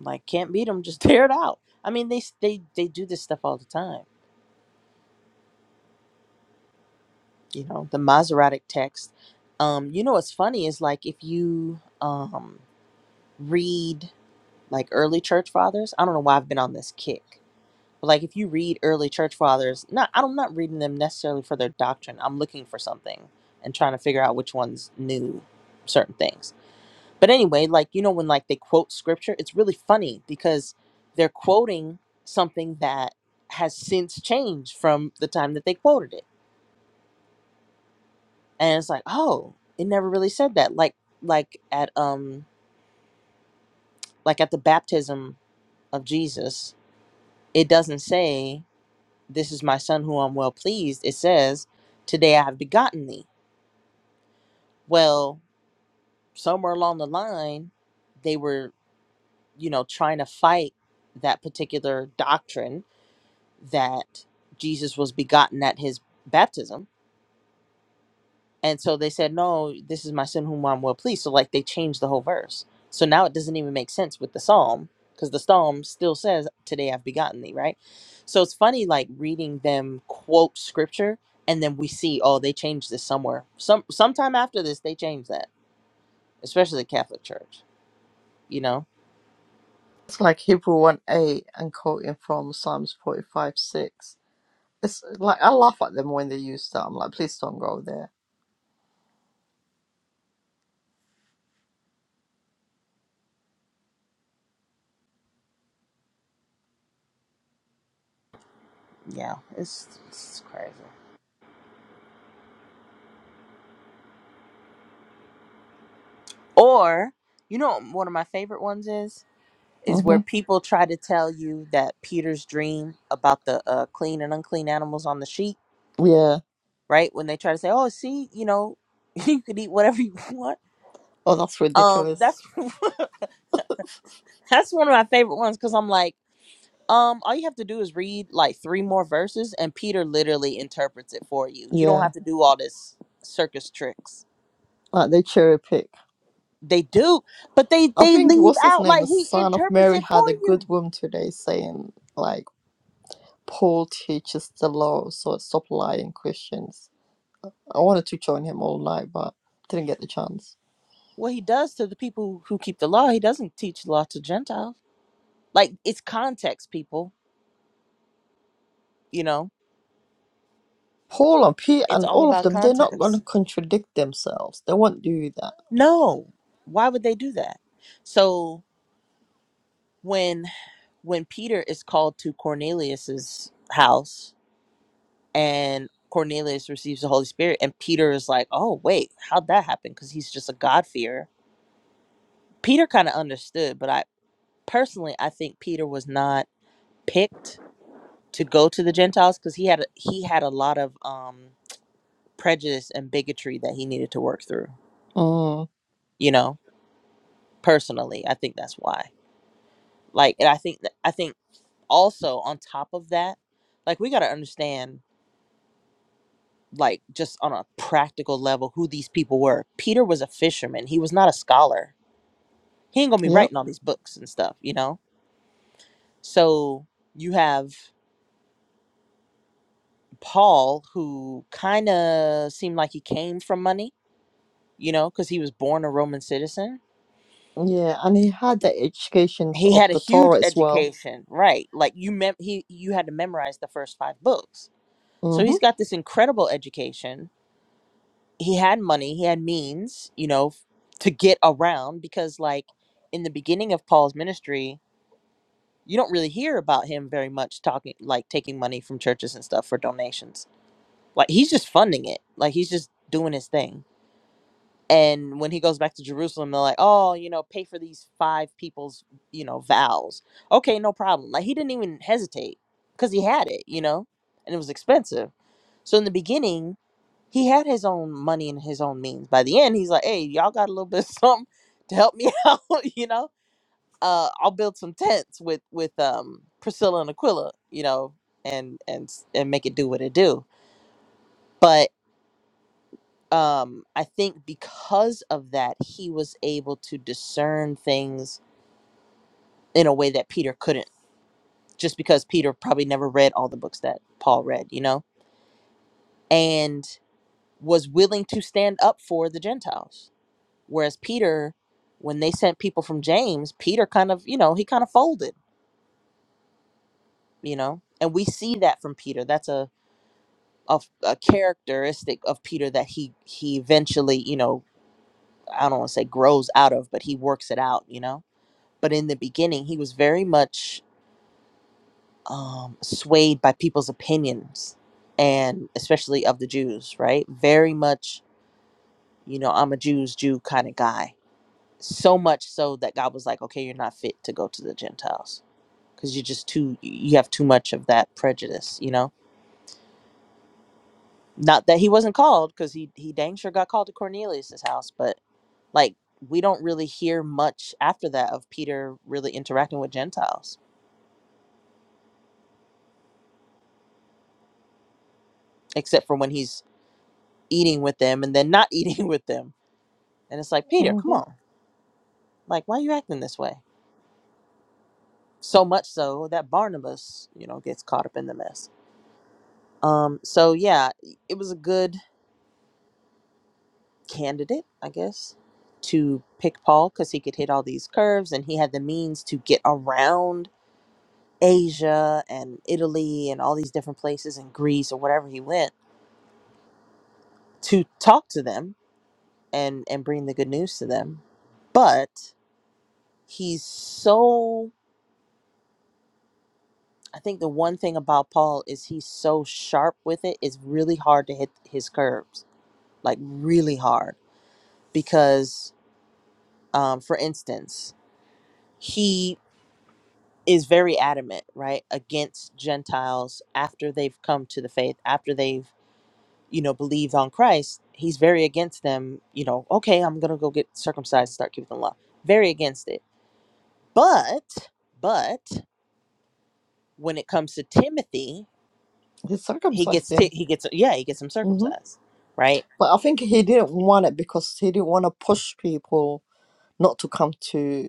S6: Like can't beat them, just tear it out. I mean, they s- they they do this stuff all the time. you know the Masoretic text. Um, you know what's funny is like if you um, read like early church fathers. I don't know why I've been on this kick, but like if you read early church fathers, not I'm not reading them necessarily for their doctrine. I'm looking for something and trying to figure out which ones knew certain things. But anyway, like you know when like they quote scripture, it's really funny because they're quoting something that has since changed from the time that they quoted it and it's like oh it never really said that like like at um like at the baptism of jesus it doesn't say this is my son who i'm well pleased it says today i have begotten thee well somewhere along the line they were you know trying to fight that particular doctrine that jesus was begotten at his baptism And so they said, No, this is my son whom I'm well pleased. So, like, they changed the whole verse. So now it doesn't even make sense with the psalm because the psalm still says, Today I've begotten thee, right? So it's funny, like, reading them quote scripture and then we see, Oh, they changed this somewhere. Some Sometime after this, they changed that, especially the Catholic Church, you know?
S1: It's like Hebrew one eight and quoting from Psalms forty five six. It's like I laugh at them when they use that. I'm like, please don't go there.
S6: Yeah, it's, it's crazy. Or, you know, what one of my favorite ones is? is
S1: hmm
S6: where people try to tell you that Peter's dream about the uh, clean and unclean animals on the sheet,
S1: Yeah.
S6: right? When they try to say, "Oh, see, you know, you could eat whatever you want."
S1: Oh, that's
S6: Um,
S1: ridiculous.
S6: that's that's one of my favorite ones because I'm like, um, all you have to do is read like three more verses, and Peter literally interprets it for you. You don't
S1: Yeah.
S6: have to do all this circus tricks.
S1: Like they cherry pick.
S6: They do, but they
S1: I
S6: they
S1: think
S6: leave
S1: what's his
S6: out
S1: name?
S6: like
S1: The
S6: he
S1: son of
S6: interprets
S1: Mary
S6: it
S1: had
S6: for
S1: a good
S6: you.
S1: room today saying like Paul teaches the law, so stop lying, Christians. I wanted to join him all night, but didn't get the chance.
S6: What he does to the people who keep the law, he doesn't teach the law to Gentiles Like it's context, people, you know?
S1: Paul and Pete
S6: It's
S1: and
S6: all
S1: all of
S6: about
S1: them, they're not gonna
S6: context.
S1: contradict themselves. They won't do that.
S6: No. Why would they do that? So when when Peter is called to Cornelius's house and Cornelius receives the Holy Spirit and Peter is like, "Oh, wait, how'd that happen?" cuz he's just a God-fearer. Peter kind of understood, but I personally I think Peter was not picked to go to the Gentiles cuz he had a, he had a lot of um prejudice and bigotry that he needed to work through,
S1: Mm.
S6: you know? personally i think that's why like and i think that i think also on top of that like we got to understand like just on a practical level who these people were peter was a fisherman he was not a scholar he ain't gonna be
S1: Yep.
S6: writing all these books and stuff you know so you have paul who kind of seemed like he came from money you know because he was born a roman citizen
S1: Yeah, and he had the educations
S6: he
S1: of
S6: had a
S1: the
S6: huge
S1: Torah as well.
S6: education right like you mem- he you had to memorize the first five books So he's got this incredible education. He had money, he had means, you know, f- to get around because, like, in the beginning of Paul's ministry, you don't really hear about him very much talking, like, taking money from churches and stuff for donations. Like, he's just funding it, like, he's just doing his thing. And when he goes back to Jerusalem, they're like, oh, you know, pay for these five people's, you know, vows. Okay, no problem. Like, he didn't even hesitate because he had it, you know, and it was expensive. So in the beginning, he had his own money and his own means. By the end, he's like, "Hey, y'all got a little bit of something to help me out, you know? Uh, I'll build some tents with with um Priscilla and Aquila, you know, and and and make it do what it do." But um, I think because of that, he was able to discern things in a way that Peter couldn't, just because Peter probably never read all the books that Paul read, you know, and was willing to stand up for the Gentiles Whereas Peter, when they sent people from James, Peter kind of, you know, he kind of folded, you know, and we see that from Peter. That's a a, a characteristic of Peter that he he eventually, you know, I don't want to say grows out of, but he works it out, you know. But in the beginning, he was very much um, swayed by people's opinions, and especially of the Jews, right? Very much, you know, I'm a Jews Jew kind of guy. So much so that God was like, okay, you're not fit to go to the Gentiles because you're just too you have too much of that prejudice you know not that he wasn't called because he he dang sure got called to cornelius's house but like we don't really hear much after that of peter really interacting with gentiles except for when he's eating with them and then not eating with them and it's like peter come
S1: hmm
S6: on like why are you acting this way so much so that barnabas you know gets caught up in the mess um so yeah it was a good candidate, I guess, to pick Paul because he could hit all these curves and he had the means to get around Asia and Italy and all these different places and Greece or wherever he went to talk to them and and bring the good news to them. But he's so I think the one thing about Paul is he's so sharp with it. It's really hard to hit his curves, like really hard. Because, um, for instance, he is very adamant, right, against Gentiles after they've come to the faith, after they've, you know, believed on Christ. He's very against them, you know, okay, I'm going to go get circumcised, start keeping the law. Very against it. But, but when it comes to Timothy,
S1: He
S6: he
S1: circumcised
S6: gets, ti
S1: him.
S6: he gets, yeah, he gets him
S1: hmm
S6: circumcised, right?
S1: But I think he didn't want it because he didn't want to push people not to come to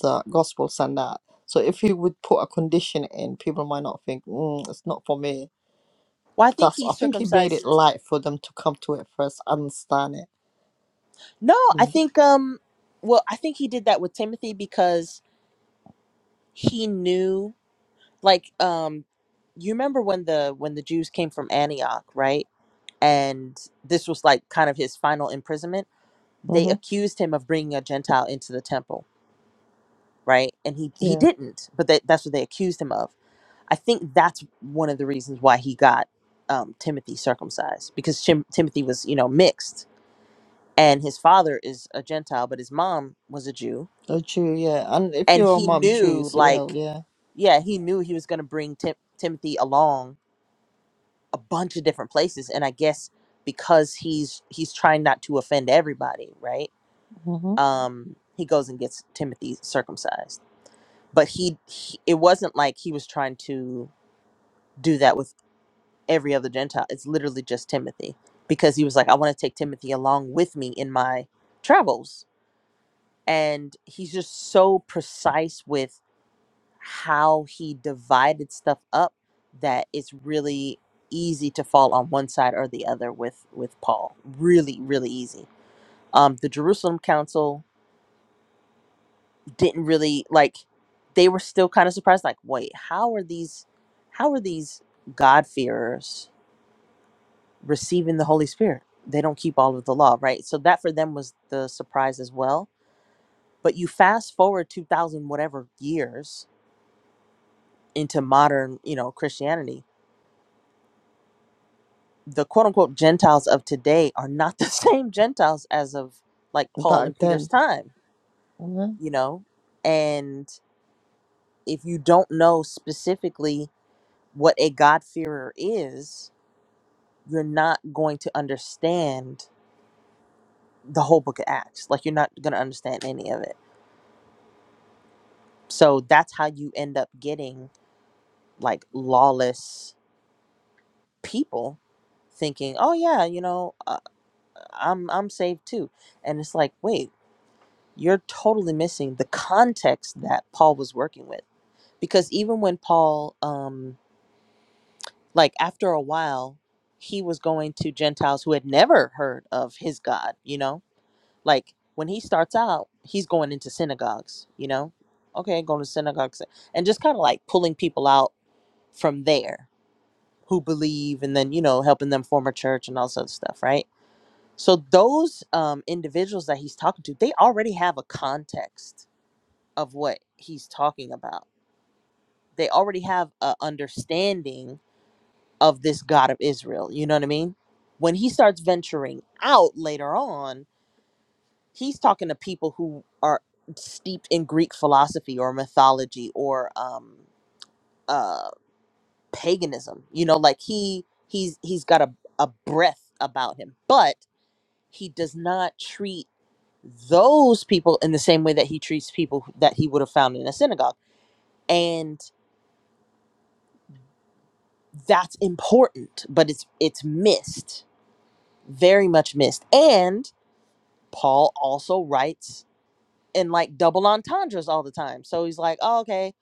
S1: the gospels and that. So if he would put a condition in, people might not think, mm, it's not for me.
S6: Well, I think
S1: That's
S6: he
S1: I think he made it
S6: circumcised.
S1: light for them to come to it first, understand
S6: No, I
S1: it.
S6: think, um, well, I think he did that with Timothy because he knew like um you remember when the when the jews came from antioch right and this was like kind of his final imprisonment they
S1: Mm-hmm.
S6: accused him of bringing a gentile into the temple right and he he
S1: Yeah.
S6: didn't but that, that's what they accused him of i think that's one of the reasons why he got um, timothy circumcised because Tim- timothy was you know mixed and his father is a gentile but his mom was a jew
S1: A Jew, yeah. And if
S6: and
S1: you're a
S6: he
S1: mom, Jew
S6: knew
S1: as well,
S6: like
S1: yeah.
S6: yeah he knew he was going to bring Tim- timothy along a bunch of different places and i guess because he's he's trying not to offend everybody right
S1: Mm-hmm.
S6: um he goes and gets timothy circumcised but he, he it wasn't like he was trying to do that with every other gentile it's literally just timothy because he was like i want to take timothy along with me in my travels and he's just so precise with how he divided stuff up that it's really easy to fall on one side or the other with with Paul. Really, really easy. Um, the Jerusalem Council didn't really like. They were still kind of surprised, like, wait, how are these, how are these God-fearers receiving the Holy Spirit? They don't keep all of the law, right? So that for them was the surprise as well. But you fast forward two thousand whatever years into modern, you know, Christianity, the quote unquote Gentiles of today are not the same Gentiles as of like Paul
S1: Back
S6: and Peter's
S1: then.
S6: time,
S1: Yeah.
S6: you know? And if you don't know specifically what a God-fearer is, you're not going to understand the whole book of Acts. Like, you're not going to understand any of it. So that's how you end up getting like lawless people thinking, "Oh yeah, you know, uh, I'm I'm saved too." And it's like, "Wait, you're totally missing the context that Paul was working with. Because even when Paul, um, like after a while, he was going to Gentiles who had never heard of his God, you know? Like when he starts out, he's going into synagogues, you know? Okay, going to synagogues and just kind of like pulling people out from there who believe and then, you know, helping them form a church and all sorts of stuff, right? So those um, individuals that he's talking to, they already have a context of what he's talking about. They already have a understanding of this God of Israel. You know what I mean? When he starts venturing out later on, he's talking to people who are steeped in Greek philosophy or mythology or um, uh, paganism. You know, like he he's he's got a a breath about him, but he does not treat those people in the same way that he treats people that he would have found in a synagogue. And that's important but it's it's missed very much missed and paul also writes in like double entendres all the time so he's like oh, okay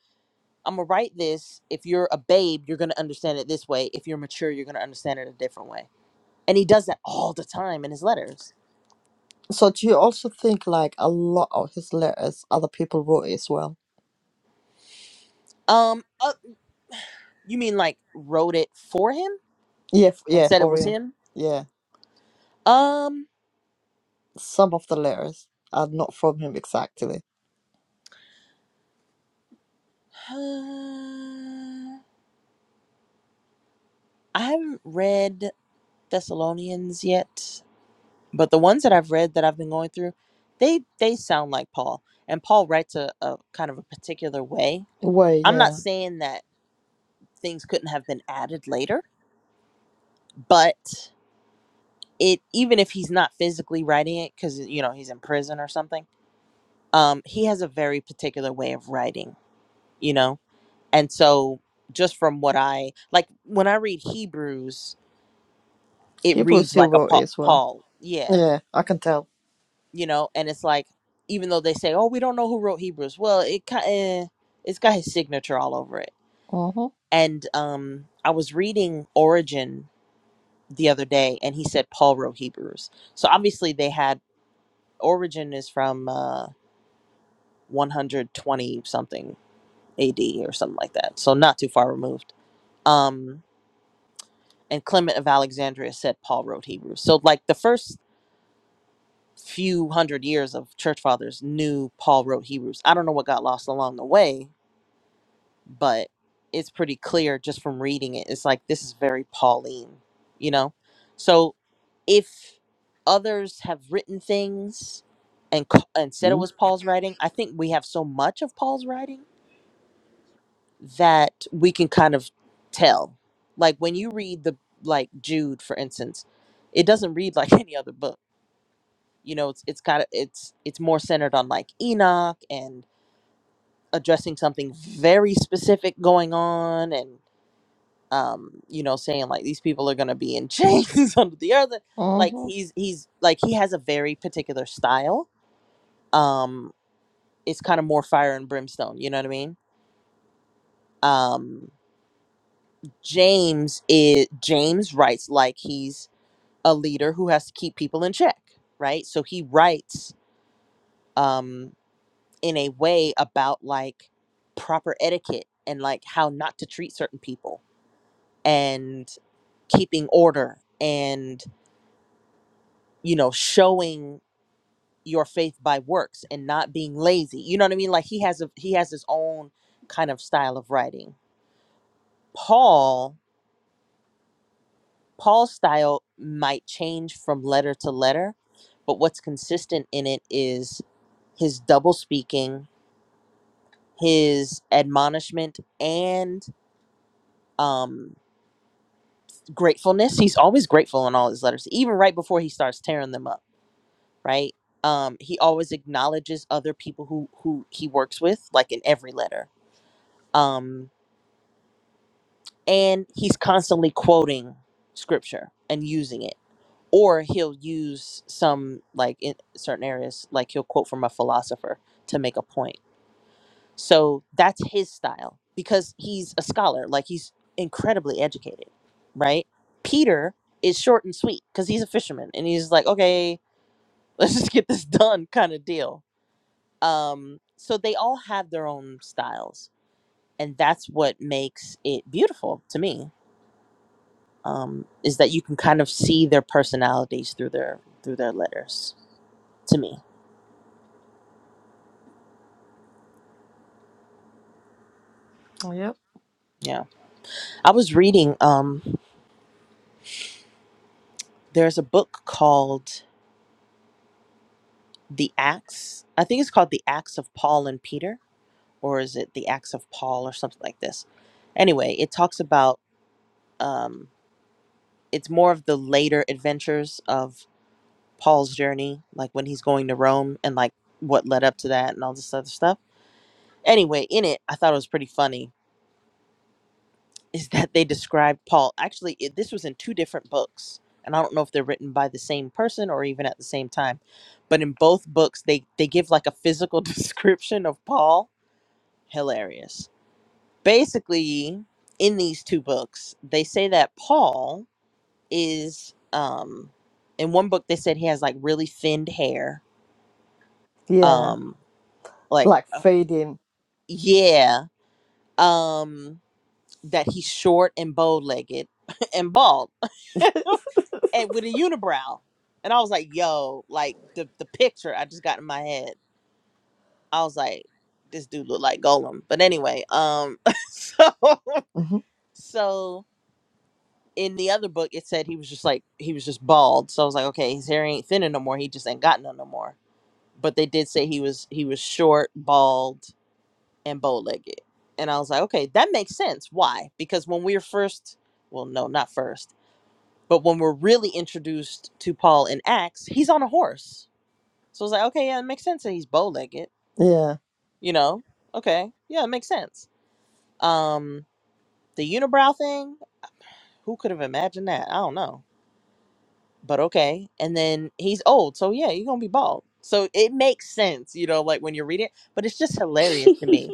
S6: i'm gonna write this if you're a babe you're gonna understand it this way if you're mature you're gonna understand it a different way and he does that all the time in his letters
S1: So do you also think like a lot of his letters other people wrote it as well?
S6: um uh, you mean like wrote it for him
S1: Yeah, f-
S6: and
S1: yeah,
S6: said it
S1: for
S6: was
S1: him.
S6: him
S1: Yeah,
S6: um
S1: some of the letters are not from him exactly.
S6: i haven't read thessalonians yet but the ones that I've read that I've been going through, they they sound like Paul, and Paul writes a, a kind of a particular way.
S1: Way,
S6: I'm not
S1: yeah.
S6: saying that things couldn't have been added later, but it even if he's not physically writing it because you know he's in prison or something, um, he has a very particular way of writing, you know, and so just from what I like when I read Hebrews, it
S1: Hebrew
S6: reads
S1: still
S6: like a
S1: wrote it
S6: Paul.
S1: as well.
S6: Paul. Yeah,
S1: Yeah, I can tell.
S6: you know and it's like even though they say oh we don't know who wrote hebrews well it kind it's got his signature all over it
S1: Mhm,
S6: and um i was reading origin the other day and he said paul wrote hebrews so obviously they had origin is from uh 120 something ad or something like that so not too far removed um and clement of alexandria said paul wrote hebrews so like the first few hundred years of church fathers knew paul wrote hebrews i don't know what got lost along the way but it's pretty clear just from reading it. It's like this is very Pauline, you know? So if others have written things and c- and said it
S3: hmm
S6: was Paul's writing, I think we have so much of Paul's writing that we can kind of tell. Like when you read the like Jude for instance, it doesn't read like any other book. You know, it's it's kind of it's it's more centered on like Enoch and addressing something very specific going on and. um, you know, saying like these people are gonna be in chains under the earth. Like
S1: mhm.
S6: he's he's like he has a very particular style. Um, it's kind of more fire and brimstone. You know what I mean? Um, James is James writes like he's a leader who has to keep people in check, right? So he writes um in a way about like proper etiquette and like how not to treat certain people and keeping order and you know showing your faith by works and not being lazy. You know what I mean? Like he has a he has his own kind of style of writing. Paul Paul's style might change from letter to letter, but what's consistent in it is his double speaking, his admonishment and um gratefulness. He's always grateful in all his letters, even right before he starts tearing them up, right? Um he always acknowledges other people who who he works with like in every letter. Um and he's constantly quoting scripture and using it or he'll use some like in certain areas like he'll quote from a philosopher to make a point so that's his style because he's a scholar like he's incredibly educated right peter is short and sweet because he's a fisherman and he's like okay let's just get this done kind of deal um so they all have their own styles and that's what makes it beautiful to me um, is that you can kind of see their personalities through their through their letters to me
S1: Yep.
S6: yeah i was reading um there's a book called the acts i think it's called the acts of paul and peter or is it the acts of paul or something like this anyway it talks about um it's more of the later adventures of paul's journey like when he's going to rome and like what led up to that and all this other stuff anyway in it i thought it was pretty funny is that they described Paul. Actually, it, this was in two different books, and I don't know if they're written by the same person or even at the same time. But in both books, they they give like a physical description of Paul. Hilarious. Basically, in these two books, they say that Paul is um in one book they said he has like really thinned hair.
S1: Yeah,
S6: Um like
S1: like
S6: uh,
S1: fading.
S6: yeah, um that he's short and bow-legged and bald. and with a unibrow. And I was like, yo, like the the picture I just got in my head. I was like, this dude looked like Golem. But anyway, um so
S1: hmm
S6: so in the other book it said he was just like he was just bald. So I was like, okay, his hair ain't thinning no more. He just ain't got none no more. But they did say he was he was short, bald, and bow legged. And I was like, okay, that makes sense. Why? Because when we we're first well, no, not first, but when we're really introduced to Paul in Acts, he's on a horse So I was like, okay, yeah, it makes sense that he's bow legged,
S1: Yeah,
S6: you know? Okay, yeah, it makes sense. Um, the unibrow thing, who could have imagined that? I don't know. But okay. And then he's old, so yeah, you're gonna be bald. So it makes sense, you know, like when you read it, but it's just hilarious to me.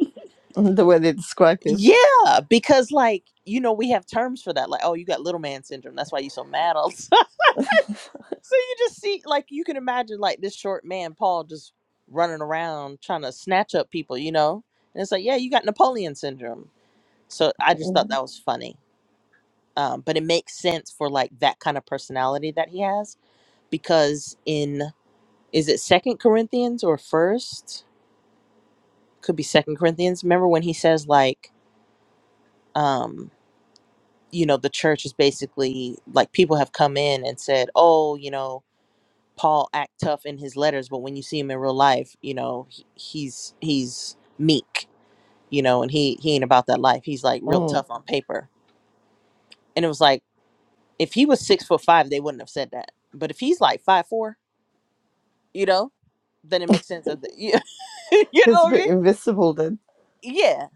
S1: Mhm, the way they describe him.
S6: Yeah, because like, you know, we have terms for that. Like, oh, you got little man syndrome. That's why you're so mad all the time. So you just see, like, you can imagine, like, this short man, Paul, just running around trying to snatch up people, you know? And it's like, yeah, you got Napoleon syndrome. So I just thought
S1: Mhm.
S6: that was funny. Um, but it makes sense for, like, that kind of personality that he has because in, is it Second Corinthians or First? Could be Second Corinthians. Remember when he says, like, um, you know, the church is basically like people have come in and said, oh, you know, Paul act tough in his letters, but when you see him in real life, you know, he, he's he's meek, you know, and he he ain't about that life. He's like real
S1: Mm.
S6: tough on paper. And it was like if he was six foot five, they wouldn't have said that. But if he's like five four, you know, then it makes sense that the, you you know
S1: He's a
S6: what I
S1: bit
S6: mean?
S1: invisible then.
S6: Yeah,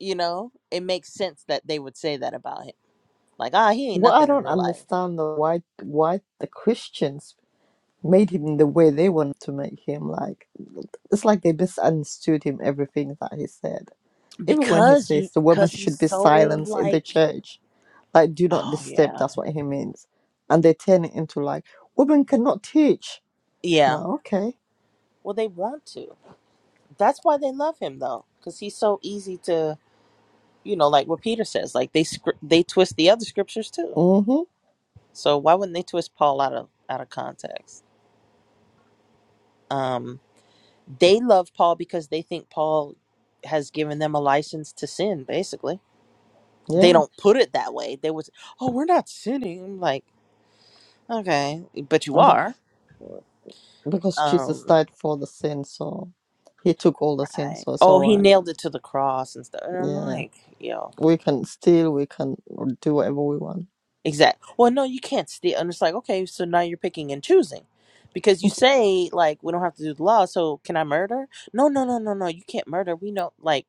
S6: you know, it makes sense that they would say that about him. Like, ah, he ain't
S1: What I
S6: nothing in
S1: don't
S6: real life
S1: understand though, why why the Christians made him the way they wanted to make him. Like it's like they misunderstood him everything that he said. Even when he
S6: because you
S1: says the women
S6: because he's
S1: should be
S6: so
S1: silenced in the
S6: like,
S1: church, like do not
S6: oh
S1: disturb,
S6: yeah,
S1: that's what he means. And they turn it into like women cannot teach. I'm
S6: yeah.
S1: like, okay.
S6: Well, they want to. That's why they love him though, because he's so easy to, you know, like what Peter says, like they scr- they twist the other scriptures too.
S1: Mm-hmm.
S6: So why wouldn't they twist Paul out of out of context? Um, they love Paul because they think Paul has given them a license to sin. Basically, they
S1: Yeah.
S6: don't put it that way. They was, oh, we're not sinning. I'm like, okay, but you
S1: And bec-
S6: are.
S1: Because Jesus
S6: Um,
S1: died for the sin, so he took all the sin,
S6: right.
S1: so it's
S6: Oh,
S1: all
S6: he
S1: right.
S6: nailed it to the cross and stuff. And I'm
S1: Yeah.
S6: like, yo.
S1: We can steal, we can do whatever we want.
S6: Exact. Well, no, you can't steal. And it's like, okay, so now you're picking and choosing. Because you say, like, we don't have to do the law, so can I murder? No, no, no, no, no. You can't murder. We know, like,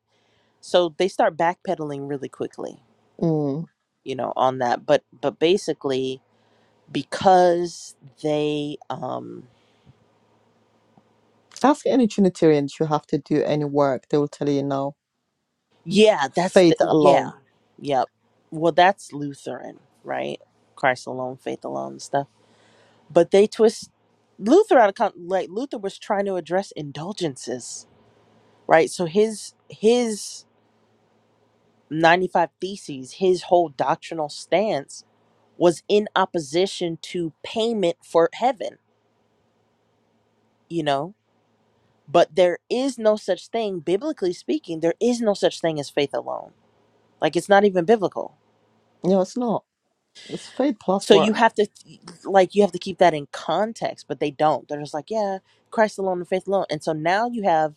S6: so they start backpedaling really quickly,
S1: Mm.
S6: you know, on that. But, but basically, because they, um,
S1: Ask any Trinitarians you have to do any work, they will tell you no.
S6: yeah, that's the,
S1: Faith alone.
S6: yeah, yep. Well, that's Lutheran, right? Christ alone, faith alone, stuff. But they twist Luther out of, con- like, Luther was trying to address indulgences right so his his 95 theses his whole doctrinal stance was in opposition to payment for heaven you know but there is no such thing biblically speaking there is no such thing as faith alone like it's not even biblical
S1: No, it's not. It's faith plus
S6: so you
S1: work.
S6: have to th- like you have to keep that in context but they don't they're just like yeah christ alone and faith alone and so now you have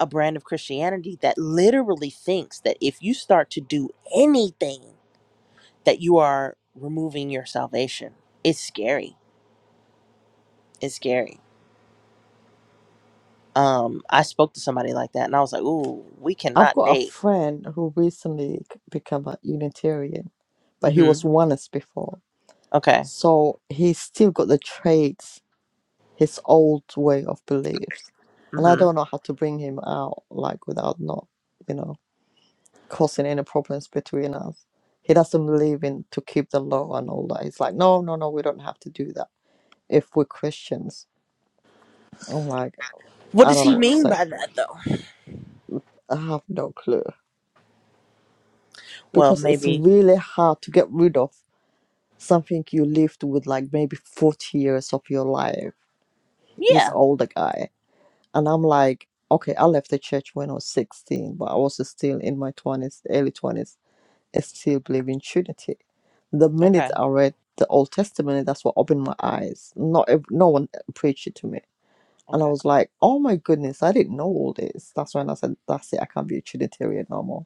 S6: a brand of christianity that literally thinks that if you start to do anything that you are removing your salvation. It's scary. It's scary. Um, I spoke to somebody like that, and I was like, "Ooh, we
S1: I've
S6: cannot
S1: got a
S6: date."
S1: friend who recently c- became a Unitarian, but he
S6: hmm
S1: was oneness before.
S6: Okay.
S1: So he's still got the traits, his old way of beliefs. And I
S6: hmm
S1: don't know how to bring him out, like without not, you know, causing any problems between us. He doesn't believe in to keep the law and all that. He's like, no, no, no, we don't have to do that if we're Christians. I'm like,
S6: What
S1: I
S6: does
S1: don't know
S6: he
S1: what to
S6: mean
S1: say.
S6: by that, though?
S1: I have no clue
S6: Well,
S1: because it's
S6: maybe.
S1: really hard to get rid of something you lived with like maybe 40 years of your life. He's
S6: Yeah.
S1: older guy. And I'm like, okay, I left the church when I was 16, but I was still in my 20s, early 20s, I still believe in Trinity. The minute
S6: Okay.
S1: I read the Old Testament, that's what opened my eyes. Not ev- no one preached it to me. And I
S6: Okay.
S1: was like, oh my goodness, I didn't know all this. That's when I said, that's it, I can't be a Trinitarian no more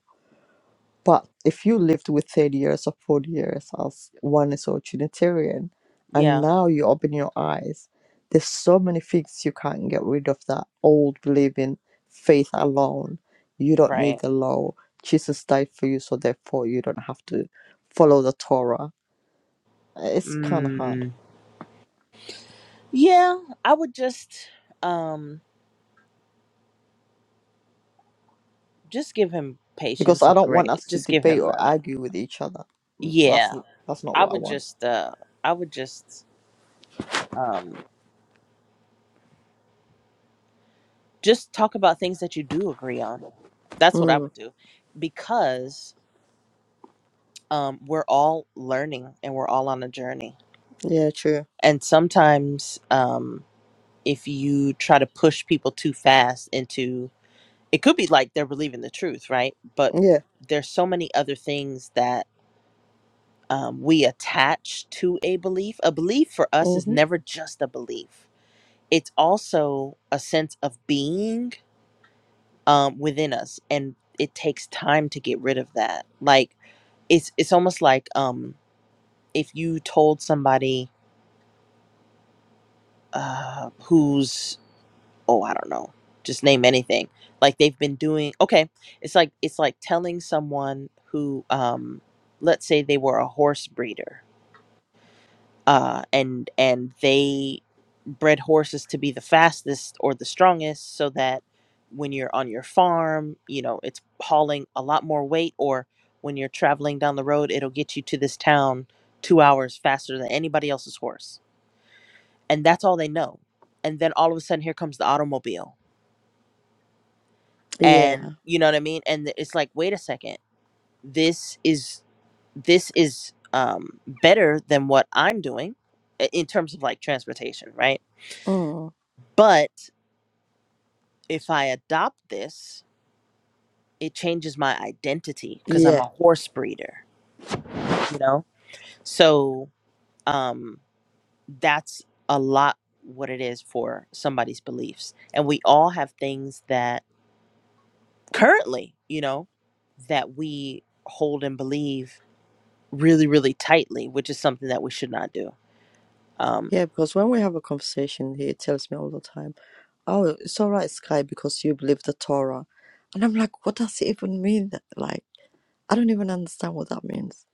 S1: but if you lived with 30 years or 40 years as one is a Trinitarian, and
S6: Yeah.
S1: now you open your eyes, there's so many things you can't get rid of that old believing faith alone. You don't need
S6: Right.
S1: the law. Jesus died for you, so therefore you don't have to follow the Torah. It's kind of hard
S6: Mm. Yeah. I would just, um, just give him
S1: because
S6: patience
S1: I
S6: and
S1: don't want
S6: grace.
S1: us to
S6: Just give
S1: debate
S6: him.
S1: or
S6: Uh,
S1: argue with each other. That's
S6: yeah.
S1: that's not
S6: I
S1: what I
S6: would
S1: want.
S6: just. Uh, I would just. Um, just talk about things that you do agree on. That's what I
S1: Mm,
S6: would do because um, we're all learning and we're all on a journey.
S1: yeah, true.
S6: And sometimes, um, if you try to push people too fast into it, could be like they're believing the truth, right? But
S1: Yeah.
S6: there's so many other things that um, we attach to a belief. A belief for us is
S1: Mm-hmm.
S6: never just a belief, it's also a sense of being um, within us, and it takes time to get rid of that. Like it's it's almost like um, if you told somebody uh, who's oh I don't know, just name anything. Like they've been doing okay. It's like it's like telling someone who um, let's say they were a horse breeder uh, and and they bred horses to be the fastest or the strongest, so that when you're on your farm, you know it's hauling a lot more weight, or when you're traveling down the road, it'll get you to this town two hours faster than anybody else's horse, and that's all they know. And then all of a sudden, here comes the automobile,
S1: Yeah.
S6: and you know what I mean. And it's like, wait a second, this is this is um, better than what I'm doing i- in terms of like transportation, right?
S1: Mm.
S6: But if I adopt this, it changes my identity because
S1: Yeah.
S6: I'm a horse breeder, you know? So um, that's a lot what it is for somebody's beliefs. And we all have things that currently, you know, that we hold and believe really, really tightly, which is something that we should not do. Um,
S1: Yeah, because when we have a conversation, he tells me all the time, "Oh, it's all right, Sky, because you believe the Torah," and I'm like, "What does it even mean? Like, I don't even understand what that means.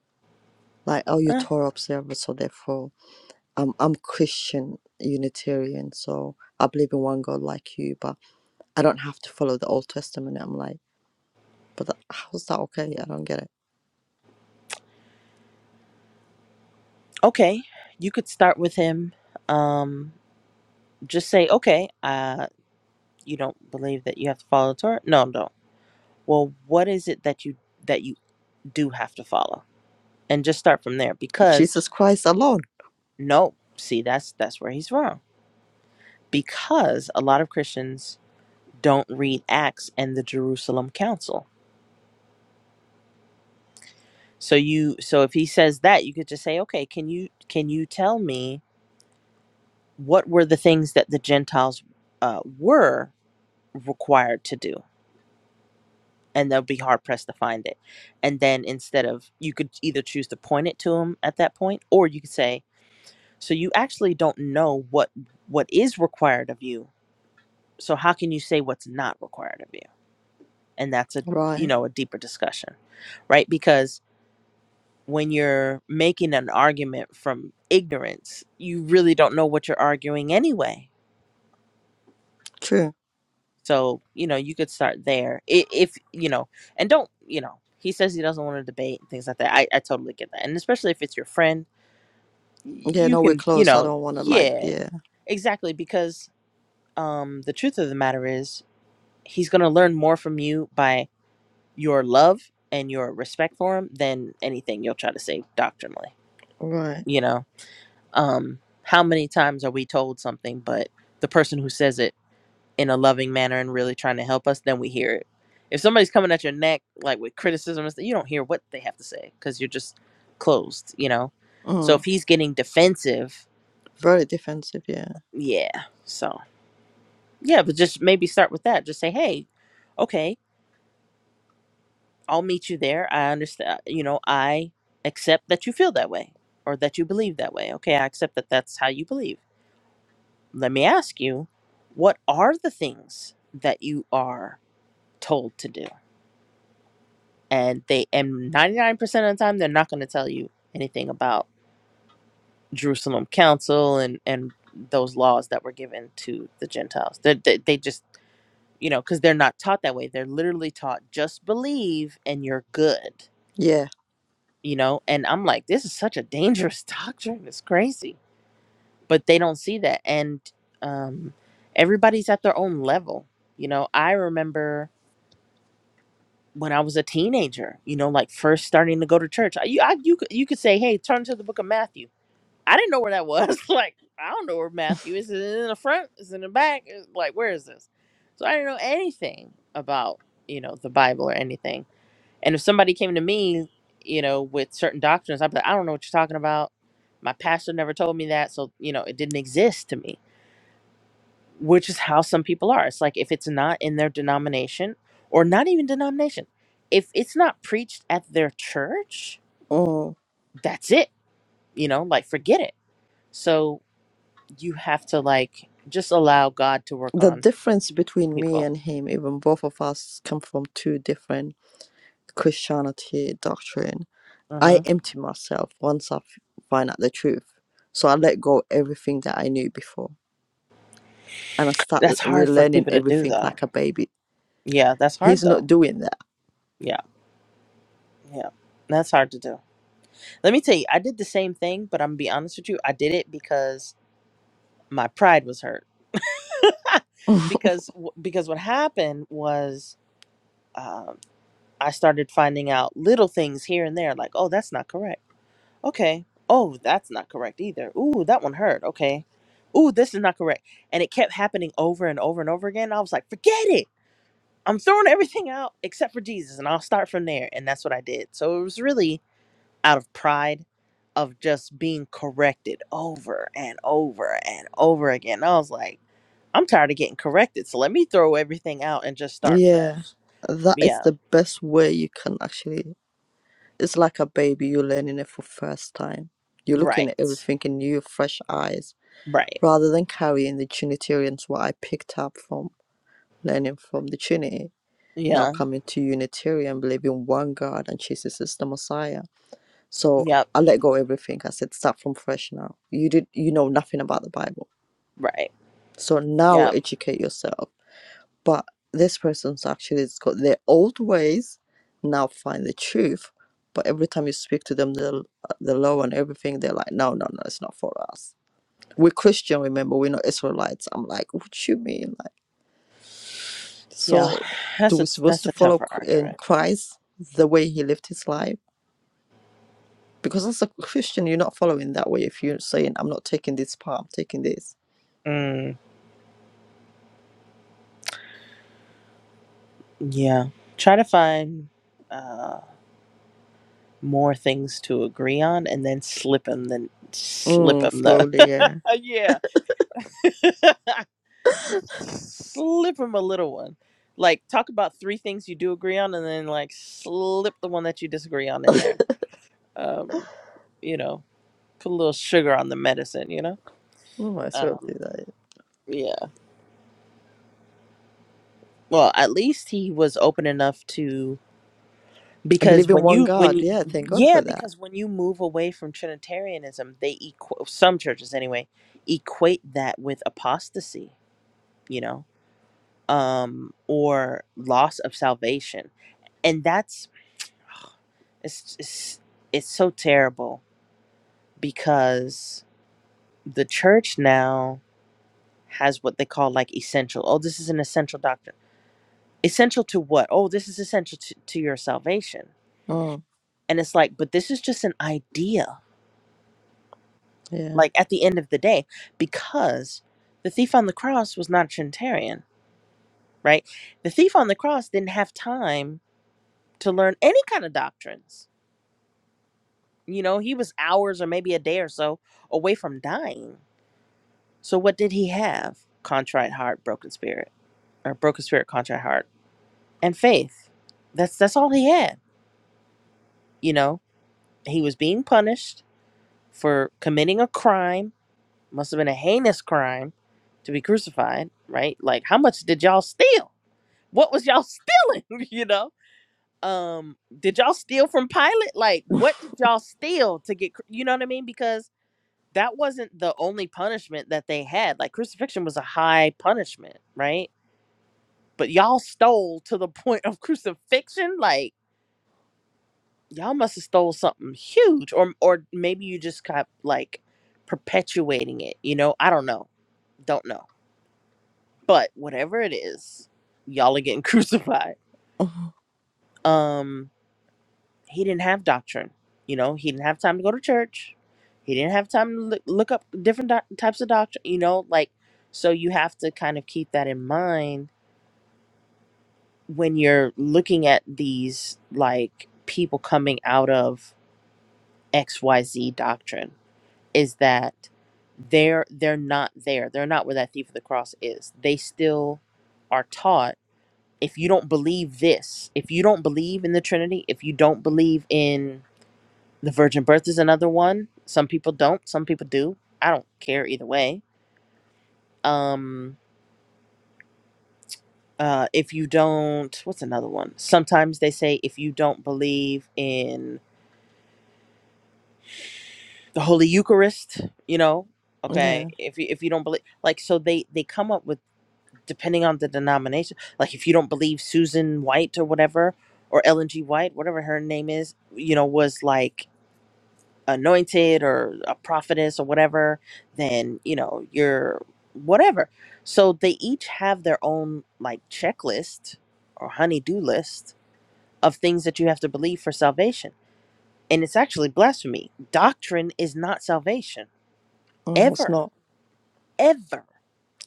S1: Like, oh, you're
S6: eh,
S1: Torah observer, so therefore, I'm I'm Christian Unitarian, so I believe in one God like you, but I don't have to follow the Old Testament." I'm like, "But that, how's that okay? I don't get it.
S6: okay, you could start with him. Um, just say, okay, uh, you don't believe that you have to follow the Torah? No, no, well what is it that you that you do have to follow and just start from there because
S1: Jesus Christ alone,
S6: no see that's that's where he's wrong because a lot of christians don't read acts and the jerusalem council so you so if he says that you could just say okay can you can you tell me what were the things that the gentiles uh, were required to do and they'll be hard pressed to find it and then instead of you could either choose to point it to him at that point or you could say So you actually don't know what what is required of you. So how can you say what's not required of you? And that's a you
S1: right?
S6: know a deeper discussion, right? Because when you're making an argument from ignorance, you really don't know what you're arguing anyway.
S1: True.
S6: So you know you could start there I- if you know, and don't you know. He says he doesn't want to debate and things like that. I, I totally get that. And especially if it's your friend,
S1: Yeah,
S6: you
S1: no, we're
S6: can, you
S1: close. I
S6: know,
S1: don't want to like,
S6: yeah,
S1: yeah,
S6: exactly. Because um, the truth of the matter is he's going to learn more from you by your love and your respect for him than anything you'll try to say doctrinally
S1: right.
S6: you know um how many times are we told something but the person who says it in a loving manner and really trying to help us then we hear it if somebody's coming at your neck like with criticism and stuff, you don't hear what they have to say because you're just closed you know so if
S1: Mm.
S6: he's getting defensive
S1: Very defensive, yeah."
S6: yeah so yeah but just maybe start with that just say hey okay I'll meet you there. I understand, you know, I accept that you feel that way or that you believe that way. Okay, I accept that that's how you believe. Let me ask you, what are the things that you are told to do? And they and 99% of the time they're not going to tell you anything about Jerusalem Council and and those laws that were given to the Gentiles. They they, they just, you know, cuz they're not taught that way. They're literally taught just believe and you're good
S1: Yeah.
S6: you know and i'm like this is such a dangerous doctrine it's crazy but they don't see that and um everybody's at their own level you know i remember when i was a teenager you know like first starting to go to church I, you I, you could you could say hey turn to the book of matthew i didn't know where that was like i don't know where matthew is is it in the front is it in the back Is- like where is this so i didn't know anything about you know the bible or anything and if somebody came to me, you know, with certain doctrines, I'd be like, I don't know what you're talking about. My pastor never told me that. So, you know, it didn't exist to me, which is how some people are. It's like if it's not in their denomination or not even denomination, if it's not preached at their church,
S1: Mm.
S6: that's it, you know, like forget it. So you have to like just allow God to work
S1: The
S6: on
S1: difference between me
S6: people.
S1: and him, even both of us come from two different Christianity doctrine.
S6: hmm
S1: I empty myself once I f- find out the truth. So I let go everything that I knew before and I start l-
S6: That's hard for
S1: relearning
S6: people to do
S1: everything
S6: though.
S1: like a baby.
S6: Yeah, that's hard
S1: He's not
S6: though.
S1: doing that.
S6: Yeah, yeah, that's hard to do. Let me tell you, I did the same thing, but I'm gonna be honest with you. I did it because my pride was hurt. because w- because what happened was um, I started finding out little things here and there, like oh that's not correct. Okay. Oh that's not correct either. Ooh that one hurt. Okay. Ooh this is not correct, and it kept happening over and over and over again. I was like, forget it. I'm throwing everything out except for Jesus, and I'll start from there. And that's what I did. So it was really out of pride of just being corrected over and over and over again. I was like, I'm tired of getting corrected, so let me throw everything out and just start
S1: yeah.
S6: fresh.
S1: That is
S6: Yeah,
S1: the best way you can actually. It's like a baby, you're learning it for first time. You're looking at
S6: right,
S1: everything in new, fresh eyes
S6: right.
S1: rather than carrying the Trinitarians what I picked up from learning from the Trinity, now
S6: Yeah,
S1: coming to Unitarian, believing one God and Jesus is the Messiah. So
S6: yep,
S1: I let go of everything. I said, start from fresh now. You did you know nothing about the Bible.
S6: right,
S1: So now
S6: yep,
S1: educate yourself. But this person's actually has got their old ways, now find the truth. But every time you speak to them, the the law and everything, they're like, no, no, no, it's not for us we're Christian, remember, we're not Israelites. I'm like, what you mean?
S6: yeah.
S1: So, do
S6: That's
S1: we
S6: a
S1: supposed
S6: that's
S1: to
S6: a
S1: follow
S6: tougher
S1: Ch- in
S6: argument.
S1: Christ the way he lived his life? Because as a Christian, you're not following that way. If you're saying, "I'm not taking this part, I'm taking this,"
S6: Mm, yeah, try to find uh, more things to agree on, and then slip them the slip
S1: mm,
S6: them the
S1: slowly, yeah,
S6: yeah. just slip him a little one. Like talk about three things you do agree on, and then like slip the one that you disagree on in there. Um, you know, put a little sugar on the medicine. You know.
S1: mm, I sort of
S6: Um,
S1: do that. yeah.
S6: yeah. Well, at least he was open enough to
S1: I
S6: because
S1: believe in
S6: when
S1: one
S6: you when
S1: God.
S6: you,
S1: Yeah, thank God for
S6: yeah
S1: that.
S6: because when you move away from Trinitarianism, they equate some churches anyway equate that with apostasy. You know, um, or loss of salvation and that's it's it's it's so terrible because the church now has what they call like essential. Oh, this is an essential doctrine. Essential to what? Oh, this is essential to, to your salvation.
S1: Mm,
S6: And it's like, but this is just an idea.
S1: yeah,
S6: Like at the end of the day, because the thief on the cross was not a Trinitarian, right? The thief on the cross didn't have time to learn any kind of doctrines. You know, he was hours or maybe a day or so away from dying So what did he have? Contrite heart, broken spirit, or broken spirit, contrite heart, and faith. That's that's all he had. You know, he was being punished for committing a crime. Must have been a heinous crime to be crucified, right? Like, how much did y'all steal? What was y'all stealing? you know, um, did y'all steal from Pilate? Like, what did y'all steal to get? cru- You know what I mean? Because that wasn't the only punishment that they had. Like, crucifixion was a high punishment, right? but y'all stole to the point of crucifixion like y'all must have stole something huge or or maybe you just kept like perpetuating it you know i don't know don't know but whatever it is y'all are getting crucified um he didn't have doctrine you know he didn't have time to go to church he didn't have time to look, look up different doc- types of doctrine you know like so you have to kind of keep that in mind when you're looking at these like people coming out of XYZ doctrine is that they're they're not there. They're not where that thief of the cross is. They still are taught if you don't believe this, if you don't believe in the Trinity, if you don't believe in the virgin birth is another one. Some people don't, some people do. I don't care either way. Um uh if you don't what's another one? Sometimes they say if you don't believe in. the Holy Eucharist, you know, okay,
S1: yeah.
S6: if you if you don't believe like so they they come up with depending on the denomination, like if you don't believe Susan White or whatever or Ellen G. White, whatever her name is, you know, was like anointed or a prophetess or whatever, then, you know, you're whatever. So they each have their own like checklist or honey-do list of things that you have to believe for salvation. And it's actually blasphemy. Doctrine is not salvation
S1: Mm, it's
S6: ever
S1: not.
S6: ever.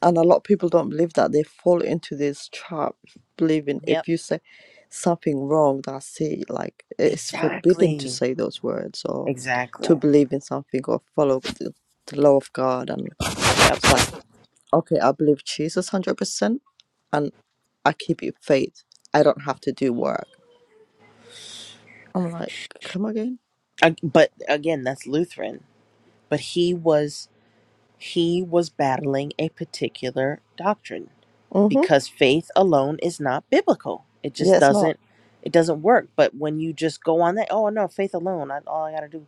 S1: and a lot of people don't believe that they fall into this trap believing if
S6: Yep.
S1: you say something wrong that's it like it's forbidden to
S6: Exactly.
S1: say those words or to
S6: Exactly.
S1: believe in something or follow the, the law of god and
S6: Yep.
S1: it's like okay i believe jesus 100% and i keep it faith i don't have to do work i'm like come again
S6: Ag- But again, that's Lutheran. But he was he was battling a particular doctrine
S1: mm-hmm
S6: because faith alone is not biblical. It
S1: yeah
S6: just
S1: it's not
S6: doesn't it doesn't work. But when you just go on that, oh no, faith alone, I, all I got to do.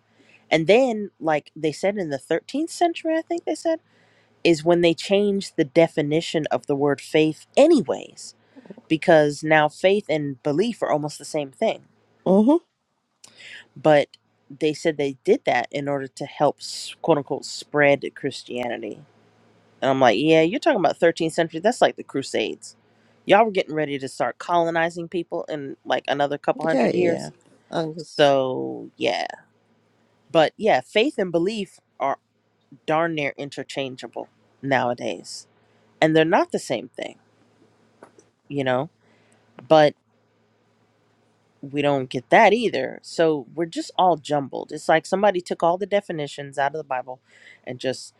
S6: And then like they said in the 13th century, I think they said, is when they changed the definition of the word faith anyways because now faith and belief are almost the same thing.
S1: mm-hmm
S6: But they said they did that in order to help s- quote unquote spread Christianity. And I'm like, yeah, you're talking about 13th century. That's like the Crusades. Y'all were getting ready to start colonizing people in like another couple
S1: yeah
S6: hundred
S1: yeah yeah
S6: years.
S1: and just
S6: So, yeah. But yeah, faith and belief are darn near interchangeable nowadays. And they're not the same thing, you know? But. we don't get that either. So we're just all jumbled. It's like somebody took all the definitions out of the Bible and just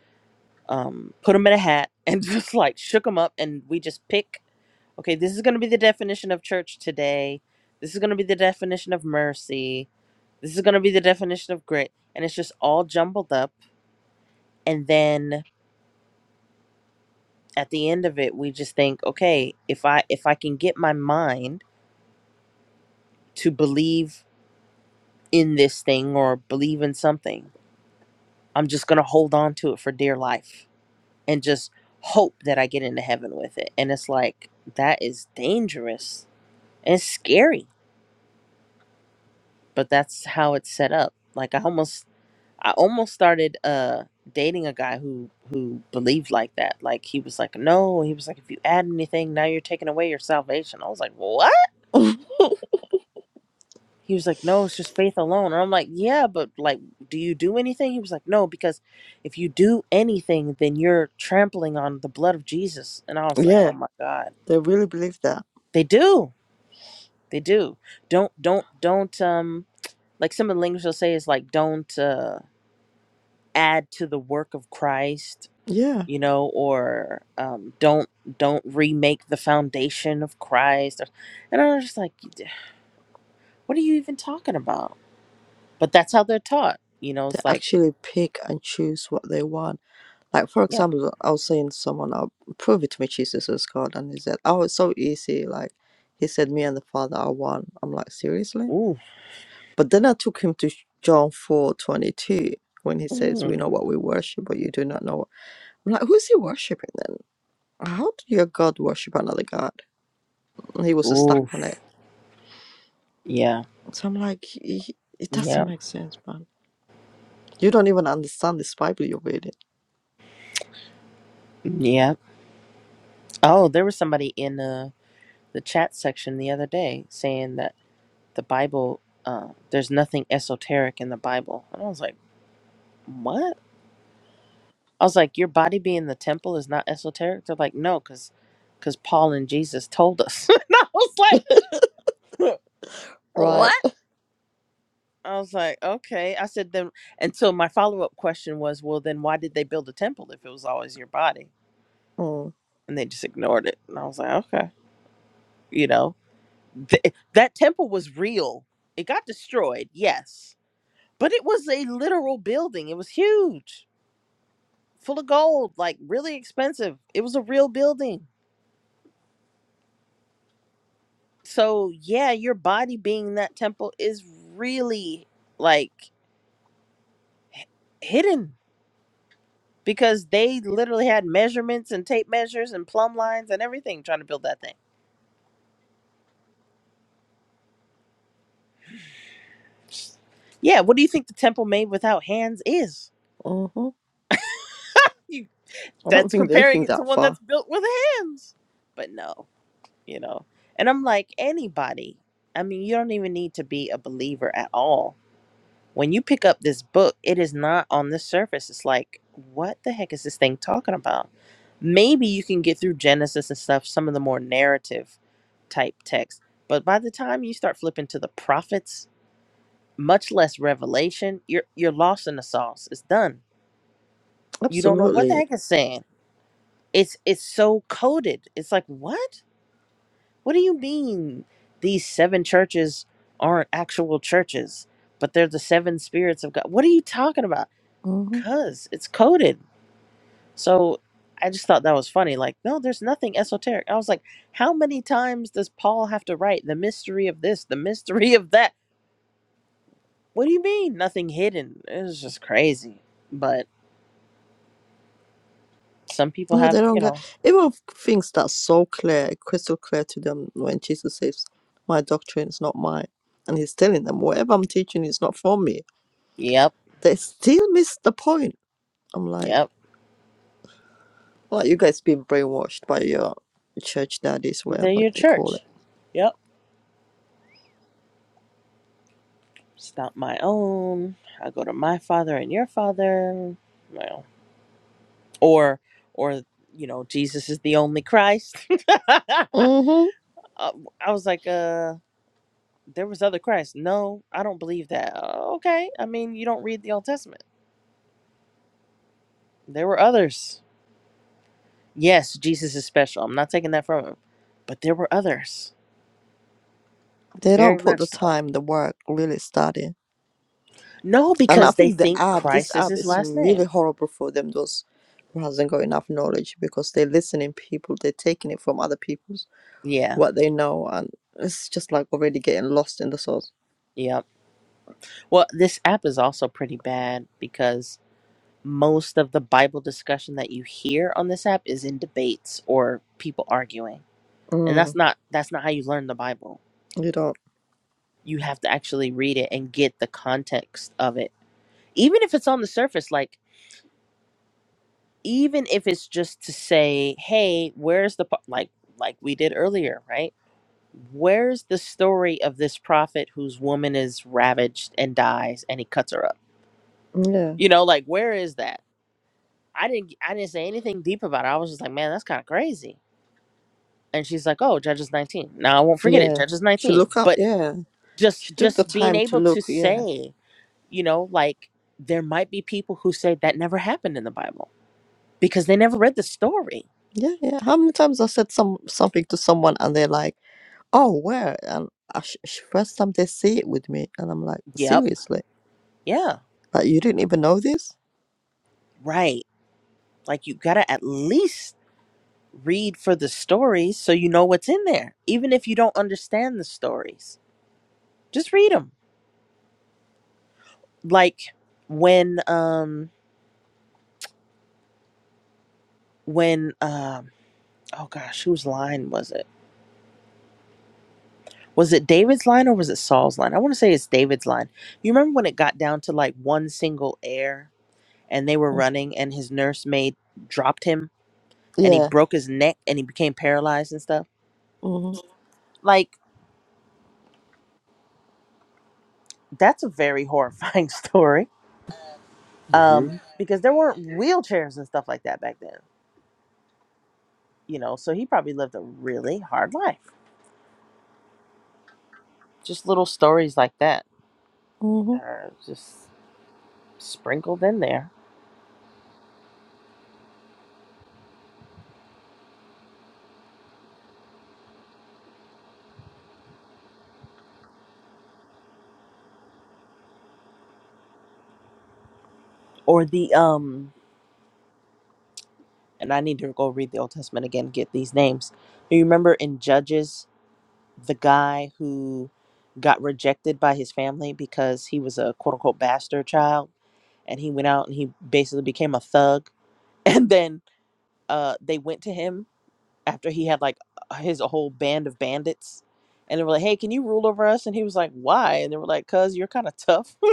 S6: um, put them in a hat and just like shook them up, and we just pick. Okay, this is going to be the definition of church today. This is going to be the definition of mercy. This is going to be the definition of grit, and it's just all jumbled up. And then at the end of it, we just think, okay, if I if I can get my mind to believe in this thing or believe in something I'm just going to hold on to it for dear life and just hope that I get into heaven with it. And it's like, that is dangerous and it's scary, but that's how it's set up. Like I almost, I almost started, uh, dating a guy who, who believed like that. Like he was like, no, he was like, if you add anything, now you're taking away your salvation. I was like, what? He was like, No, it's just faith alone. And I'm like, Yeah, but like, do you do anything? He was like, No, because if you do anything, then you're trampling on the blood of Jesus. And I was like,
S1: yeah
S6: Oh my God.
S1: they really believe that
S6: They do. They do. Don't, don't, don't, um, like some of the language they'll say is like, don't, uh, add to the work of Christ,
S1: yeah
S6: you know, or, um, don't, don't remake the foundation of Christ. Or, and I was just like, What are you even talking about? But that's how they're taught. You know,
S1: they
S6: it's like,
S1: actually pick and choose what they want. Like for
S6: Yep.
S1: example, I was saying to someone, "I'll prove it to me Jesus is God," and he said, "Oh, it's so easy." Like he said, "Me and the Father are one." I'm like, seriously?
S6: Ooh.
S1: But then I took him to John four twenty two when he says,
S6: Mm.
S1: "We know what we worship, but you do not know." What... I'm like, who's he worshiping then? How do your God worship another God? And he was stuck on it.
S6: Oof. Yeah.
S1: So I'm like, "Y- it doesn't
S6: Yeah.
S1: make sense, man. You don't even understand this Bible you're reading,
S6: Yeah. Oh, there was somebody in the the chat section the other day saying that the Bible, uh, there's nothing esoteric in the Bible, and I was like, what? I was like, your body being the temple is not esoteric. They're like, no, because because Paul and Jesus told us. and I was like,
S1: right?
S6: what? I was like, okay. I said then, and so my follow up question was, well, then why did they build a temple if it was always your body? And they just ignored it. And I was like, okay, you know. th- that temple was real. It got destroyed, yes, but it was a literal building. It was huge, full of gold, like really expensive. It was a real building. So, yeah, your body being in that temple is really like h- hidden because they literally had measurements and tape measures and plumb lines and everything trying to build that thing. Yeah, what do you think the temple made without hands is?
S1: Mm-hmm.
S6: You,
S1: I don't
S6: that's
S1: think they
S6: comparing
S1: think
S6: it to
S1: that
S6: one
S1: far.
S6: that's built with hands. But no. you know. And I'm like, anybody. I mean, you don't even need to be a believer at all. When you pick up this book, it is not on the surface. It's like, what the heck is this thing talking about? Maybe you can get through Genesis and stuff, some of the more narrative type text, But by the time you start flipping to the prophets, much less Revelation, you're you're lost in the sauce. It's done. You don't know what the
S1: Absolutely.
S6: heck it's saying. It's it's so coded. It's like, what? What do you mean these seven churches aren't actual churches, but they're the seven spirits of God? What are you talking about?
S1: hmm
S6: Cuz it's coded. So I just thought that was funny. Like, no, there's nothing esoteric. I was like, how many times does Paul have to write the mystery of this, the mystery of that? What do you mean nothing hidden? It was just crazy. But some people
S1: No,
S6: have,
S1: they don't
S6: you
S1: get
S6: know,
S1: even things that's so clear, crystal clear to them when Jesus says, My doctrine is not mine. And he's telling them, Whatever I'm teaching is not from me.
S6: yep,
S1: They still miss the point. I'm like,
S6: yep,
S1: Well, you guys being brainwashed by your church daddies,
S6: they're
S1: whatever
S6: your
S1: they call
S6: church.
S1: it.
S6: Yep. It's not my own. I go to my father and your father. Well, or, or, you know, Jesus is the only Christ.
S1: hmm
S6: Uh, I was like, uh, there was other Christ. No, I don't believe that. "Oh, Okay. I mean, you don't read the Old Testament. There were others. Yes, Jesus is special. I'm not taking that from him. But there were others.
S1: They
S6: Very
S1: don't put the
S6: much so.
S1: time, the work, really study.
S6: No,
S1: And I
S6: because they
S1: think the
S6: think
S1: app, this
S6: Christ is
S1: app
S6: his
S1: is
S6: last
S1: really
S6: name.
S1: horrible for them, those who hasn't got enough knowledge because they're listening people, they're taking it from other people's
S6: Yeah.
S1: what they know and it's just like already getting lost in the sauce.
S6: Yep. Well, this app is also pretty bad because most of the Bible discussion that you hear on this app is in debates or people arguing. And that's
S1: Mm,
S6: not that's not how you learn the Bible.
S1: you don't
S6: You have to actually read it and get the context of it. Even if it's on the surface like even if it's just to say, "Hey, where's the po-" like like we did earlier, right? Where's the story of this prophet whose woman is ravaged and dies and he cuts her up?
S1: yeah.
S6: You know, like where is that? I didn't I didn't say anything deep about it. I was just like, "Man, that's kind of crazy." and she's like oh judges 19 now i won't forget it
S1: Yeah.
S6: judges
S1: She
S6: 19
S1: look up
S6: but
S1: yeah.
S6: just
S1: She took the
S6: just being
S1: time to
S6: able to
S1: look, yeah.
S6: say you know like there might be people who say that never happened in the bible because they never read the story
S1: Yeah, yeah. How many times I said some something to someone and they're like, "Oh, where?" And I sh- sh- first time they see it with me, and I'm like,
S6: yep
S1: "Seriously?
S6: yeah
S1: Like you didn't even know this?"
S6: right like you gotta at least read for the stories so you know what's in there even if you don't understand the stories just read them like when um when um oh gosh whose line was it was it David's line or was it Saul's line? I want to say it's David's line. You remember when it got down to like one single air and they were
S1: Mm.
S6: running and his nursemaid dropped him and he
S1: Yeah.
S6: broke his neck and he became paralyzed and stuff?
S1: Mm-hmm.
S6: Like, that's a very horrifying story um,
S3: Mm-hmm.
S6: because there weren't wheelchairs and stuff like that back then, you know? So he probably lived a really hard life. Just little stories like that
S1: mm-hmm.
S6: that are just sprinkled in there. Or the, um, and I need to go read the Old Testament again, get these names. You remember in Judges, the guy who got rejected by his family because he was a quote unquote bastard child and he went out and he basically became a thug. And then uh, they went to him after he had like his whole band of bandits. And they were like, hey, can you rule over us? And he was like, why? And they were like, cuz you're kind of tough. and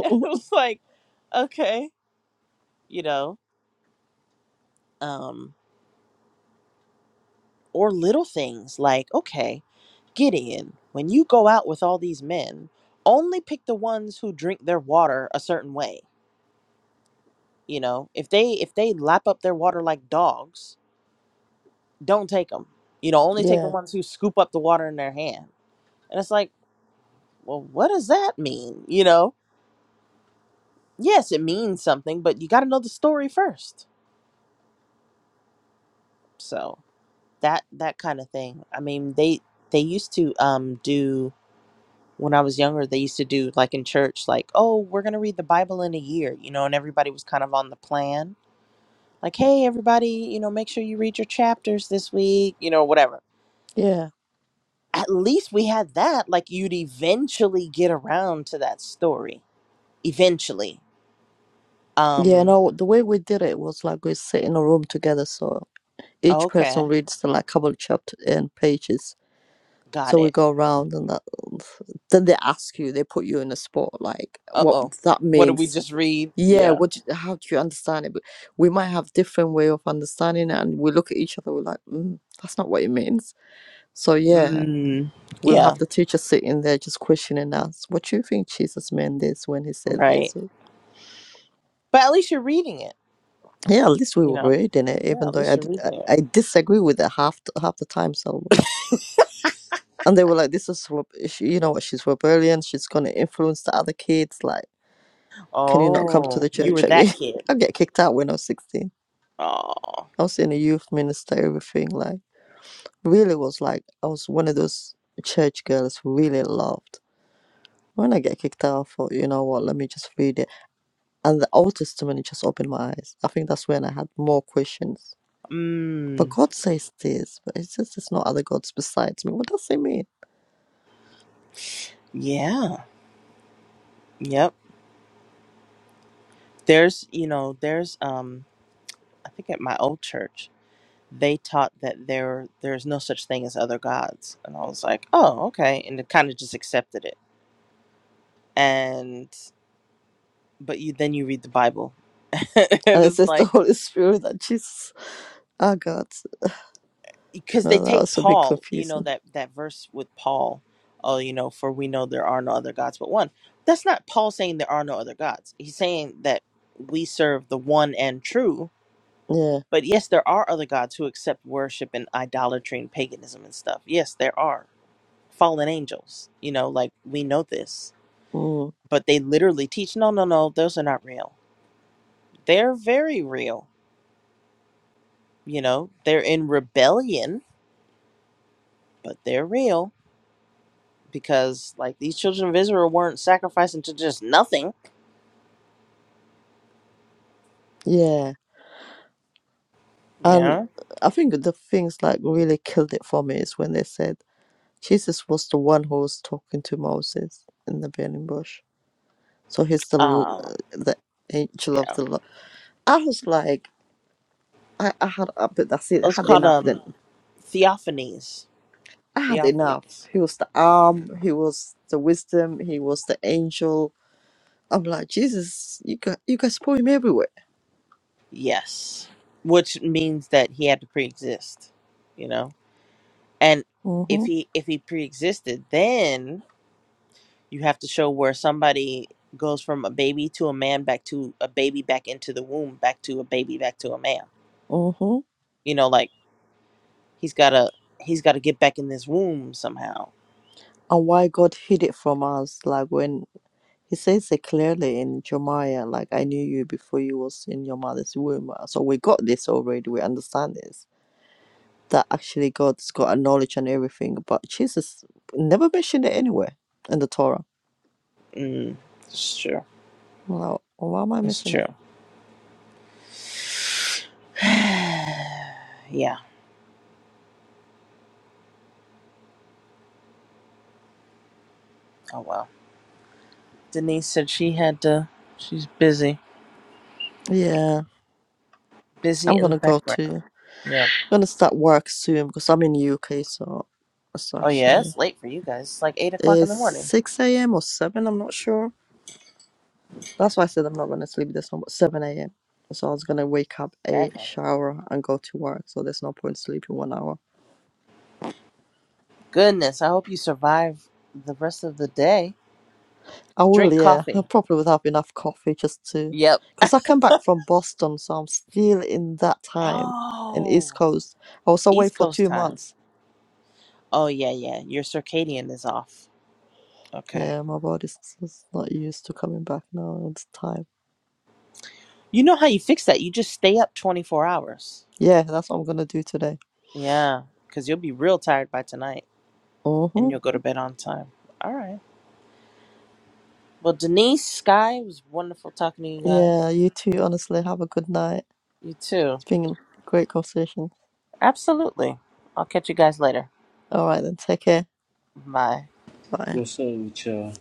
S6: it was like, okay, you know. Um, or little things like, okay, Gideon, when you go out with all these men, only pick the ones who drink their water a certain way. You know, if they if they lap up their water like dogs, don't take them. You know, only take the
S1: Yeah,
S6: ones who scoop up the water in their hand. And it's like, well, what does that mean? You know, yes, it means something, but you got to know the story first. So that that kind of thing. I mean, they they used to um do when I was younger, they used to do like in church, like, oh, we're going to read the Bible in a year, you know, and everybody was kind of on the plan. Like, hey, everybody, you know, make sure you read your chapters this week, you know, whatever.
S1: yeah,
S6: At least we had that. Like, you'd eventually get around to that story. Eventually.
S1: yeah.
S6: Um,
S1: No, the way we did it was like we sit in a room together, so each person
S6: okay.
S1: reads the, like couple of chapter and pages.
S6: Got
S1: So we
S6: it.
S1: go around, and that, then they ask you, they put you in a spot, like
S6: Uh
S1: what
S6: oh.
S1: that
S6: What did we
S1: means.
S6: just read?
S1: Yeah,
S6: Yeah.
S1: what? Do, how do you understand it? But we might have different way of understanding it, and we look at each other, we're like, mm, that's not what it means. So yeah,
S6: Mm,
S1: we'll
S6: yeah.
S1: have the teacher sitting there just questioning us. What do you think Jesus meant this when he said
S6: Right.
S1: this?
S6: But at least you're reading it,
S1: Yeah, at least we
S6: you
S1: were
S6: know?
S1: reading it,
S6: Yeah,
S1: even
S6: at
S1: though
S6: least
S1: I,
S6: you're
S1: d- I,
S6: reading it.
S1: I disagree with it half the, half the time. So, and they were like, "This is reb- she- you know what? She's rebellion. She's gonna influence the other kids. Like, can you not come to
S6: Oh,
S1: the
S6: you were
S1: church
S6: that
S1: again?"
S6: kid.
S1: I get kicked out when I was sixteen.
S6: Oh.
S1: I was in a youth minister, everything. Like, really was like I was one of those church girls who really loved. When I get kicked out, I thought, you know what? Let me just read it. And the Old Testament it just opened my eyes. I think that's when I had more questions But
S6: Mm,
S1: God says this, but it says there's no other gods besides me. What does it mean?
S6: yeah. Yep. There's, you know, there's um I think at my old church, they taught that there there's no such thing as other gods. And I was like, "Oh, okay." And it kind of just accepted it. And but you then you read the Bible. and
S1: And it
S6: it's
S1: says the
S6: like
S1: Holy Spirit and Jesus are God.
S6: because they
S1: No, that
S6: take
S1: was a bit
S6: Paul, you know
S1: confusing.
S6: that that verse with Paul, oh, you know, for we know there are no other gods but one. That's not Paul saying there are no other gods. He's saying that we serve the one and true
S1: Yeah.
S6: But yes, there are other gods who accept worship and idolatry and paganism and stuff. Yes, there are fallen angels. You know, like we know this,
S1: Mm.
S6: but they literally teach no, no, no, those are not real. They're very real. You know, they're in rebellion, but they're real because like these children of Israel weren't sacrificing to just nothing.
S1: Yeah.
S6: You
S1: And
S6: know,
S1: I think the things like really killed it for me is when they said Jesus was the one who was talking to Moses in the burning bush. So he's the l-
S6: uh,
S1: uh, the angel of
S6: yeah,
S1: the Lord. I was like, I, I had a bit, that's it, I
S6: it's
S1: had
S6: called
S1: enough
S6: um
S1: then
S6: theophanies.
S1: I had enough.
S6: Theophanies,
S1: He was the arm, he was the wisdom, he was the angel. I'm like, Jesus, you got you guys put him everywhere.
S6: yes, which means that he had to pre-exist. You know and if
S1: Mm-hmm.
S6: he if he pre-existed then you have to show where somebody goes from a baby to a man back to a baby back into the womb back to a baby back to a man
S1: Mm-hmm.
S6: you know like he's gotta he's gotta get back in this womb somehow
S1: And why God hid it from us, like when he says it clearly in Jeremiah, like I knew you before you was in your mother's womb. So we got this already, we understand this. That actually God's got a knowledge and everything, but Jesus never mentioned it anywhere in the Torah.
S6: mm, it's true
S1: I'm like, what am I
S6: it's
S1: missing?
S6: true yeah oh well denise said she had to she's busy
S1: Yeah,
S6: busy
S1: I'm
S6: in the
S1: gonna go
S6: background
S1: to.
S6: yeah
S1: gonna start work soon because I'm in the UK, so it's
S6: oh yeah
S1: actually
S6: it's late for you guys it's like eight o'clock in the
S1: it's
S6: morning
S1: six a.m. or seven. I'm not sure. That's why I said I'm not gonna sleep this one, but seven a.m. So I was gonna wake up, a
S6: Seven.
S1: shower, and go to work. So there's no point sleeping one hour.
S6: Goodness, I hope you survive the rest of the day.
S1: I will,
S6: Drink
S1: yeah. I
S6: coffee.
S1: probably would have enough coffee just to,
S6: Yep.
S1: because I come back from Boston, so I'm still in that time in East
S6: Oh,
S1: Coast. I was away
S6: East
S1: for
S6: Coast
S1: two
S6: time.
S1: months.
S6: Oh, yeah, yeah. Your circadian is off. Okay.
S1: Yeah, my body's just not used to coming back now. It's time.
S6: You know how you fix that? You just stay up 24 hours.
S1: Yeah, that's what I'm gonna do today.
S6: Yeah, because you'll be real tired by tonight
S1: Mhm.
S6: and you'll go to bed on time. All right. Well, Denise, Sky, it was wonderful talking to you guys.
S1: Yeah, you too, honestly. Have a good night.
S6: You too.
S1: It's been a great conversation.
S6: Absolutely. I'll catch you guys later.
S1: All right, then. Take care.
S6: Bye.
S1: Bye.
S3: What's up with y'all?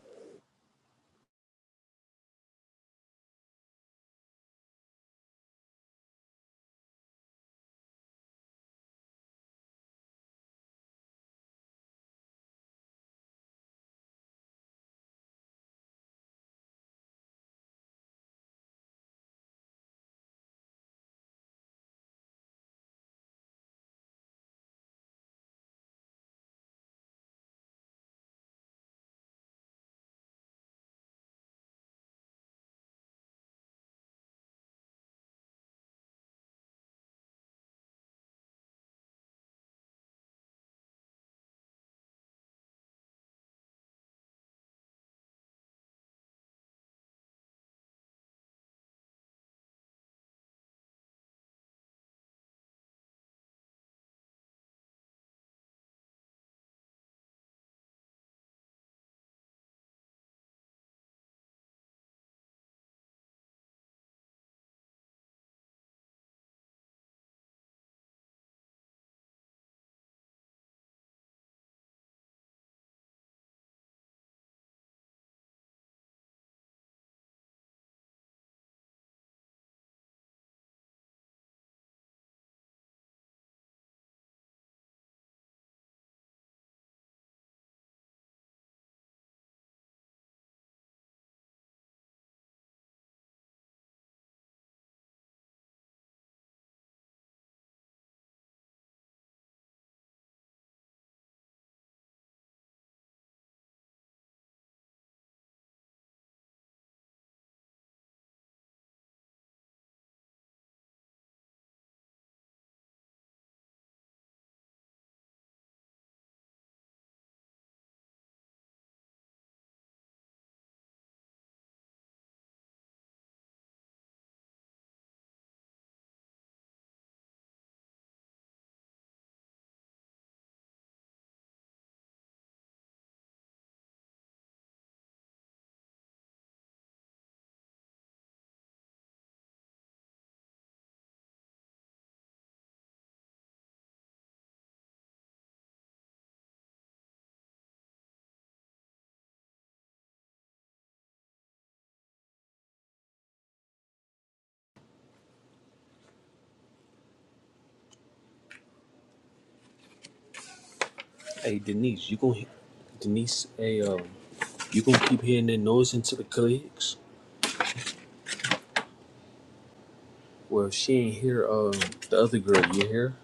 S3: Hey, Denise, you gonna Denise? Hey, yo. You gonna keep hearing that noise into the cliques? Well, if she ain't here, um, the other girl, you hear?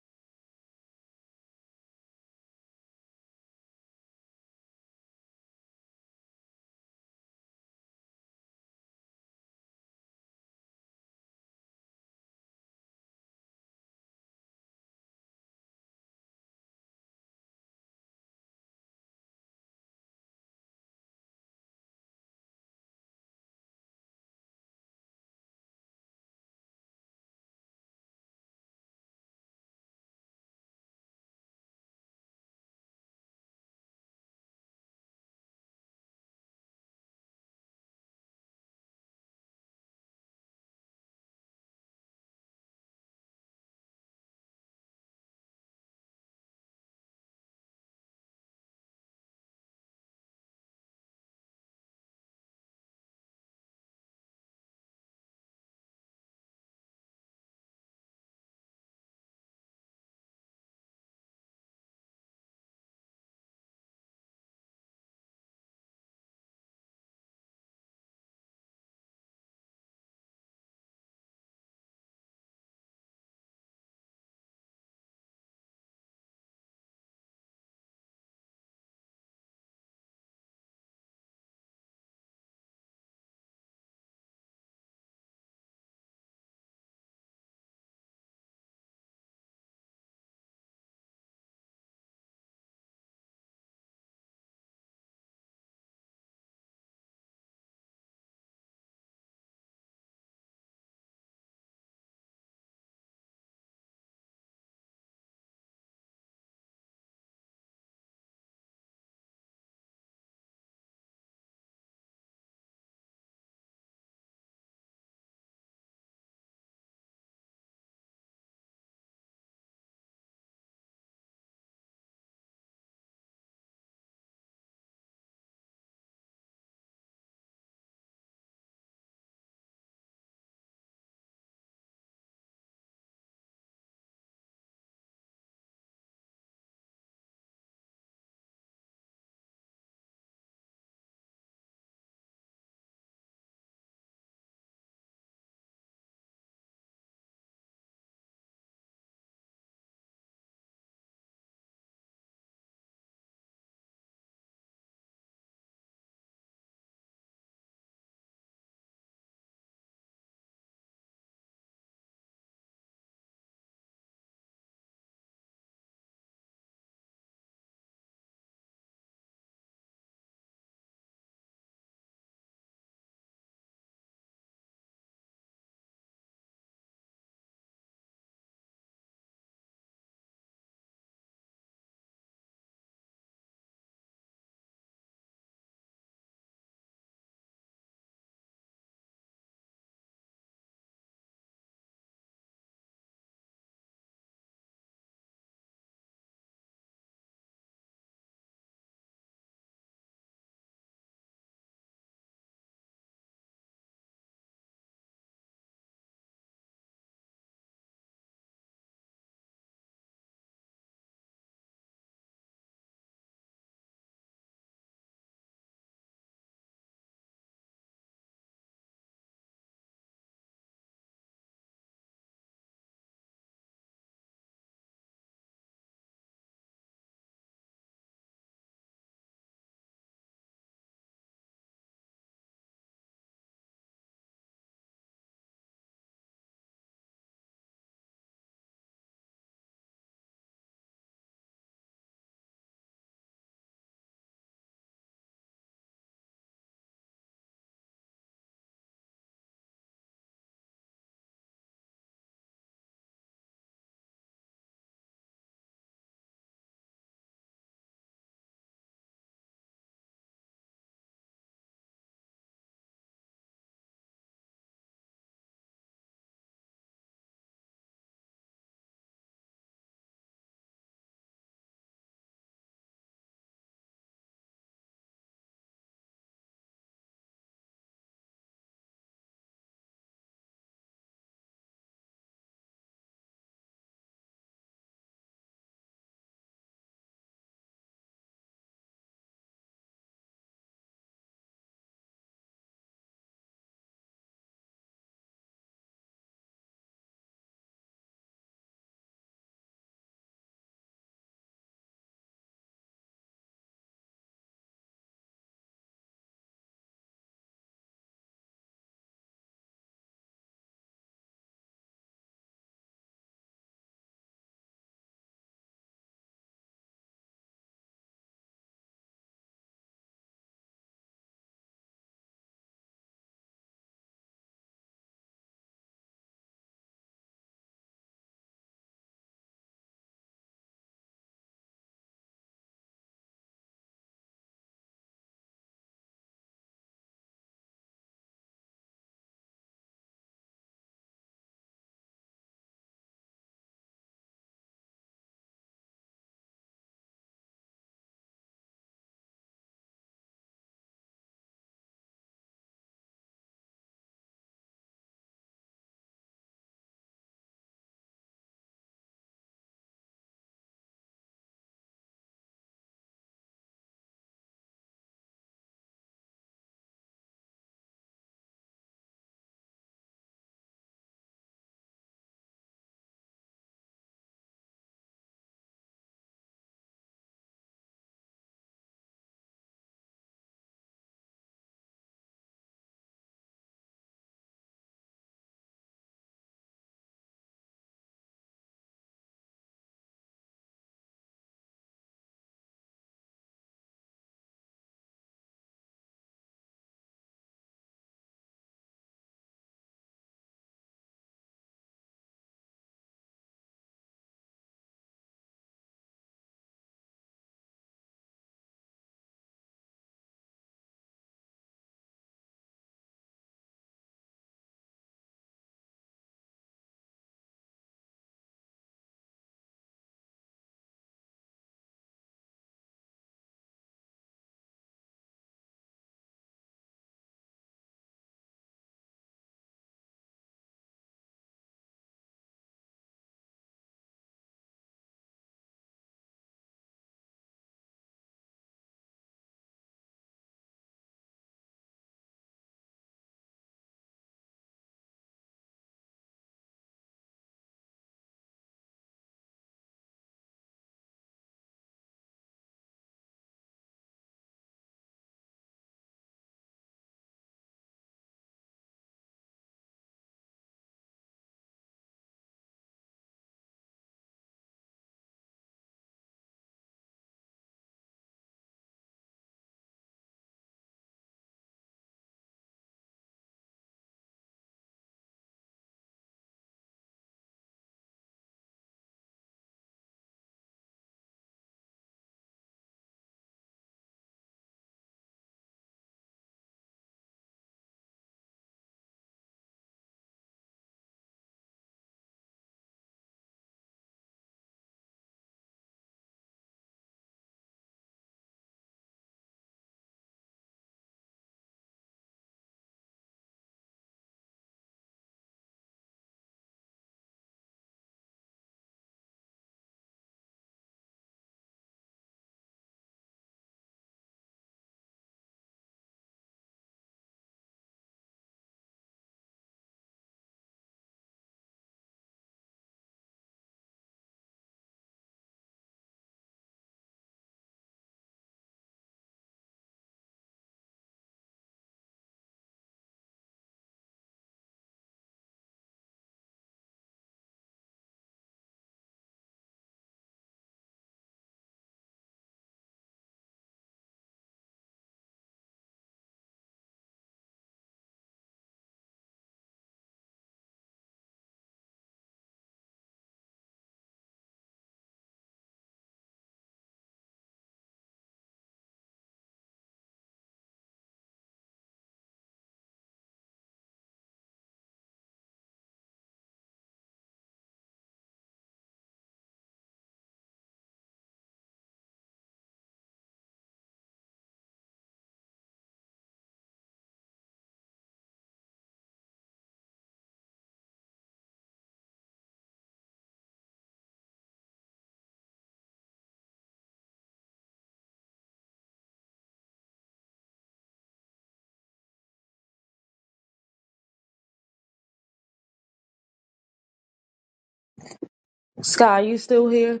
S2: Sky, you still here?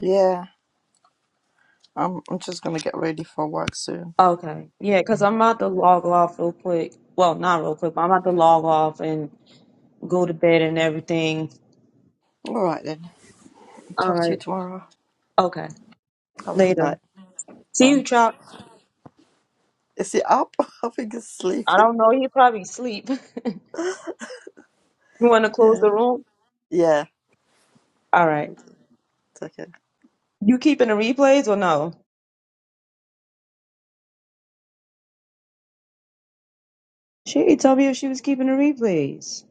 S1: Yeah, I'm, I'm just gonna get ready for work soon.
S2: Okay. Yeah, because I'm about to log off real quick. Well, not real quick, but I'm about to log off and go to bed and everything.
S1: All right then.
S2: All
S1: Talk to you
S2: right.
S1: tomorrow.
S2: Okay.
S1: Have a good
S2: Later.
S1: night.
S2: See
S1: Bye.
S2: you, Chop.
S1: Is he up? I think he's
S2: I
S1: sleeping.
S2: don't know. He probably sleep. you want to close
S1: Yeah.
S2: the room?
S1: Yeah.
S2: All right.
S1: Take care.
S2: You keeping the replays or no? She didn't tell me if she was keeping the replays.